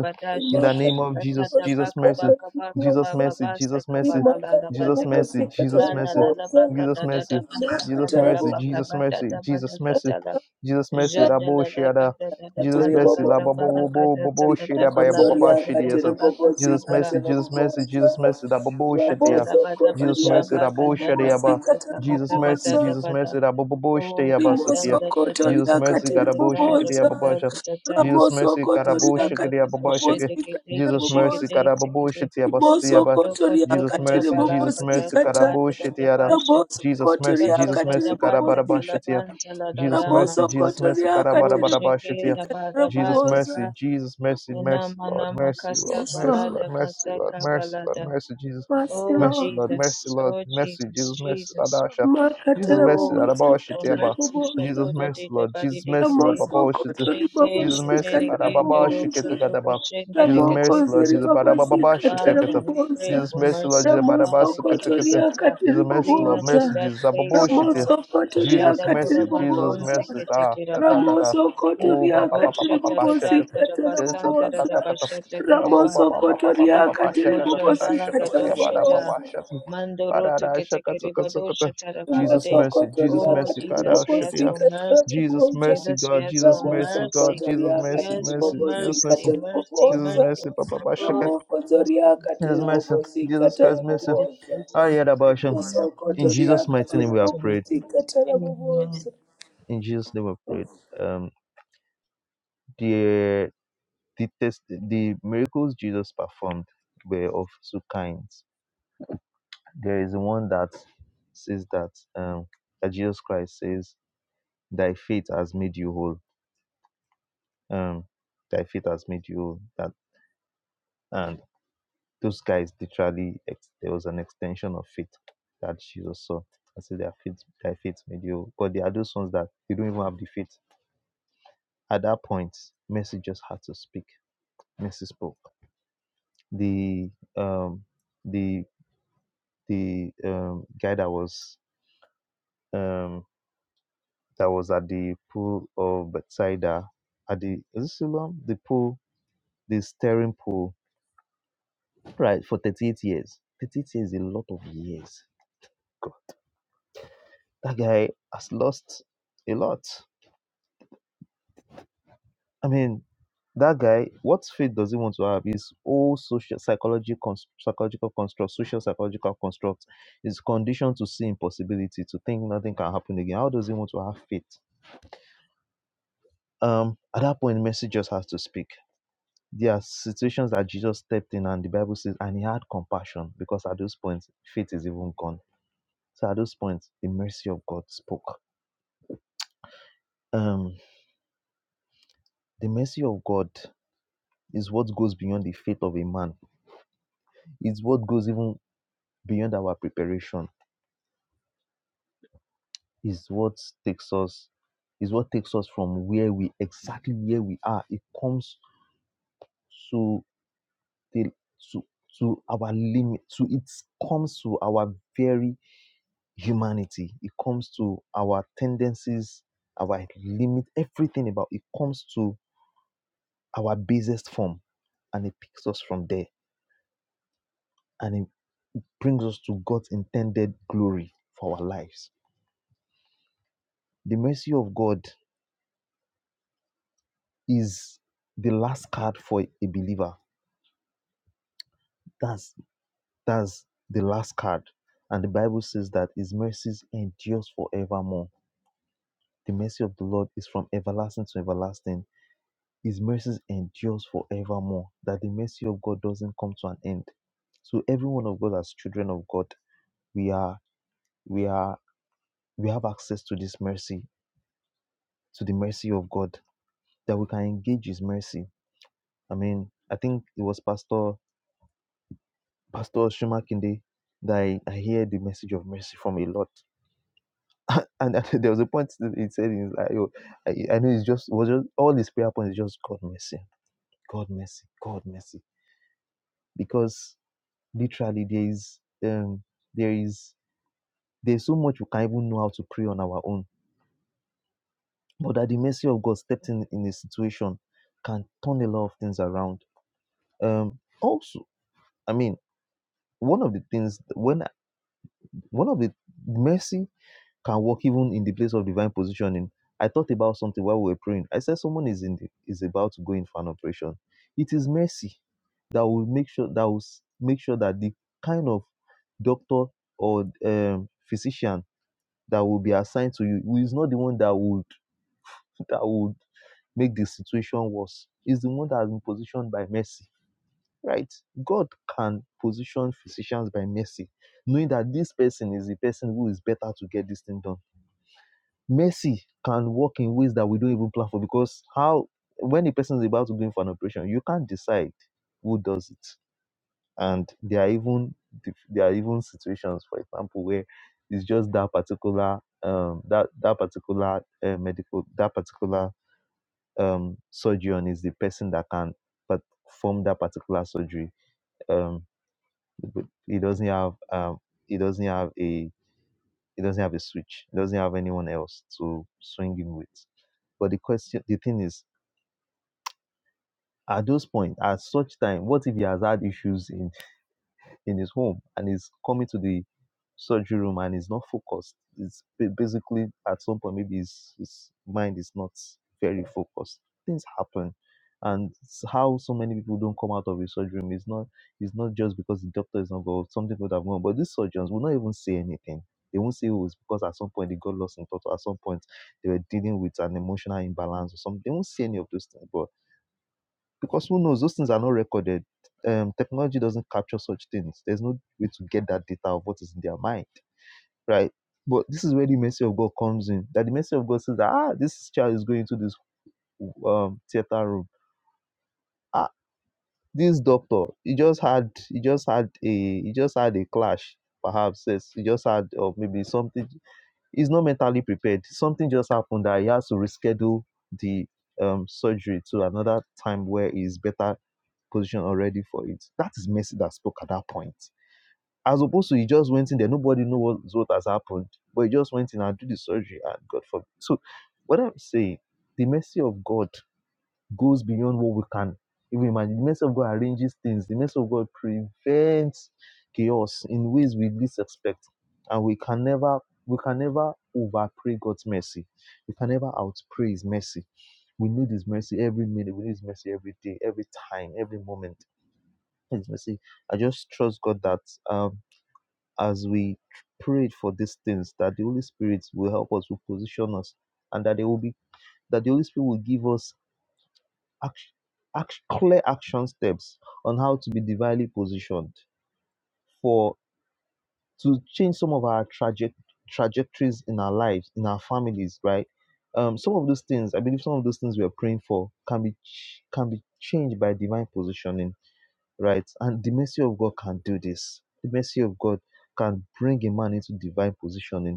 In
Rima
the name of Jesus,
Katata
katarabobosi
Jesus
baka
mercy,
baka baka
Jesus
katarabobosa.
baba
mercy,
basta
Jesus mercy,
Rima
kabala la la
Jesus
bada ka-
katarabobosi
mercy,
la
Jesus
la
mercy,
la la
katarabobosa.
baka
Jesus
da da
mercy,
da
Rima
makata
Jesus
la la
mercy,
katarabobosa.
baka
Jesus
bada
mercy,
da
Jesus
bada
mercy,
kata la.
Jesus mercy,
Jada
Rabo
la la
Shada,
gada da da
Jesus
katiri
bala
mercy, La
gada
boboza
bala
Babo Bobo
gada da
Bobo
da da
Shada
riboko
by
bala da da
zoria
Baba
da da
Shidia.
katiri
bala
bobozi
kasa
Jesus
bala.
mercy,
katara
Jesus mercy,
boboza
Jesus mercy, Da Bobo Shadia.
Katala
rabozo
bada
Jesus
kotoria
mercy,
bashaba
katiri
Rabo
kandala
bobozi
Shadiaba.
basa
katara
Jesus
kabata
mercy,
boboza
katada
Jesus
bada.
mercy, Rabo Bobo
Oh,
Shadia
rimoso
Basatia.
katanda tata
Jesus
kotoria
tata
mercy,
katiri
tata
Garabo
tara
Shadia
boboza
Babasha.
tata tata.
Jesus
ramoso
mercy,
kotoria
Kostondo
katiri
tuko
Karabushikiriababoshiki.
shege
bobozi
kete
katara
Jesus
keshege
mercy,
de
boboza
sekete.
Riboso
Karabushitiabastiaba.
Kosto
kotoria
koto
Jesus
tata
katiri
mercy,
bala
Jesus
bobosi
basa
mercy,
kata.
kabada tata
Karabushitiara.
basha.
Raboso
Jesus mercy,
kotoria
Kata
Jesus
katiri
tata
mercy,
bata
bobosi
tala
Karabarabashitia.
kata.
banta la
Jesus
Raboso
mercy,
dadamanta.
Jesus mercy,
kotoria
Oh,
katiri
shege
bobosi
Karabarabashitia.
da
kata
bada
Jesus
bata
rabobosa.
mercy,
ka.
Jesus mercy, mercy,
Enama
Lord,
nama
mercy, Lord,
kasta
Yes,
mercy,
Lord.
balada
Lord, mercy,
basa
Lord, mercy, Lord,
kabalada.
mercy, Jesus,
Mercy,
Oh
mercy,
Lord.
Lord, mercy,
Jesus,
Lord,
oh
mercy,
Jesus,
Jesus, mercy,
Jesus.
Adasha, Jesus,
Makatara
mercy,
Oh, we
bobosi
pray
Adabashi,
for
katara
Tiaba,
mercy.
bobosa.
Jesus,
Shatoda
mercy,
de de
Lord,
body
Jesus,
de
mercy, Lord,
gede.
Ramosoko
Babashi,
tori baba
Shete,
Jesus
shete
sika
mercy,
de
para
ndara
gendo
Parababa
roto
bobosa.
toko
Shiketakataba.
shende de
Jesus
Ramoko
mercy,
gete
Lord
ziri
gete.
Jesus
baba
para Parababa
sika ndara
Father,
Shitakata.
we
bobosa.
pray
Jesus
for
mercy, Lord
mercy.
Jesus para
God,
Barababa
I
Ramosoko tori
bless
Sukitakata.
it. uh,
akatiri
Jesus mercy,
Bring
Lord
us
bobosa.
to
mercy,
that
Jesus Ababo
place, oh
Shita.
God.
Ramosoko tori
Jesus
Jada
akatiri
mercy, Jesus
korabazon
bobosa.
mercy,
teke
ta
teke
ta ta
raba.
ta.
Ramosoko
Oh,
tori
ba ba
Kodo
ba ba
akatiri
ba
shata da da
bobosika
da da ba
ndara
Jesus ta
santa
da
da
da
bobosa.
da ba
da da.
shata ka
Ya
da
go
ba.
ba ba
Ramosoko
ba ba
tori
ba ba ba
akatiri
Ekotojan
bobosika ndara
ya ba da
dalagadoshata
ba
bobosa.
Para shakata. Ba da
mandoroto
da shakata kata
ketekeribadosha
Jesus
rabagade.
mercy, Jesus
Mosokotoria
Oh
mercy,
katiri
Jesus, we ask
God,
for
bobosika
mercy.
Jesus,
tarabobosa.
mercy,
Jesus, we
God.
ask
Jesus,
for
mercy, God.
mercy.
Jesus,
Ramosokotoria
We
mercy,
katiri
ask for
mercy. Jesus,
bobosika
mercy,
mercy.
mercy,
Jesus,
tarabobosa.
mercy.
mercy. Papa, Papa, shake
Lord,
it.
we must
Ramokotoria
be
Jesus,
katiri
disgraced,
mercy.
Lord.
bobosika
Jesus
We must
Christ,
be
mercy.
tarabobosa.
disgraced,
I
Lord.
hear that boy,
We are not
In
missed
Ramosokotoria
with
Jesus'
this
mighty name,
katiri
we have prayed.
opportunity.
bobosika
Amen.
tarabobosa.
In Jesus' name, we have
Of
prayed. Um, the the test, the miracles Jesus performed were of two kinds. There is one that says that um that Jesus Christ says, "Thy faith has made you whole." Um, thy faith has made you whole. That and those guys literally ex- there was an extension of faith that Jesus saw. I so their faith their faith made you but there are those ones that they don't even have the faith. At that point, Mercy just had to speak. Mercy spoke. The um the the um guy that was um that was at the pool of Bethsaida at the is it Siloam? The pool, the staring pool, right, for 38 years. 38 years is a lot of years. God, that guy has lost a lot. I mean, that guy, what faith does he want to have? His whole social psychology cons- psychological construct, social psychological construct is conditioned to see impossibility, to think nothing can happen again. How does he want to have faith? Um, at that point, mercy just has to speak. There are situations that Jesus stepped in and the Bible says, and he had compassion because at those points, faith is even gone. So at those points, the mercy of God spoke. Um, the mercy of God is what goes beyond the faith of a man. It's what goes even beyond our preparation is what takes us is what takes us from where we exactly where we are. It comes to the to to our limit. To it comes to our very humanity. It comes to our tendencies, our limit, everything about it comes to our basest form, and it picks us from there, and it brings us to God's intended glory for our lives. The mercy of God is the last card for a believer. That's That's the last card. And the Bible says that his mercies endures forevermore. The mercy of the Lord is from everlasting to everlasting. His mercies endures forevermore. That the mercy of God doesn't come to an end. So every one of God as children of God, we are we are we have access to this mercy, to the mercy of God, that we can engage his mercy. I mean, I think it was Pastor Pastor Shumakinde that I, I hear the message of mercy from a lot. And there was a point that he said, he's like, "Yo, I, I know it's just, it was just, all his prayer points is just God mercy, God mercy, God mercy. Because literally there is, um, there is, there's so much we can't even know how to pray on our own. But that the mercy of God stepped in in a situation can turn a lot of things around. Um, also, I mean, one of the things, when, I- one of the mercy can work even in the place of divine positioning. I thought about something while we were praying. I said someone is in the, is about to go in for an operation. It is mercy that will make sure that will make sure that the kind of doctor or um, physician that will be assigned to you is not the one that would that would make the situation worse. Is the one that has been positioned by mercy, right? God can position physicians by mercy, knowing that this person is the person who is better to get this thing done mercy can work in ways that we don't even plan for because how when a person is about to go in for an operation you can't decide who does it and there are even there are even situations for example where it's just that particular um that that particular uh, medical that particular um surgeon is the person that can perform that particular surgery um but he doesn't have um he doesn't have a he doesn't have a switch he doesn't have anyone else to swing him with but the question, the thing is, at those point, at such time, what if he has had issues in in his home and is coming to the surgery room and is not focused? It's ba- basically at some point maybe his his mind is not very focused. Things happen, and s- how so many people don't come out of a surgery room is not is not just because the doctor is not going. Something could have gone, but these surgeons will not even say anything. They won't say oh, it's because at some point they got lost in thought. Or at some point they were dealing with an emotional imbalance or something. They won't say any of those things, but because who knows those things are not recorded um technology doesn't capture such things there's no way to get that data of what is in their mind right but this is where the mercy of god comes in that the mercy of god says ah this child is going to this um theater room ah this doctor he just had he just had a he just had a clash perhaps yes, he just had or maybe something he's not mentally prepared something just happened that he has to reschedule the um surgery to another time where he's better position already for it. That is Messi that spoke at that point. As opposed to he just went in there, nobody knows what, what has happened, but he just went in and did the surgery and God forbid. So, what I'm saying, the mercy of God goes beyond what we can even imagine. The mercy of God arranges things, the mercy of God prevents chaos in ways we least expect, and we can never. We can never overpray God's mercy. We can never outpray His mercy. We need His mercy every minute. We need His mercy every day, every time, every moment his mercy. I just trust God that um, as we prayed for these things, that the Holy Spirit will help us, will position us, and that they will be that the Holy Spirit will give us action, action, clear action steps on how to be divinely positioned for to change some of our traje- trajectories in our lives, in our families, right? Um, some of those things, I believe, some of those things we are praying for can be ch- can be changed by divine positioning right? And the mercy of God can do this. The mercy of God can bring a man into divine positioning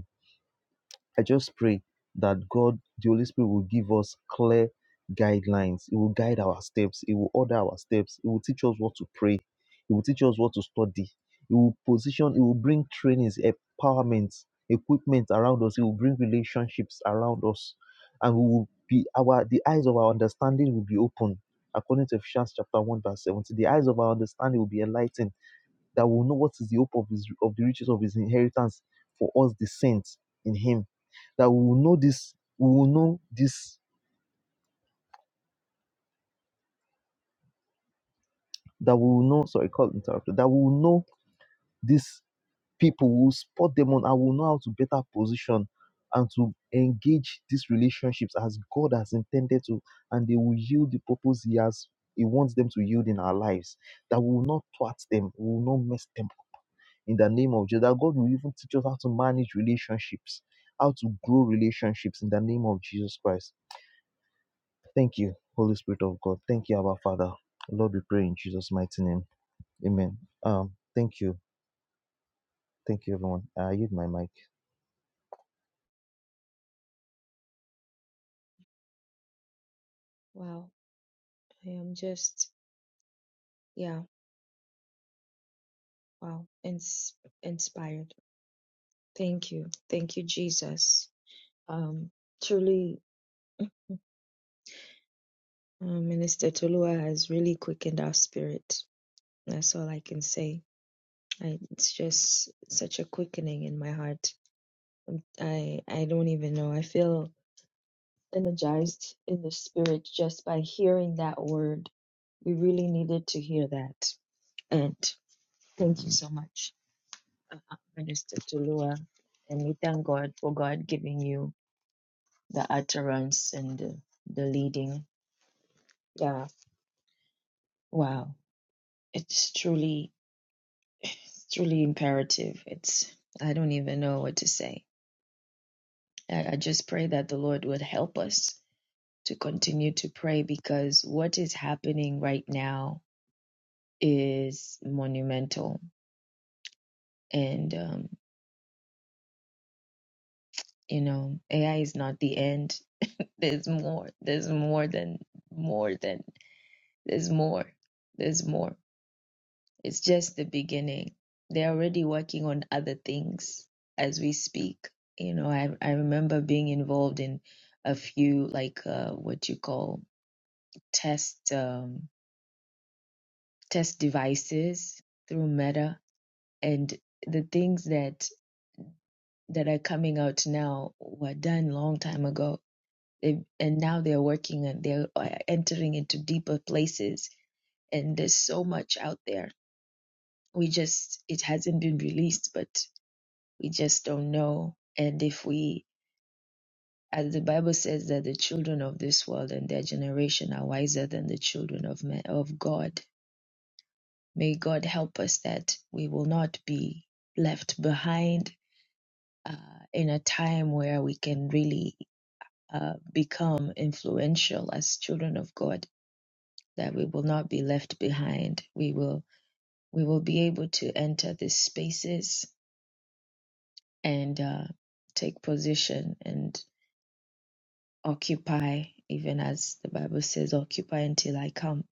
I just pray that God, the Holy Spirit, will give us clear guidelines. It will guide our steps. It will order our steps. It will teach us what to pray. It will teach us what to study. It will position, It will bring trainings, empowerment, equipment around us. It will bring relationships around us. And we will be our the eyes of our understanding will be open. According to Ephesians chapter 1, verse 17. The eyes of our understanding will be enlightened that will know what is the hope of his of the riches of his inheritance for us the saints in him. That we will know this, we will know this, that we will know, sorry, call interrupted, that we will know these people, we will spot them on and we will know how to better position and to engage these relationships as God has intended to, and they will yield the purpose He has He wants them to yield in our lives. That we will not thwart them, we will not mess them in the name of Jesus. That God will even teach us how to manage relationships, how to grow relationships in the name of Jesus Christ. Thank you, Holy Spirit of God. Thank you, our Father. Lord, we pray in Jesus' mighty name. Amen. Um, thank you. Thank you, everyone. I yield my mic.
Wow, I am just, yeah, wow, ins- inspired. Thank you. Thank you, Jesus. Um, truly, um, Minister Tolua has really quickened our spirit. That's all I can say. I, it's just such a quickening in my heart. Um, I I don't even know. I feel energized in the spirit just by hearing that word. We really needed to hear that. And thank you so much, uh, uh, Minister Tulua. And we thank God for God giving you the utterance and the, the leading. Yeah. Wow. It's truly It's truly imperative. It's, I don't even know what to say. I, I just pray that the Lord would help us to continue to pray because what is happening right now is monumental. And, um, you know, AI is not the end. There's more. There's more than, more than, there's more. There's more. It's just the beginning. They're already working on other things as we speak. You know, I I remember being involved in a few like uh, what you call test um, test devices through Meta, and the things that that are coming out now were done long time ago. They, and now they're working and they're uh, entering into deeper places. And there's so much out there. We just it hasn't been released, but We just don't know. And if we, as the Bible says, that the children of this world and their generation are wiser than the children of men, of God. May God help us that we will not be left behind uh, in a time where we can really uh, become influential as children of God. That we will not be left behind. We will we will be able to enter these spaces and uh, take position. and. occupy, even as the Bible says, occupy until I come,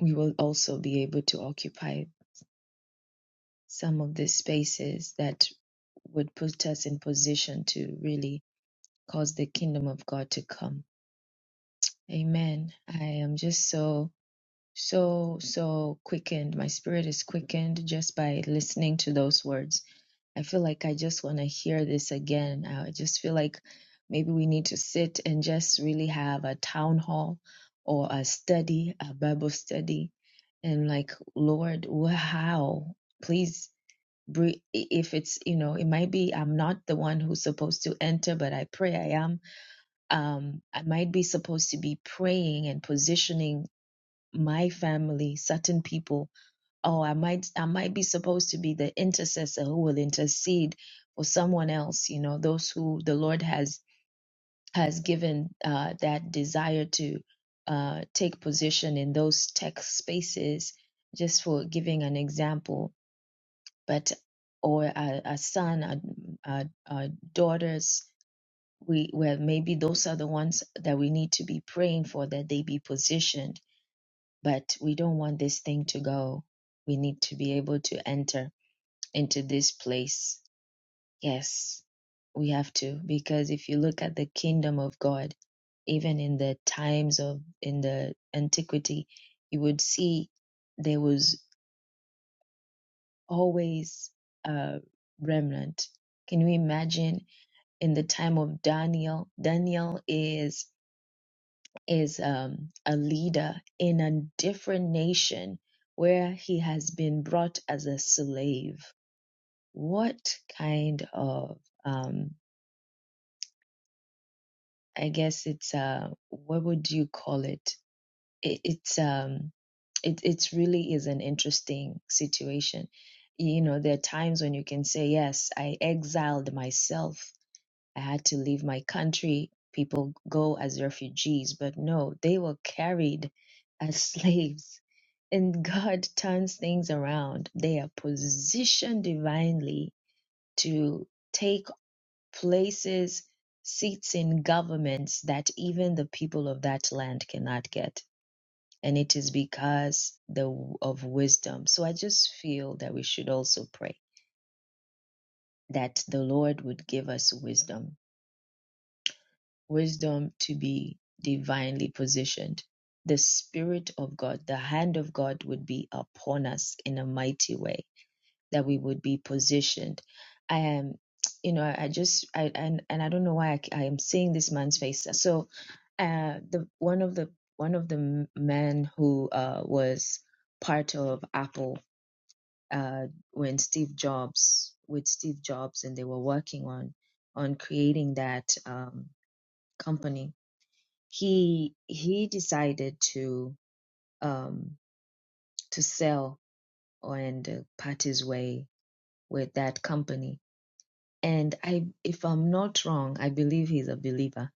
we will also be able to occupy some of the spaces that would put us in position to really cause the kingdom of God to come. Amen. I am just so, so, so quickened. My spirit is quickened just by listening to those words I feel like I just want to hear this again. I just feel like maybe we need to sit and just really have a town hall or a study, a Bible study, and like, Lord, wh- how? Please, bre- i- if it's, you know, it might be I'm not the one who's supposed to enter, but I pray I am. Um, I might be supposed to be praying and positioning my family, certain people oh i might i might be supposed to be the intercessor who will intercede for someone else you know those who the lord has has given uh, that desire to uh, take position in those tech spaces just for giving an example but or a, a son a, a, a daughters we well maybe those are the ones that we need to be praying for that they be positioned but we don't want this thing to go we need to be able to enter into this place. Yes, we have to. Because if you look at the kingdom of God, even in the times of, in the antiquity, you would see there was always a remnant. Can you imagine in the time of Daniel? Daniel is is um, a leader in a different nation where he has been brought as a slave. What kind of um, I guess it's uh what would you call it? it it's um it it really is an interesting situation. You know, there are times when you can say, Yes, I exiled myself. I had to leave my country. People go as refugees, but no, they were carried as slaves. And God turns things around. They are positioned divinely to take places, seats in governments that even the people of that land cannot get. And it is because the, of wisdom. So I just feel that we should also pray that the Lord would give us wisdom, wisdom to be divinely positioned. The Spirit of God, the hand of God would be upon us in a mighty way that we would be positioned. I am, you know, I just, I and and I don't know why I, c- I am seeing this man's face. So, uh, the one of the one of the m- men who uh was part of Apple uh when Steve Jobs with Steve Jobs and they were working on on creating that um company. He he decided to um to sell and uh, part his way with that company and I, if I'm not wrong, I believe he's a believer.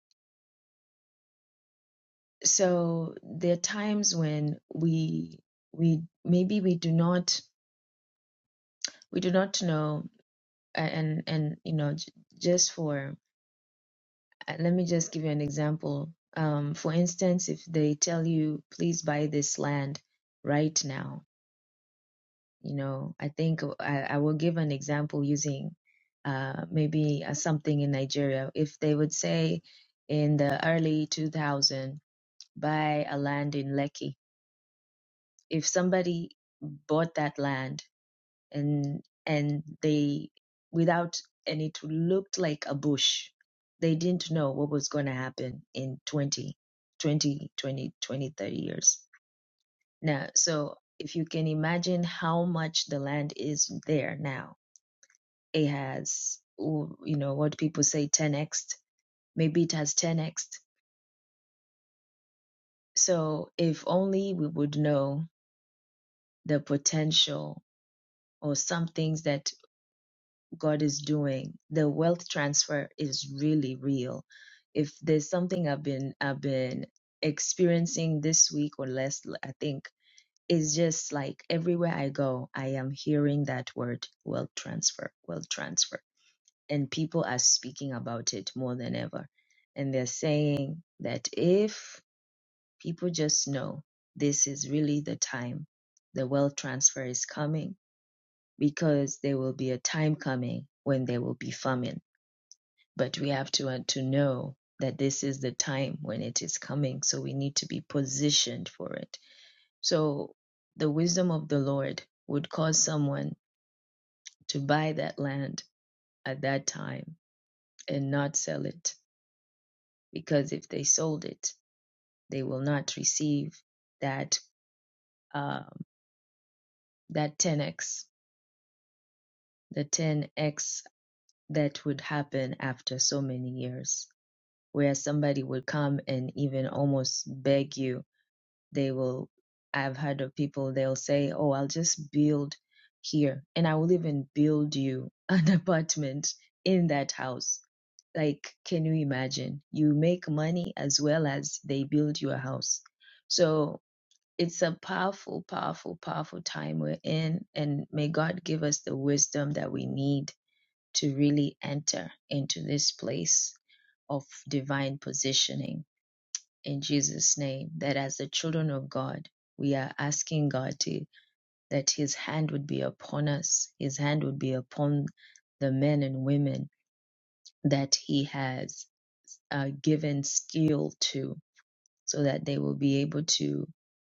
So there are times when we we maybe we do not we do not know, and and you know, j- just for uh, let me just give you an example. Um, for instance, if they tell you, please buy this land right now, you know, I think uh, I, I will give an example using uh, maybe uh, something in Nigeria. If they would say in the early 2000 buy a land in Lekki. If somebody bought that land and and they without and it looked like a bush, they didn't know what was going to happen in 20, 20, 20, 20, thirty years. Now, so if you can imagine how much the land is there now, it has, oh, you know, what people say 10x, maybe it has 10x. So if only we would know the potential or some things that God is doing, the wealth transfer is really real. If there's something I've been I've been experiencing this week or less, I think it's just like everywhere I go, I am hearing that word wealth transfer, wealth transfer, and people are speaking about it more than ever, and they're saying that if people just know this is really the time, the wealth transfer is coming because there will be a time coming when there will be famine. But we have to, uh, to know that this is the time when it is coming. So we need to be positioned for it. So the wisdom of the Lord would cause someone to buy that land at that time and not sell it. Because if they sold it, they will not receive that um, that 10x, the 10x that would happen after so many years where somebody would come and even almost beg you. They will, I've heard of people, they'll say, Oh, I'll just build here and I will even build you an apartment in that house. Like, can you imagine? You make money as well as they build you a house. So it's a powerful, powerful, powerful time we're in. And may God give us the wisdom that we need to really enter into this place of divine positioning in Jesus' name that as the children of God, we are asking God to, that His hand would be upon us, His hand would be upon the men and women that He has uh, given skill to, so that they will be able to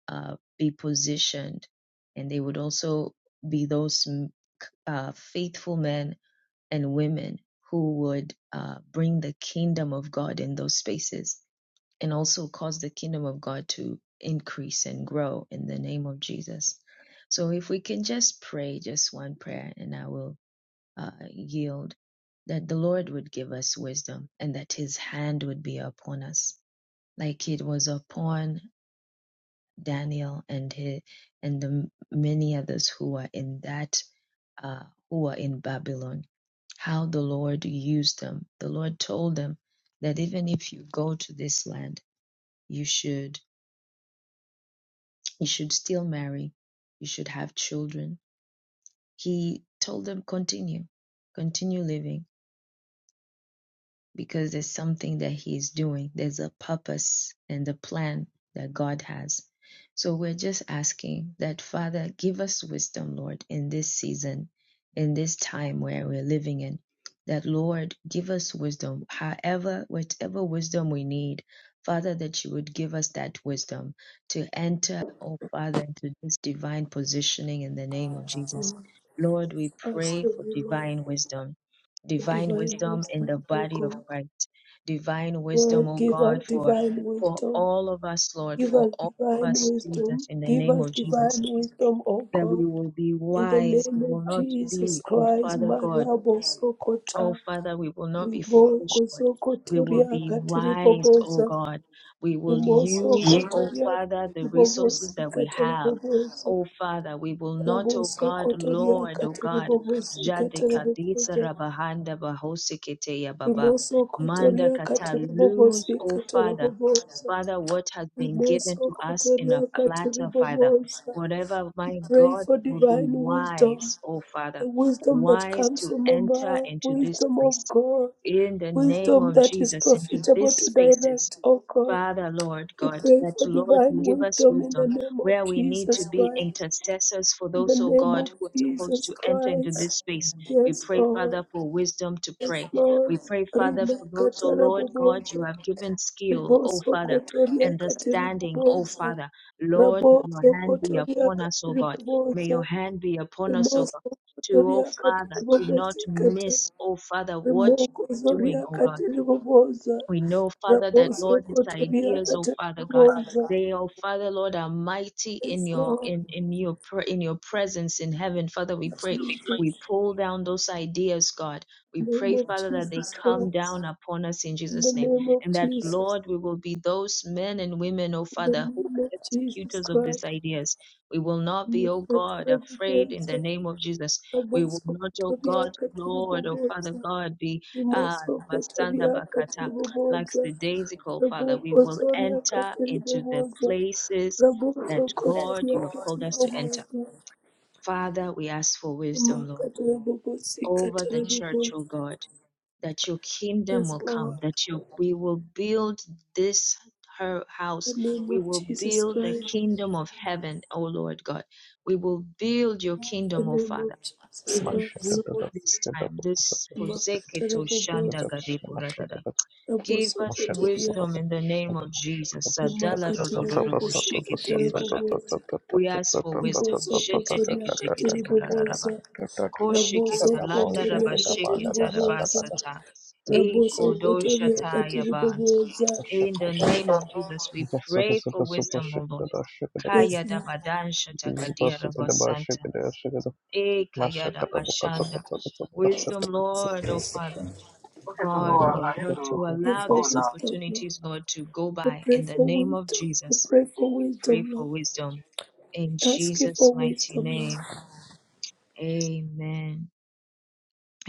uh, be positioned and they would also be those mm, uh, faithful men and women who would uh, bring the kingdom of God in those spaces and also cause the kingdom of God to increase and grow in the name of Jesus. So if we can just pray just one prayer, and I will uh, yield that the Lord would give us wisdom and that his hand would be upon us, like it was upon Daniel and his, and the many others who are in that uh, who are in Babylon. How the Lord used them. The Lord told them that even if you go to this land, you should You should still marry. You should have children. He told them, continue, continue living because there's something that he is doing. There's a purpose and a plan that God has. So we're just asking that, Father, give us wisdom, Lord, in this season, in this time where we're living in. That, Lord, give us wisdom, however, whatever wisdom we need. Father, that you would give us that wisdom to enter, oh Father, into this divine positioning in the name of Jesus. Lord, we
us
pray
to
for
be like
divine wisdom divine
divine
wisdom in
wisdom,
the
O
body of
God.
Christ, divine wisdom,
Lord,
oh
give us
God, for
divine
for
wisdom.
all of us, Lord,
Give
for
us
all of
divine
us, Jesus,
wisdom.
in the
Give
name
us
of Jesus,
divine wisdom, O
that we
God.
will be
In the
wise, we
name of
will not
Jesus
be, oh
Christ,
Father God.
Marabo
Oh,
Sokota,
Father, we will not be foolish,
Riboko
Lord. We will
Sokotoria
be wise, oh
Katiribobosa,
God. We will
Rimoso
use, oh
Kotoria
Father, the resources
Katiribobosi
that we have.
Katarabobosa,
Oh Father, we will not, oh
Raboso
God,
Kotoria
Lord, oh God,
Katiribobosi
Jade Kadisa
Katarabobosa,
Rabahanda Bahosikete Yababa.
Rimoso
Manda
Kotoria
Kata lose,
Katiribobosi
oh Father.
Katarabobosa,
Father, what has been given to us in a platter, Father.
Ribosokotoriakatiribobosa.
Whatever,
We
my
pray
God,
for
will be
divine wisdom,
wise, oh Father,
the wisdom that
wise
comes
to
from
enter
above,
into this
wisdom
place.
of God,
In the name
wisdom
of
that is
Jesus, into
profitable
these
to
spaces,
direct, O God.
Father, Lord
We
God,
pray
that
for
Lord, you
divine
give us
wisdom in the
wisdom
name of
where we need to
Jesus
be
Christ.
intercessors for
In the
those, oh
name
God,
of
who are supposed
Jesus
to enter into
Christ.
this space. We
Yes,
pray,
Lord.
Father, for wisdom to
Yes,
pray.
Lord.
We pray, Father,
Rima
for those, oh
katara
Lord God, you
bobosa.
have given skill, oh
Riboso
Father,
kotoria
understanding, oh
katiri
Father. Lord, may your
Raboso
hand be
kotoria
upon us, oh God. May
katiribobosa,
your hand be upon us, oh God.
rimoso
To, oh
kotoria
Father, to not
katiribobosikata,
miss, oh Father, what you
rimoko
are doing,
zoria
oh God
katiribobosa,
we know, Father, that
raboso
Lord, these
kotoria
ideas, oh Father God,
katiribobosa.
they, oh Father, Lord, are mighty in
Yes,
your
Lord,
in in your pre- in your presence in heaven. Father, we
in
pray,
Jesus,
we pull down those ideas, God. We
name
pray,
of
Father, that
Jesus
they come
Christ,
down upon us in
in the
Jesus' name,
name of
and that
Jesus,
Lord, we will be those men and women, oh
in the
Father, who
name
are
of Jesus
executors of these
Christ,
ideas. We will not be,
in the
oh God,
name of Jesus
afraid in
Christ,
the name of Jesus. We will
raboso
not, oh
kotoria
God, Lord, oh Father
katiribobosa.
God, be uh,
Rimoso Kotoria
like
Katiriboboza,
the daisy called,
Rabo
Father, we will
Kotoria
enter into the
Katiriboboza,
places
Raboso
that God,
Kotoria
you have called us to enter.
Katiriboboza,
Father, we ask for wisdom, Lord,
Makatarabobosi
over the church, O
Kataraboboza.
God, that your kingdom
Yes,
will come,
Lord,
that you, we will build this her house.
in the name
We
of
will
Jesus
build the
Christ,
kingdom of heaven, O Lord God. We will build your kingdom,
in
O
the name of
Father.
Jesus
Smash.
Even
Shut up.
through
Christ,
Shut up.
this
Shut up.
time, this Pozeketo
Shut up.
Shanda
Makataraboboza,
Gade Borarada. Give
Raboso
us
Kotoria,
wisdom in the name of Jesus. Sadalarorororobo,
Makatarabobosi Kataraboboza.
We ask for wisdom.
Riboso kotoria Katiri Boboza.
Sheteteketeketebarararaba.
Raboso kotoria
Kosheketalandaraba,
Katiri Boboza. rabosokotoria katiribobosa Katiri
Ikodoshatayabanta.
Boboza.
In the name of Jesus, we pray for wisdom, O Lord.
yes
Kaya
lord
Wisdom, Lord, O Father.
Shut
God, Lord, not to
pray
allow
for
these
up.
wisdom lord
opportunities, Lord, to go
we
by.
pray
In the
for
name of
wisdom we
Jesus,
pray for
we
wisdom
pray for
lord
wisdom. In
ask you for
Jesus' mighty
wisdom lord
name, amen.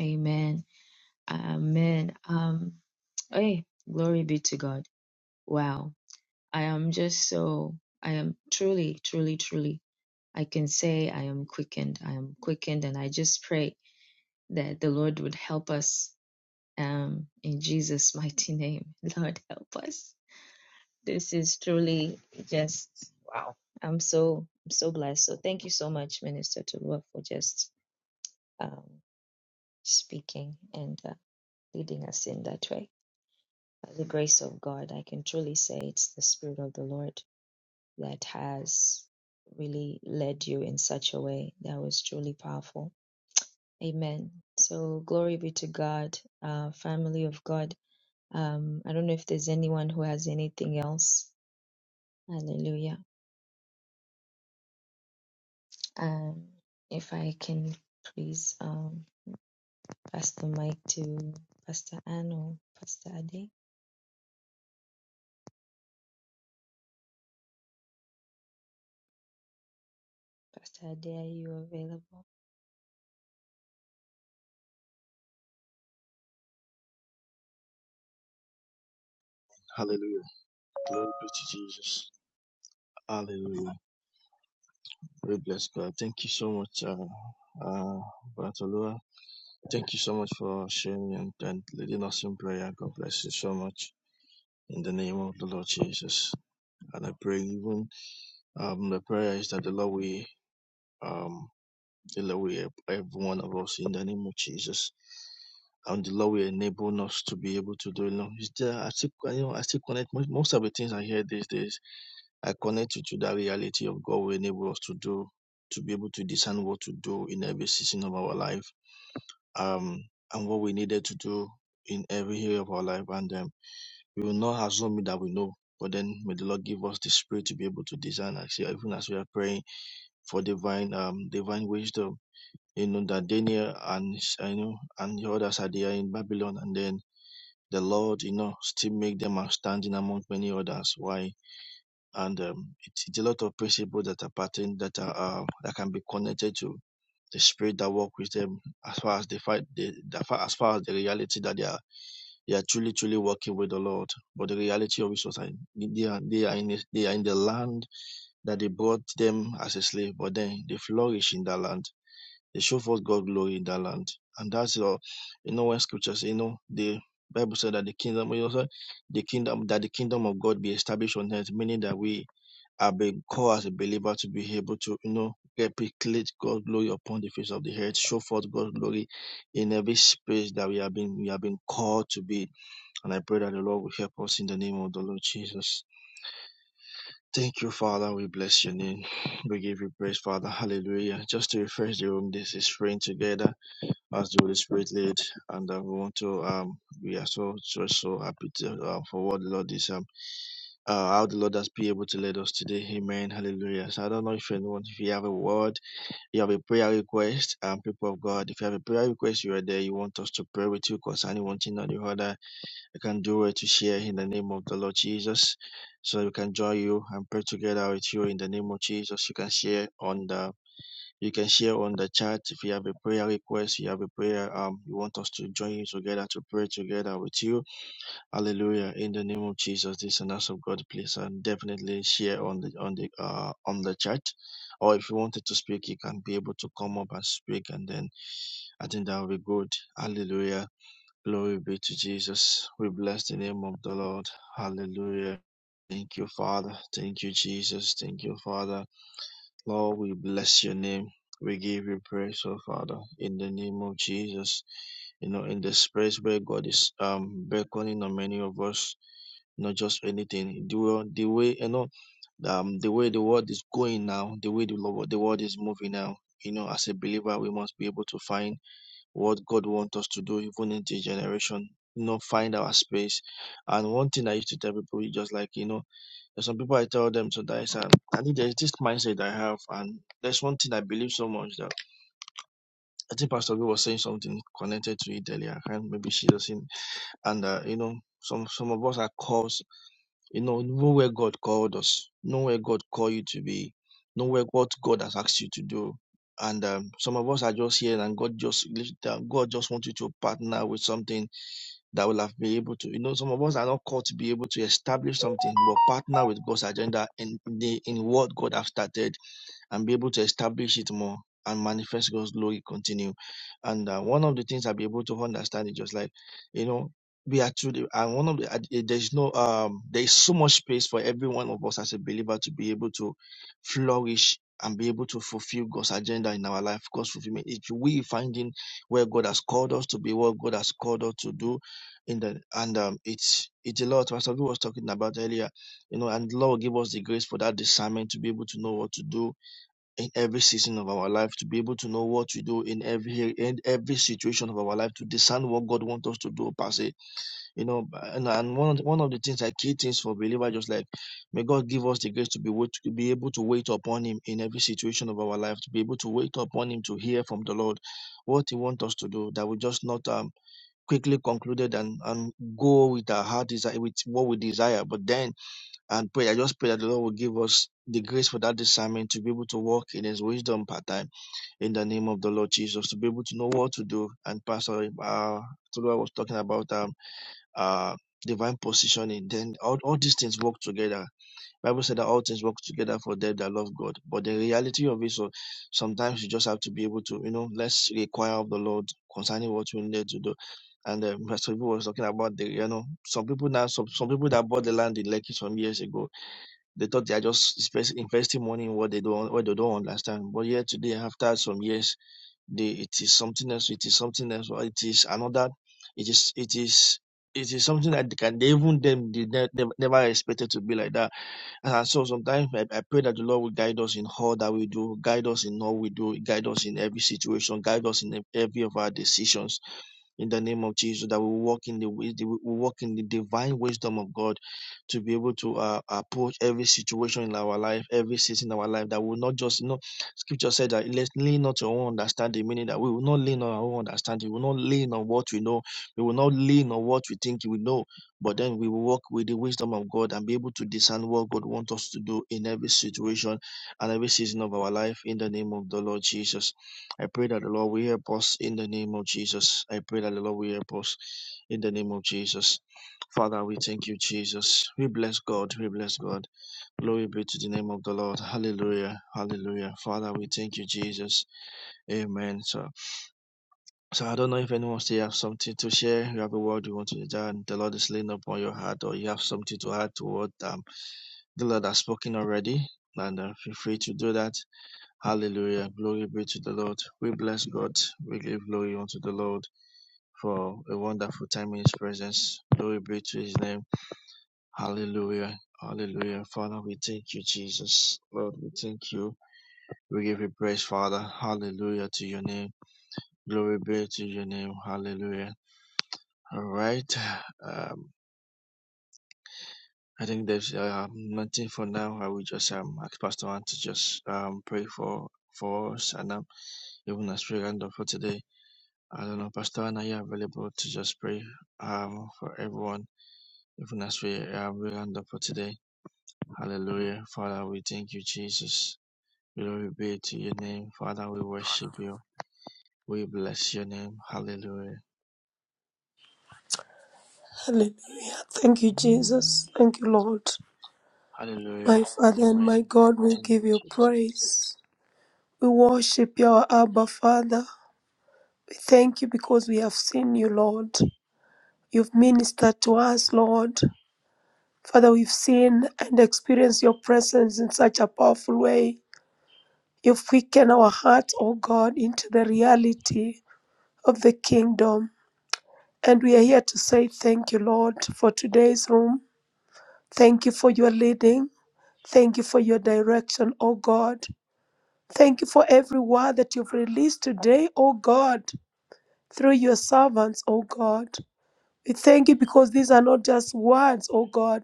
Amen. Amen. Um, hey, glory be to God. Wow. I am just so, I am truly, truly, truly, I can say I am quickened. I am quickened, and I just pray that the Lord would help us um, in Jesus' mighty name. Lord, help us. This is truly just wow. I'm so I'm so blessed. So thank you so much, Minister Tulua, for just um, speaking and uh, leading us in that way. By the grace of God, I can truly say it's the Spirit of the Lord that has really led you in such a way that was truly powerful. Amen. So glory be to God, uh, family of God. Um, I don't know if there's anyone who has anything else. Hallelujah. Um, if I can please um, pass the mic to Pastor Anne or Pastor Ade. Pastor Ade, are you available?
Hallelujah. Glory be to Jesus. Hallelujah. We bless God. Thank you so much, uh, uh, Bartolua. Thank you so much for sharing and, and leading us in prayer. God bless you so much in the name of the Lord Jesus. And I pray even um, the prayer is that the Lord will um, the Lord will help every one of us in the name of Jesus. And the Lord will enable us to be able to do it. You know, is there, I still, you know, I still connect most, most of the things I hear these days. I connect you to that reality of God will enable us to do, to be able to discern what to do in every season of our life, um, and what we needed to do in every area of our life. And um, we will not assume that we know, but then may the Lord give us the spirit to be able to discern, Actually, even as we are praying for divine, um, divine wisdom. You know that Daniel and I know and the others are there in Babylon, and then the Lord, you know, still make them outstanding among many others. Why? and um, it, it's a lot of principles that are patterned that are uh, that can be connected to the spirit that work with them as far as the fight the, the far, as far as the reality that they are they are truly truly working with the Lord. But the reality of it was like, they are they are in a, they are in the land that they brought them as a slave, but then they flourish in that land. They show forth God glory in that land. And that's all you know when scriptures you know the Bible said that the kingdom you know, the kingdom that the kingdom of God be established on earth, meaning that we I've been called as a believer to be able to, you know, replicate God's glory upon the face of the earth, show forth God's glory in every space that we have been we have been called to be. And I pray that the Lord will help us in the name of the Lord Jesus. Thank you, Father. We bless your name. We give you praise, Father. Hallelujah. Just to refresh the room, this is praying together as the Holy Spirit led. And uh, we want to, um, we are so, so, so happy to, uh, for what the Lord is um, uh, how the Lord has been able to lead us today. Amen. Hallelujah. So I don't know if anyone, if you have a word, you have a prayer request, um, people of God, if you have a prayer request, you are there, you want us to pray with you concerning one thing or the other, you can do it to share in the name of the Lord Jesus. So we can join you and pray together with you in the name of Jesus. You can share on the you can share on the chat if you have a prayer request, you have a prayer, um, you want us to join you together to pray together with you Hallelujah. In the name of Jesus, this and that's of God, please and definitely share on the on the uh on the chat. Or if you wanted to speak, you can be able to come up and speak, and then I think that will be good. Hallelujah. Glory be to Jesus. We bless the name of the Lord. Hallelujah. Thank you, Father. Thank you, Jesus. Thank you, Father. Lord, we bless your name. We give you praise, oh Father, in the name of Jesus. You know, in the space where God is um beckoning on many of us, not just anything. The way, the way you know, um, the way the world is going now, the way the, lo- the world is moving now. You know, as a believer, we must be able to find what God wants us to do, even in this generation. You know, find our space. And one thing I used to tell people, is just like you know. There's some people I tell them to dice and I think there's this mindset I have and there's one thing I believe so much that I think Pastor B was saying something connected to it earlier and maybe she doesn't and uh, you know some some of us are called you know know where God called us know where God called you to be know where what God has asked you to do and um, some of us are just here and God just God just wants you to partner with something that will have been able to, you know, some of us are not called to be able to establish something, but partner with God's agenda in the in what God has started and be able to establish it more and manifest God's glory continue. And uh, one of the things I'll be able to understand is just like, you know, we are through the, and one of the, uh, eh, there's no, um, there's so much space for every one of us as a believer to be able to flourish and be able to fulfill God's agenda in our life. God's fulfillment. It's we finding where God has called us to be, what God has called us to do. In the and um, it's it's a lot. Pastor Olu was talking about earlier, you know, and the Lord give us the grace for that discernment to be able to know what to do in every season of our life to be able to know what to do in every in every situation of our life to discern what God wants us to do per se. You know, and, and one of the, one of the things like key things for believer just like may God give us the grace to be wait, to be able to wait upon Him in every situation of our life to be able to wait upon Him to hear from the Lord what He wants us to do that we just not um quickly concluded and and go with our heart desire with what we desire, but then and pray. I just pray that the Lord will give us the grace for that discernment to be able to walk in His wisdom part time in the name of the Lord Jesus, to be able to know what to do. And Pastor uh, Tolua was talking about um, uh, divine positioning. Then all, all these things work together. Bible said that all things work together for them that love God. But the reality of it, so sometimes you just have to be able to, you know, let's require of the Lord concerning what we need to do. And um, Pastor people was talking about the, you know, some people now, some, some people that bought the land in Lekki some years ago they thought they are just investing money in what they don't what they don't understand. But yet today, after some years, they it is something else. It is something else. Or it is another. It is it is it is something that they can they even them did ne- they never expected to be like that. And so sometimes I, I pray that the Lord will guide us in all that we do, guide us in all we do, guide us in every situation, guide us in every of our decisions in the name of Jesus, that we walk in the wis- we walk in the divine wisdom of God to be able to uh, approach every situation in our life, every season in our life. That we will not just you know. Scripture said that let's lean not to our own understanding, meaning that we will not lean on our own understanding. We will not lean on what we know. We will not lean on what we think we know. But then we will walk with the wisdom of God and be able to discern what God wants us to do in every situation and every season of our life in the name of the Lord Jesus. I pray that the Lord will help us in the name of Jesus. I pray that the Lord will help us in the name of Jesus. Father, we thank you, Jesus. We bless God. We bless God. Glory be to the name of the Lord. Hallelujah. Hallelujah. Father, we thank you, Jesus. Amen. So, so I don't know if anyone still have something to share. You have a word you want to share. and The Lord is laying upon your heart, or you have something to add to what um, the Lord has spoken already. And uh, feel free to do that. Hallelujah. Glory be to the Lord. We bless God. We give glory unto the Lord for a wonderful time in His presence. Glory be to His name. Hallelujah. Hallelujah. Father, we thank you, Jesus. Lord, we thank you. We give you praise, Father. Hallelujah to your name. Glory be to your name. Hallelujah. All right. Um, I think there's uh, nothing for now. I will just um, ask Pastor Ann to just um, pray for, for us and um, even as we end up for today. I don't know, Pastor Anna, you available to just pray um, for everyone, even as we uh, round up for today. Hallelujah. Father, we thank you, Jesus. Glory be to your name. Father, we worship you. We bless your name. Hallelujah.
hallelujah thank you jesus thank you lord
Hallelujah.
my father and
Amen.
my god we
Thank
give
you,
you
Jesus.
praise we worship you, our Abba Father. We thank you because we have seen you, Lord. You've ministered to us, Lord. Father, we've seen and experienced your presence in such a powerful way. You've quickened our hearts, O God, into the reality of the kingdom. And we are here to say thank you, Lord, for today's room. Thank you for your leading. Thank you for your direction, O God. Thank you for every word that you've released today, O God, through your servants, O God. We thank you because these are not just words, oh God.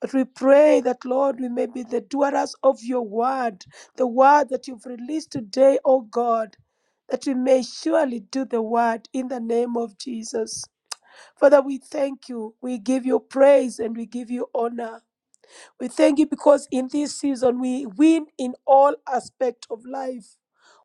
But we pray that, Lord, we may be the doers of your word, the word that you've released today, oh God, that we may surely do the word in the name of Jesus. Father, we thank you. We give you praise and we give you honor. We thank you because in this season we win in all aspect of life.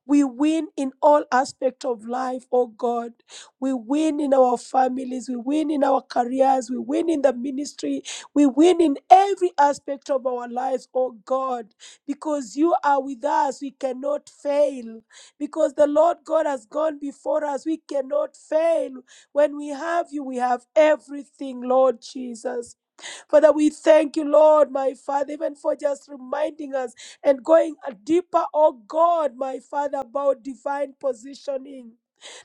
We win in all aspects of life, oh God. We win in our families, we win in our careers, we win in the ministry, we win in every aspect of our lives, oh God. Because you are with us, we cannot fail. Because the Lord God has gone before us, we cannot fail. When we have you, we have everything, Lord Jesus. Father, we thank you, Lord, my Father, even for just reminding us and going a deeper, oh God, my Father, about divine positioning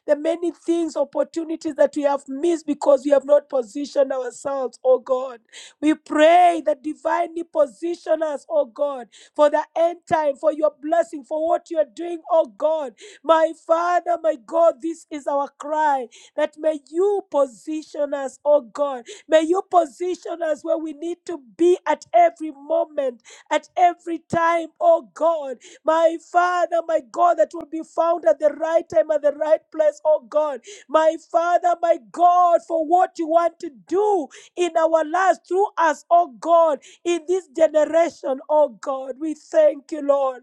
the many things, opportunities that we have missed because we have not positioned ourselves, oh God. We pray that divinely position us, oh God, for the end time, for your blessing, for what you are doing, oh God. My Father, my God, this is our cry that may you position us, oh God. May you position us where we need to be at every moment, at every time, oh God. My Father, my God, that will be found at the right time, at the right place, oh God. My Father, my God, for what you want to do in our lives through us, oh God, in this generation, oh God. We thank you, Lord.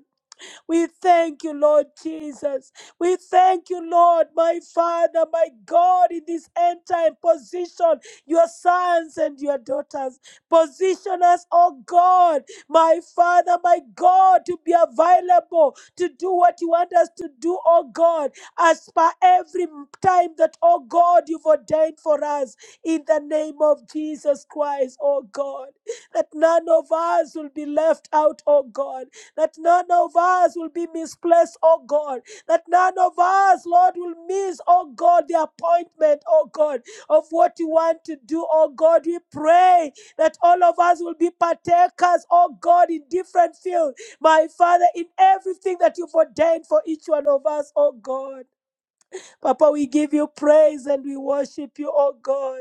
We thank you, Lord Jesus. We thank you, Lord, my Father, my God, in this end time position, your sons and your daughters. Position us, oh God, my Father, my God, to be available to do what you want us to do, oh God, as per every time that, oh God, you've ordained for us in the name of Jesus Christ, oh God, that none of us will be left out, oh God that none of us will be misplaced, oh God, that none of us, Lord, will miss, oh God, the appointment, oh God, of what you want to do, oh God. We pray that all of us will be partakers, oh God, in different fields, my Father, in everything that you've ordained for each one of us, oh God. Papa, we give you praise and we worship you, oh God.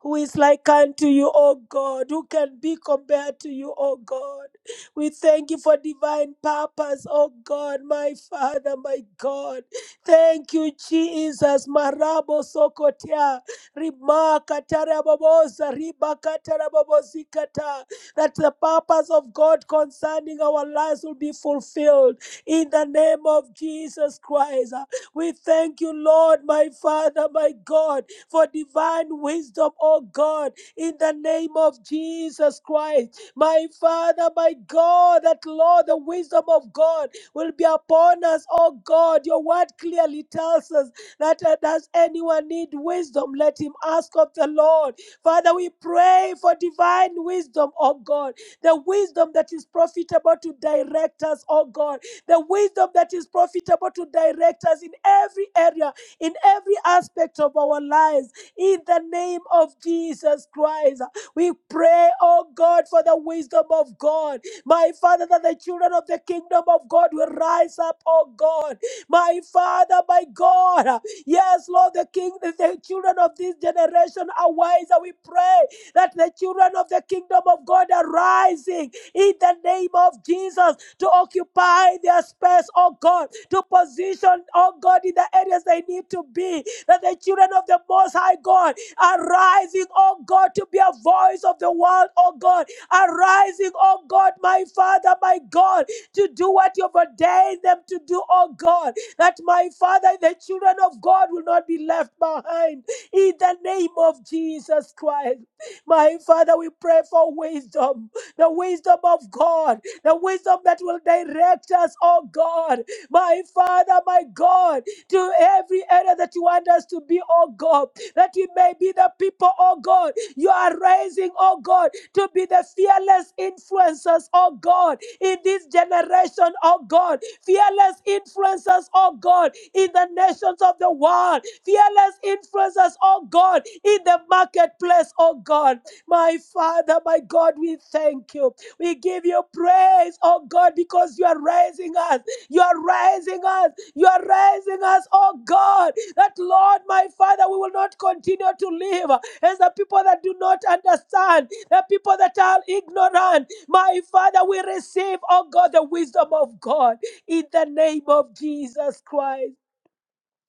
Who is like unto you, O God? Who can be compared to you, O God? We thank you for divine purpose, O God, my Father, my God. Thank you, Jesus. Marabo sokotea, rimakatarababosa, ribakatarababozikata, that the purpose of God concerning our lives will be fulfilled in the name of Jesus Christ. We thank you, Lord, my Father, my God for divine wisdom, oh God, in the name of Jesus Christ. My Father, my God, that Lord, the wisdom of God will be upon us, oh God. Your word clearly tells us that uh, does anyone need wisdom, let him ask of the Lord. Father, we pray for divine wisdom, oh God, the wisdom that is profitable to direct us, oh God, the wisdom that is profitable to direct us in every area in every aspect of our lives. In the name of Jesus Christ, we pray, oh God, for the wisdom of God. My Father, that the children of the kingdom of God will rise up, oh God. My Father, my God. Yes, Lord, the king, the the children of this generation are wise, and We pray that the children of the kingdom of God are rising in the name of Jesus to occupy their space, oh God to position, oh God, in the areas they need to be. That the children of the Most High God are rising, oh God, to be a voice of the world, oh God, are rising, oh God, my Father, my God, to do what you've ordained them to do, oh God. That my Father, the children of God will not be left behind. In the name of Jesus Christ. My Father, we pray for wisdom, the wisdom of God, the wisdom that will direct us, oh God my Father, my God, to every area that you want us to be, oh God, that we may be the people, oh God, you are raising, oh God, to be the fearless influencers, oh God, in this generation, oh God, fearless influencers, oh God, in the nations of the world, fearless influencers, oh God, in the marketplace, oh God. My Father, my God, we thank you. We give you praise, oh God, because you are raising us. You are raising us. You are raising us, oh God, that Lord, my Father, we will not continue to live as the people that do not understand, the people that are ignorant. My Father, we receive, oh God, the wisdom of God in the name of Jesus Christ.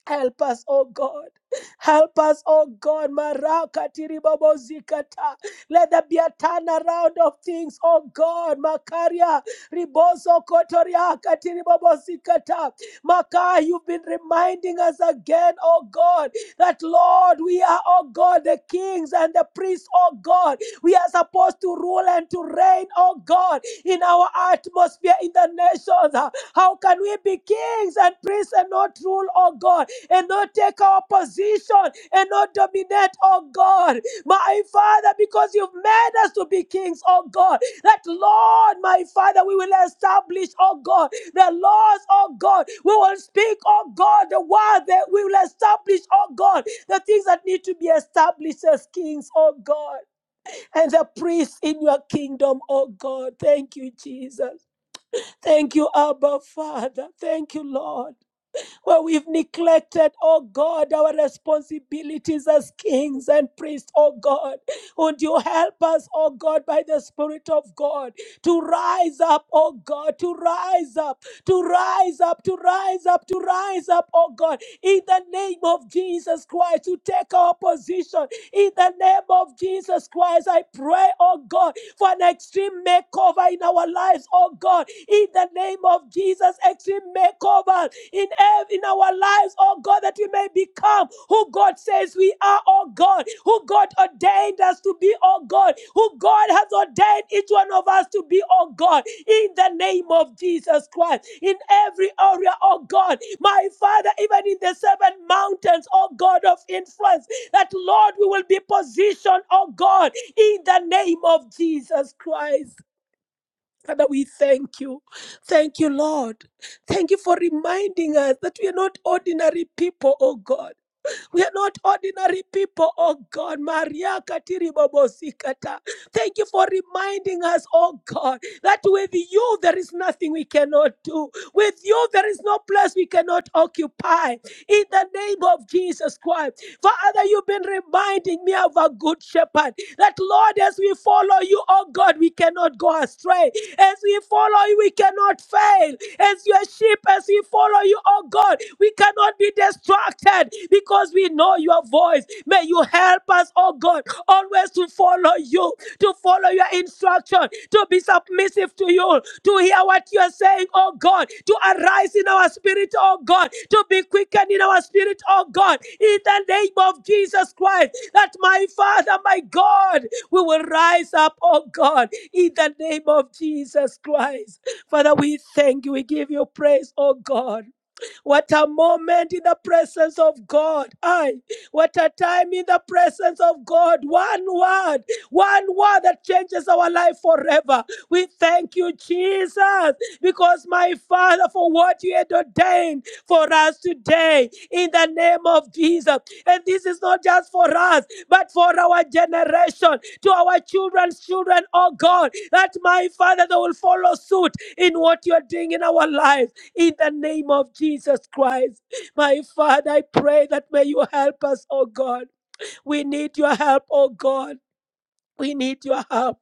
Help us, oh God. Help us, oh God. Maraka tiribobo zikata. Let there be a turnaround of things, oh God. Makaria riboso kotoria katiribobo zikata. Maka, you've been reminding us again, oh God, that Lord, we are, oh God, the kings and the priests, oh God. We are supposed to rule and to reign, oh God, in our atmosphere, in the nations. How can we be kings and priests and not rule, oh God? and not take our position and not dominate, oh God. My Father, because you've made us to be kings, oh God. That Lord, my Father, we will establish, oh God, the laws, oh God. We will speak, oh God, the word that we will establish, oh God, the things that need to be established as kings, oh God, and the priests in your kingdom, oh God. Thank you, Jesus. Thank you, Abba, Father. Thank you, Lord where we've neglected, oh God, our responsibilities as kings and priests, oh God. Would you help us, oh God, by the Spirit of God to rise up, oh God, to rise up, to rise up, to rise up, to rise up, oh God, in the name of Jesus Christ, to take our position, in the name of Jesus Christ, I pray, oh God, for an extreme makeover in our lives, oh God. In the name of Jesus, extreme makeover in, ev- in our lives, oh God, that we may become who God says we are, oh God, who God ordained us to be, oh God who God has ordained each one of us to be, oh God, in the name of Jesus Christ, in every area, oh God, my Father, even in the seven mountains, oh God of influence, that Lord, we will be positioned, oh God, in the name of Jesus Christ. Father, we thank you. Thank you, Lord. Thank you for reminding us that we are not ordinary people, oh God we are not ordinary people, oh God. Maria Katiri Katiribobosikata. Thank you for reminding us, oh God, that with you there is nothing we cannot do. With you there is no place we cannot occupy in the name of Jesus Christ. Father, you've been reminding me of a good shepherd that, Lord, as we follow you, oh God, we cannot go astray. As we follow you, we cannot fail. As your sheep, as we follow you, oh God, we cannot be distracted because we know your voice. May you help us, oh God, always always to follow you, to follow your instruction, to be submissive to you, to hear what you are saying, oh God, to arise in our spirit, oh God, to be quickened in our spirit, oh God, in the name of Jesus Christ, that my Father, my God, we will rise up, oh God, in the name of Jesus Christ. Father, we thank you, we give you praise, oh God. What a moment in the presence of God. I. What a time in the presence of God. One word, one word that changes our life forever. We thank you, Jesus, because my Father, for what you had ordained for us today in the name of Jesus. And this is not just for us, but for our generation, to our children's children, oh God, that my Father, they will follow suit in what you are doing in our lives in the name of Jesus Christ. My Father, I pray that may you help us, oh God. We need your help, oh God. We need your help.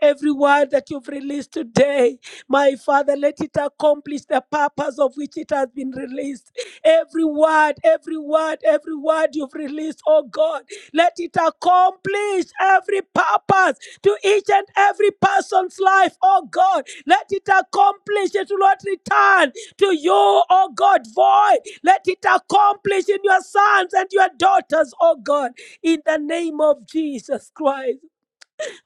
Every word that you've released today, my Father, let it accomplish the purpose of which it has been released. Every word, every word, every word you've released, oh God, let it accomplish every purpose to each and every person's life, oh God. Let it accomplish. It will not return to you, oh God, void. Let it accomplish in your sons and your daughters, oh God, in the name of Jesus Christ.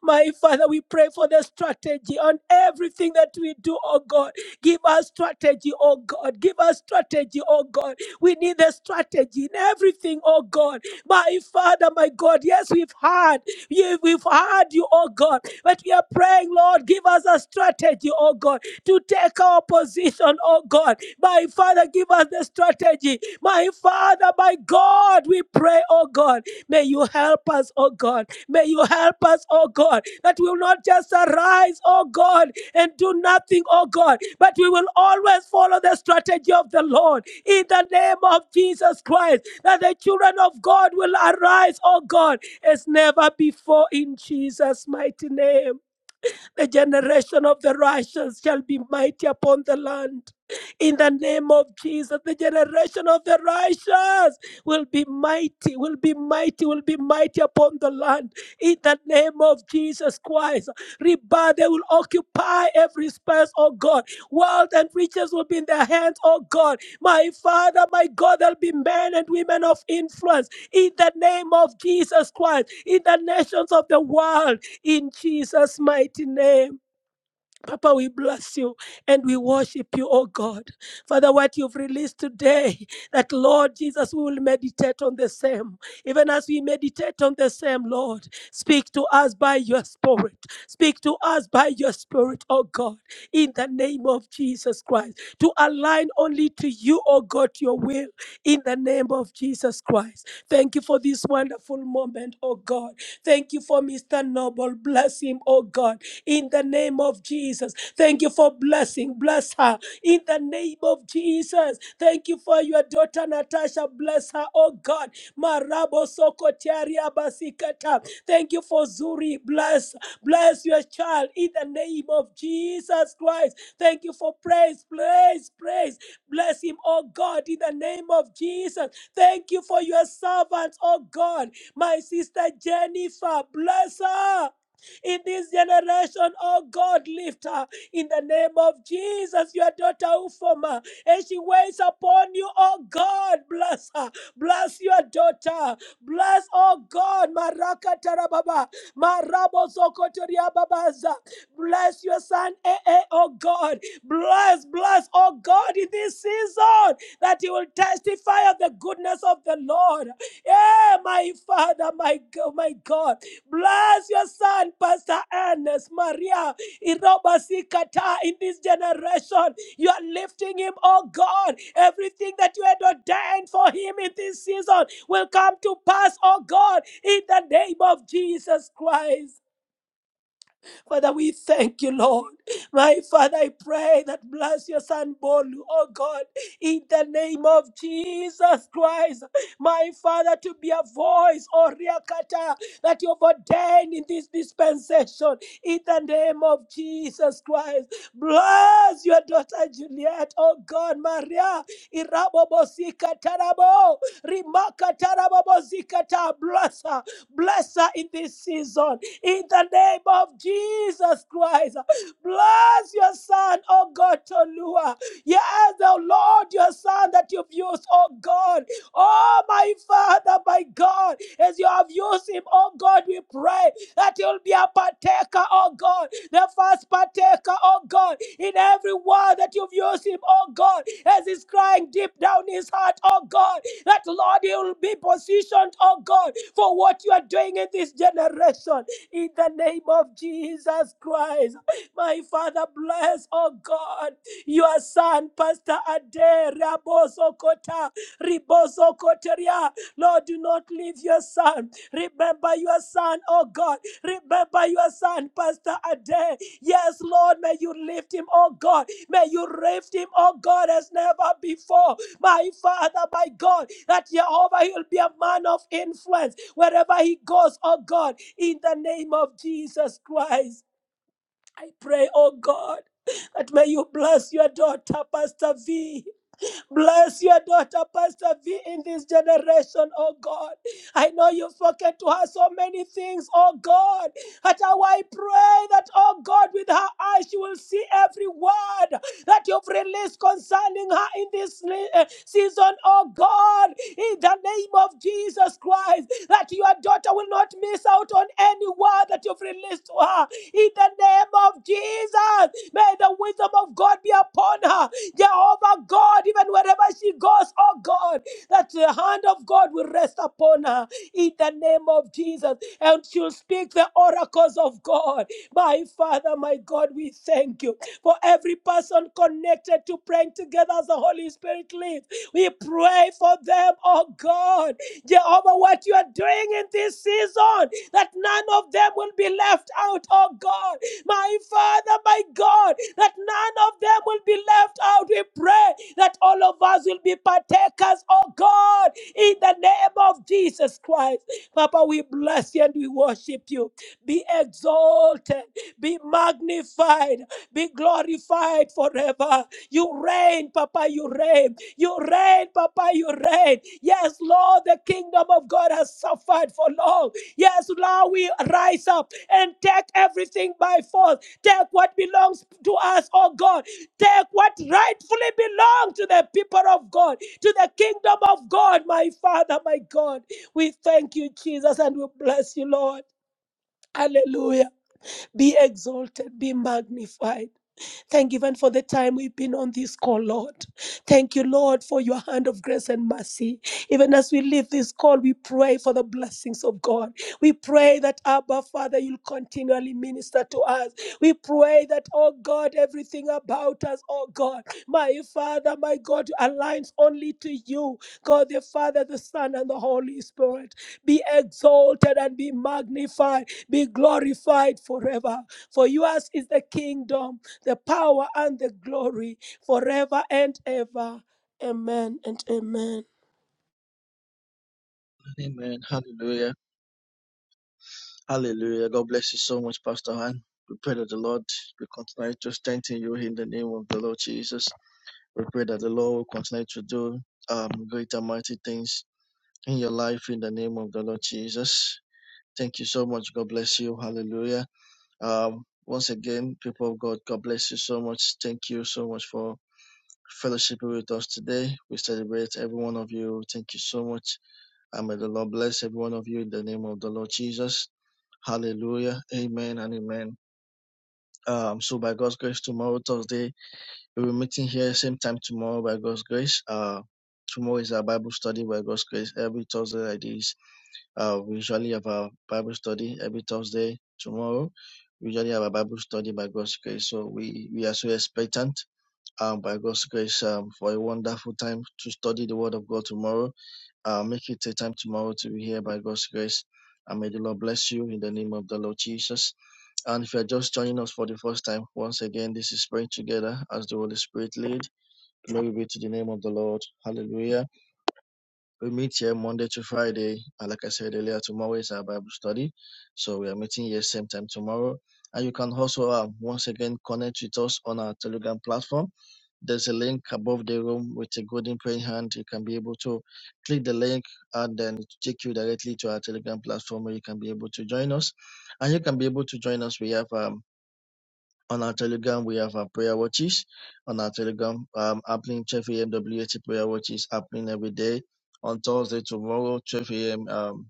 My Father, we pray for the strategy on everything that we do, oh God. Give us strategy, oh God. Give us strategy, oh God. We need the strategy in everything, oh God. My Father, my God, yes, we've heard. You- We've heard you, oh God. But we are praying, Lord, give us a strategy, oh God, to take our position, oh God. My Father, give us the strategy. My Father, my God, we pray, oh God. May you help us, oh God. May you help us, oh God, that we will not just arise, oh God, and do nothing, oh God, but we will always follow the strategy of the Lord in the name of Jesus Christ, that the children of God will arise, oh God, as never before in Jesus' mighty name. The generation of the righteous shall be mighty upon the land. In the name of Jesus, the generation of the righteous will be mighty, will be mighty, will be mighty upon the land. In the name of Jesus Christ, Reba, they will occupy every space, oh God. Wealth and riches will be in their hands, oh God. My Father, my God, there'll be men and women of influence in the name of Jesus Christ, in the nations of the world in Jesus' mighty name. Papa, we bless you and we worship you, oh God. Father, what you've released today, that Lord Jesus, we will meditate on the same. Even as we meditate on the same, Lord, speak to us by your spirit. Speak to us by your spirit, oh God, in the name of Jesus Christ. To align only to you, oh God, your will, in the name of Jesus Christ. Thank you for this wonderful moment, oh God. Thank you for Mr. Noble. Bless him, oh God in the name of Jesus. Thank you for blessing. Bless her in the name of Jesus. Thank you for your daughter Natasha. Bless her, oh God. Marabo Sokotiari Abasikata. Thank you for Zuri. Bless, bless your child in the name of Jesus Christ. Thank you for praise, praise, praise. Bless him, oh God, in the name of Jesus. Thank you for your servants, oh God. My sister Jennifer, bless her in this generation. Oh God, lift her in the name of Jesus, your daughter Ufoma, and she waits upon you. Oh God, bless her, bless your daughter, bless, oh God, Maraka Tarababa, Marabo Zokotoria Babaza, bless your son, eh, eh, oh God, bless, bless, oh God, in this season that you will testify of the goodness of the Lord. Yeah, my Father, my God, my God. Bless your son, Pastor Ernest Maria Irobasikata in this generation. You are lifting him, oh God. Everything that you had ordained for him in this season will come to pass, oh God, in the name of Jesus Christ. Father, we thank you, Lord. My Father, I pray that bless your son Bolu, oh God, in the name of Jesus Christ. My Father, to be a voice, oh Riakata, that you've ordained in this dispensation, in the name of Jesus Christ. Bless your daughter Juliet, oh God, Maria, Irabo Irabobosika Tarabo. Rimaka tarababozikata. Bless her. Bless her in this season. In the name of Jesus Christ. Bless your son, oh God, Tolua. Yes, oh Lord, your son that you've used, oh God. Oh, my Father, my God, as you have used him, oh God, we pray that he will be a partaker, oh God, the first partaker, oh God, in every word that you've used him, oh God, as he's crying deep down his heart, oh God, that Lord, he will be positioned, oh God, for what you are doing in this generation. In the name of Jesus Christ, my Father, bless, oh God, your son, Pastor Ade Raboso Kota. Ribozo Koteria. Lord, do not leave your son. Remember your son, oh God. Remember your son, Pastor Ade. Yes, Lord, may you lift him, oh God. May you lift him, oh God, as never before. My Father, my God, that Jehovah, he'll be a man of influence wherever he goes, oh God, in the name of Jesus Christ. I pray, oh God, that may you bless your daughter, Pastor V. Bless your daughter, Pastor V, in this generation, oh God. I know you've spoken to her so many things, oh God. But I pray that, oh God, with her eyes she will see every word that you've released concerning her in this le- uh, season, oh God, in the name of Jesus Christ, that your daughter will not miss out on any word that you've released to her. In the name of Jesus, may the wisdom of God be upon her. Jehovah God, even wherever she goes, oh God, that the hand of God will rest upon her. In the name name of Jesus. And she'll speak the oracles of God. My Father, my God, we thank you for every person connected to praying together as the Holy Spirit leads. We pray for them, oh God. Jehovah, what you are doing in this season, that none of them will be left out, oh God. My Father, my God, that none of them will be be left out. We pray that all of us will be partakers, oh God, in the name of Jesus Christ. Papa, we bless you and we worship you. Be exalted, be magnified, be glorified forever. You reign, Papa, you reign. You reign, Papa, you reign. Yes, Lord, the kingdom of God has suffered for long. Yes, Lord, we rise up and take everything by force. Take what belongs to us, oh God. Take what rightfully belongs to the people of God, to the kingdom of God, my Father, my God. We thank you, Jesus, and we bless you, Lord. Hallelujah. Be exalted, be magnified. Thank you even for the time we've been on this call, Lord. Thank you, Lord, for your hand of grace and mercy. Even as we leave this call, we pray for the blessings of God. We pray that, Abba, Father, you'll continually minister to us. We pray that, oh God, everything about us, oh God, my Father, my God, aligns only to you, God the Father, the Son, and the Holy Spirit. Be exalted and be magnified be glorified forever. For yours is the kingdom, the power, and the glory forever and ever. Amen and amen.
Amen. Hallelujah. Hallelujah. God bless you so much, Pastor Han. We pray that the Lord will continue to strengthen you in the name of the Lord Jesus. We pray that the Lord will continue to do um, great and mighty things in your life in the name of the Lord Jesus. Thank you so much. God bless you. Hallelujah. Um, once again, people of God, God bless you so much. Thank you so much for fellowship with us today. We celebrate every one of you. Thank you so much. And may the Lord bless every one of you in the name of the Lord Jesus. Hallelujah. Amen and amen. Um, so by God's grace, tomorrow, Thursday, We'll be meeting here same time tomorrow by God's grace. Uh, tomorrow is our Bible study by God's grace. Every Thursday like this, uh, we usually have our Bible study every Thursday. Tomorrow, we usually have a Bible study by God's grace. So we we are so expectant. Um, by God's grace, um, for a wonderful time to study the Word of God tomorrow. Uh, make it a time tomorrow to be here by God's grace. And may the Lord bless you in the name of the Lord Jesus. And if you're just joining us for the first time, once again, this is praying together as the Holy Spirit lead. Glory be to the name of the Lord. Hallelujah. We meet here Monday to Friday. And like I said earlier, tomorrow is our Bible study. So we are meeting here same time tomorrow. And you can also uh, once again connect with us on our Telegram platform. There's a link above the room with a golden praying hand. You can be able to click the link and then it will take you directly to our Telegram platform where you can be able to join us. And you can be able to join us. We have um, on our Telegram, we have our prayer watches. On our Telegram, um, happening 12 a.m. WAT prayer watches happening every day. On Thursday, tomorrow, 12 a.m. Um,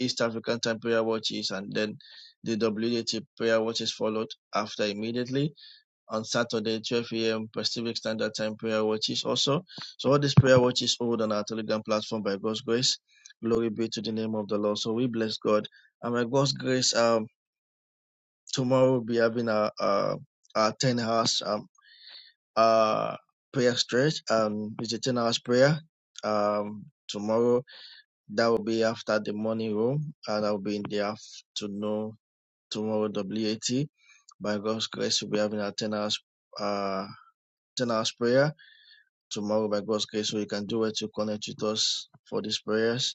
East African time prayer watches, and then the WAT prayer watches followed after immediately. On Saturday, 12 a.m. Pacific Standard Time prayer watches also. So all these prayer watches hold on our Telegram platform by God's grace. Glory be to the name of the Lord. So we bless God. And by God's grace, um, tomorrow we'll be having our, our, our 10 hours. um, uh prayer stretch and it's a 10 hours prayer um tomorrow that will be after the morning room and i'll be in the afternoon tomorrow wat by god's grace we'll be having a 10 hours uh 10 hours prayer tomorrow by god's grace so you can do it to connect with us for these prayers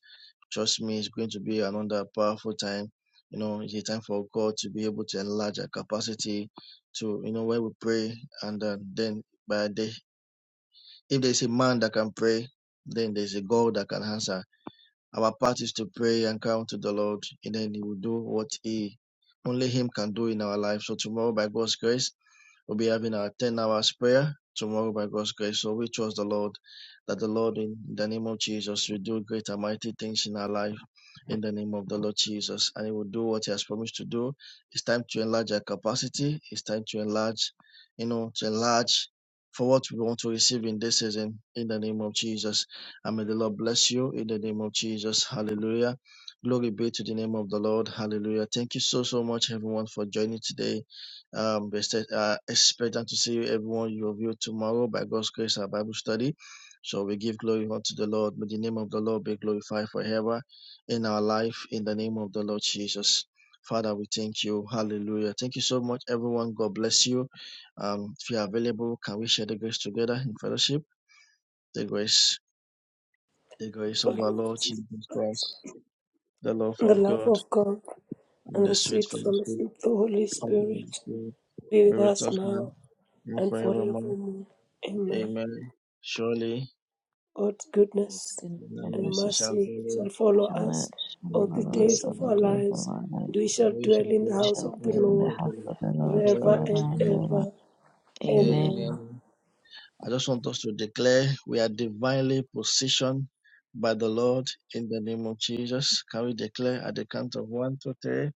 trust me it's going to be another powerful time you know it's a time for god to be able to enlarge our capacity to you know where we pray and uh, then by day. If there's a man that can pray, then there's a God that can answer. Our part is to pray and come to the Lord, and then He will do what He only Him can do in our life. So tomorrow, by God's grace, We'll be having our 10 hours prayer tomorrow by God's grace. So we trust the Lord that the Lord, in the name of Jesus, will do great and mighty things in our life in the name of the Lord Jesus. And He will do what He has promised to do. It's time to enlarge our capacity. It's time to enlarge, you know, to enlarge for what we want to receive in this season in the name of Jesus. And may the Lord bless you in the name of Jesus. Hallelujah. Glory be to the name of the Lord. Hallelujah. Thank you so, so much, everyone, for joining today. Um, we said, uh, expectant to see everyone you of tomorrow by God's grace, our Bible study. So we give glory unto the Lord. May the name of the Lord be glorified forever in our life, in the name of the Lord Jesus. Father, we thank you. Hallelujah. Thank you so much, everyone. God bless you. Um, if you are available, can we share the grace together in fellowship? The grace, the grace
For
of
the
our
Lord
Lord
Jesus
Jesus
Christ,
Christ, the love
and the
of
love
God,
of God,
and
and
the
the
sweet
sweet fellowship
fellowship
of the Holy
of the Holy
Spirit
Spirit
be
be
with
with
us
us now
now
and
and
forevermore.
forevermore. Amen.
Amen. Surely,
God's
God's
goodness
goodness
your
and
and
mercy
mercy shall follow
mercy
me
shall follow
shall
us
not- shall
all
all
the
the
follow
day
us
of
days
the
all
of
the
our
days
Lord,
of
lives,
our life.
and we
and
shall
we
dwell
shall
in
be
the
We
house
shall
of
in
the
dwell
the
in
house
the
Lord
of the
house
Lord
of the Lord
forever
forever
and
and
forever.
ever.
ever. Amen.
Amen.
Amen. I just want us to declare we are divinely positioned by the Lord in the name of Jesus. Can we declare at the count of one, two, three?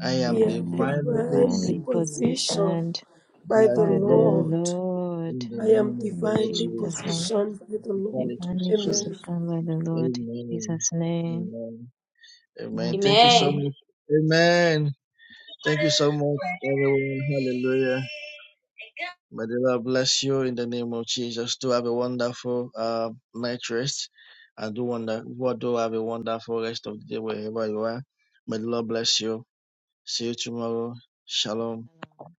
I
We
am
are
Amen.
divinely
divinely
Divinely
positioned
positioned
positioned
by
by
the
by
the
the
Lord
Lord.
Lord
in the
I am
name of the
in
Lord
divinely
Jesus'
Jesus.
name.
positioned by
I'm
the
divinely
Lord.
Divinely
positioned.
Amen.
positioned by the Lord in
Amen.
Jesus' name.
Amen. Amen. Thank you so
Amen.
Amen.
much. Amen. Thank you so much, everyone. Hallelujah. May the Lord bless you in the name of Jesus. Do have a wonderful uh, night rest. And do wonder, what do have a wonderful rest of the day wherever you are. May the Lord bless you. See you tomorrow. Shalom.
Shalom.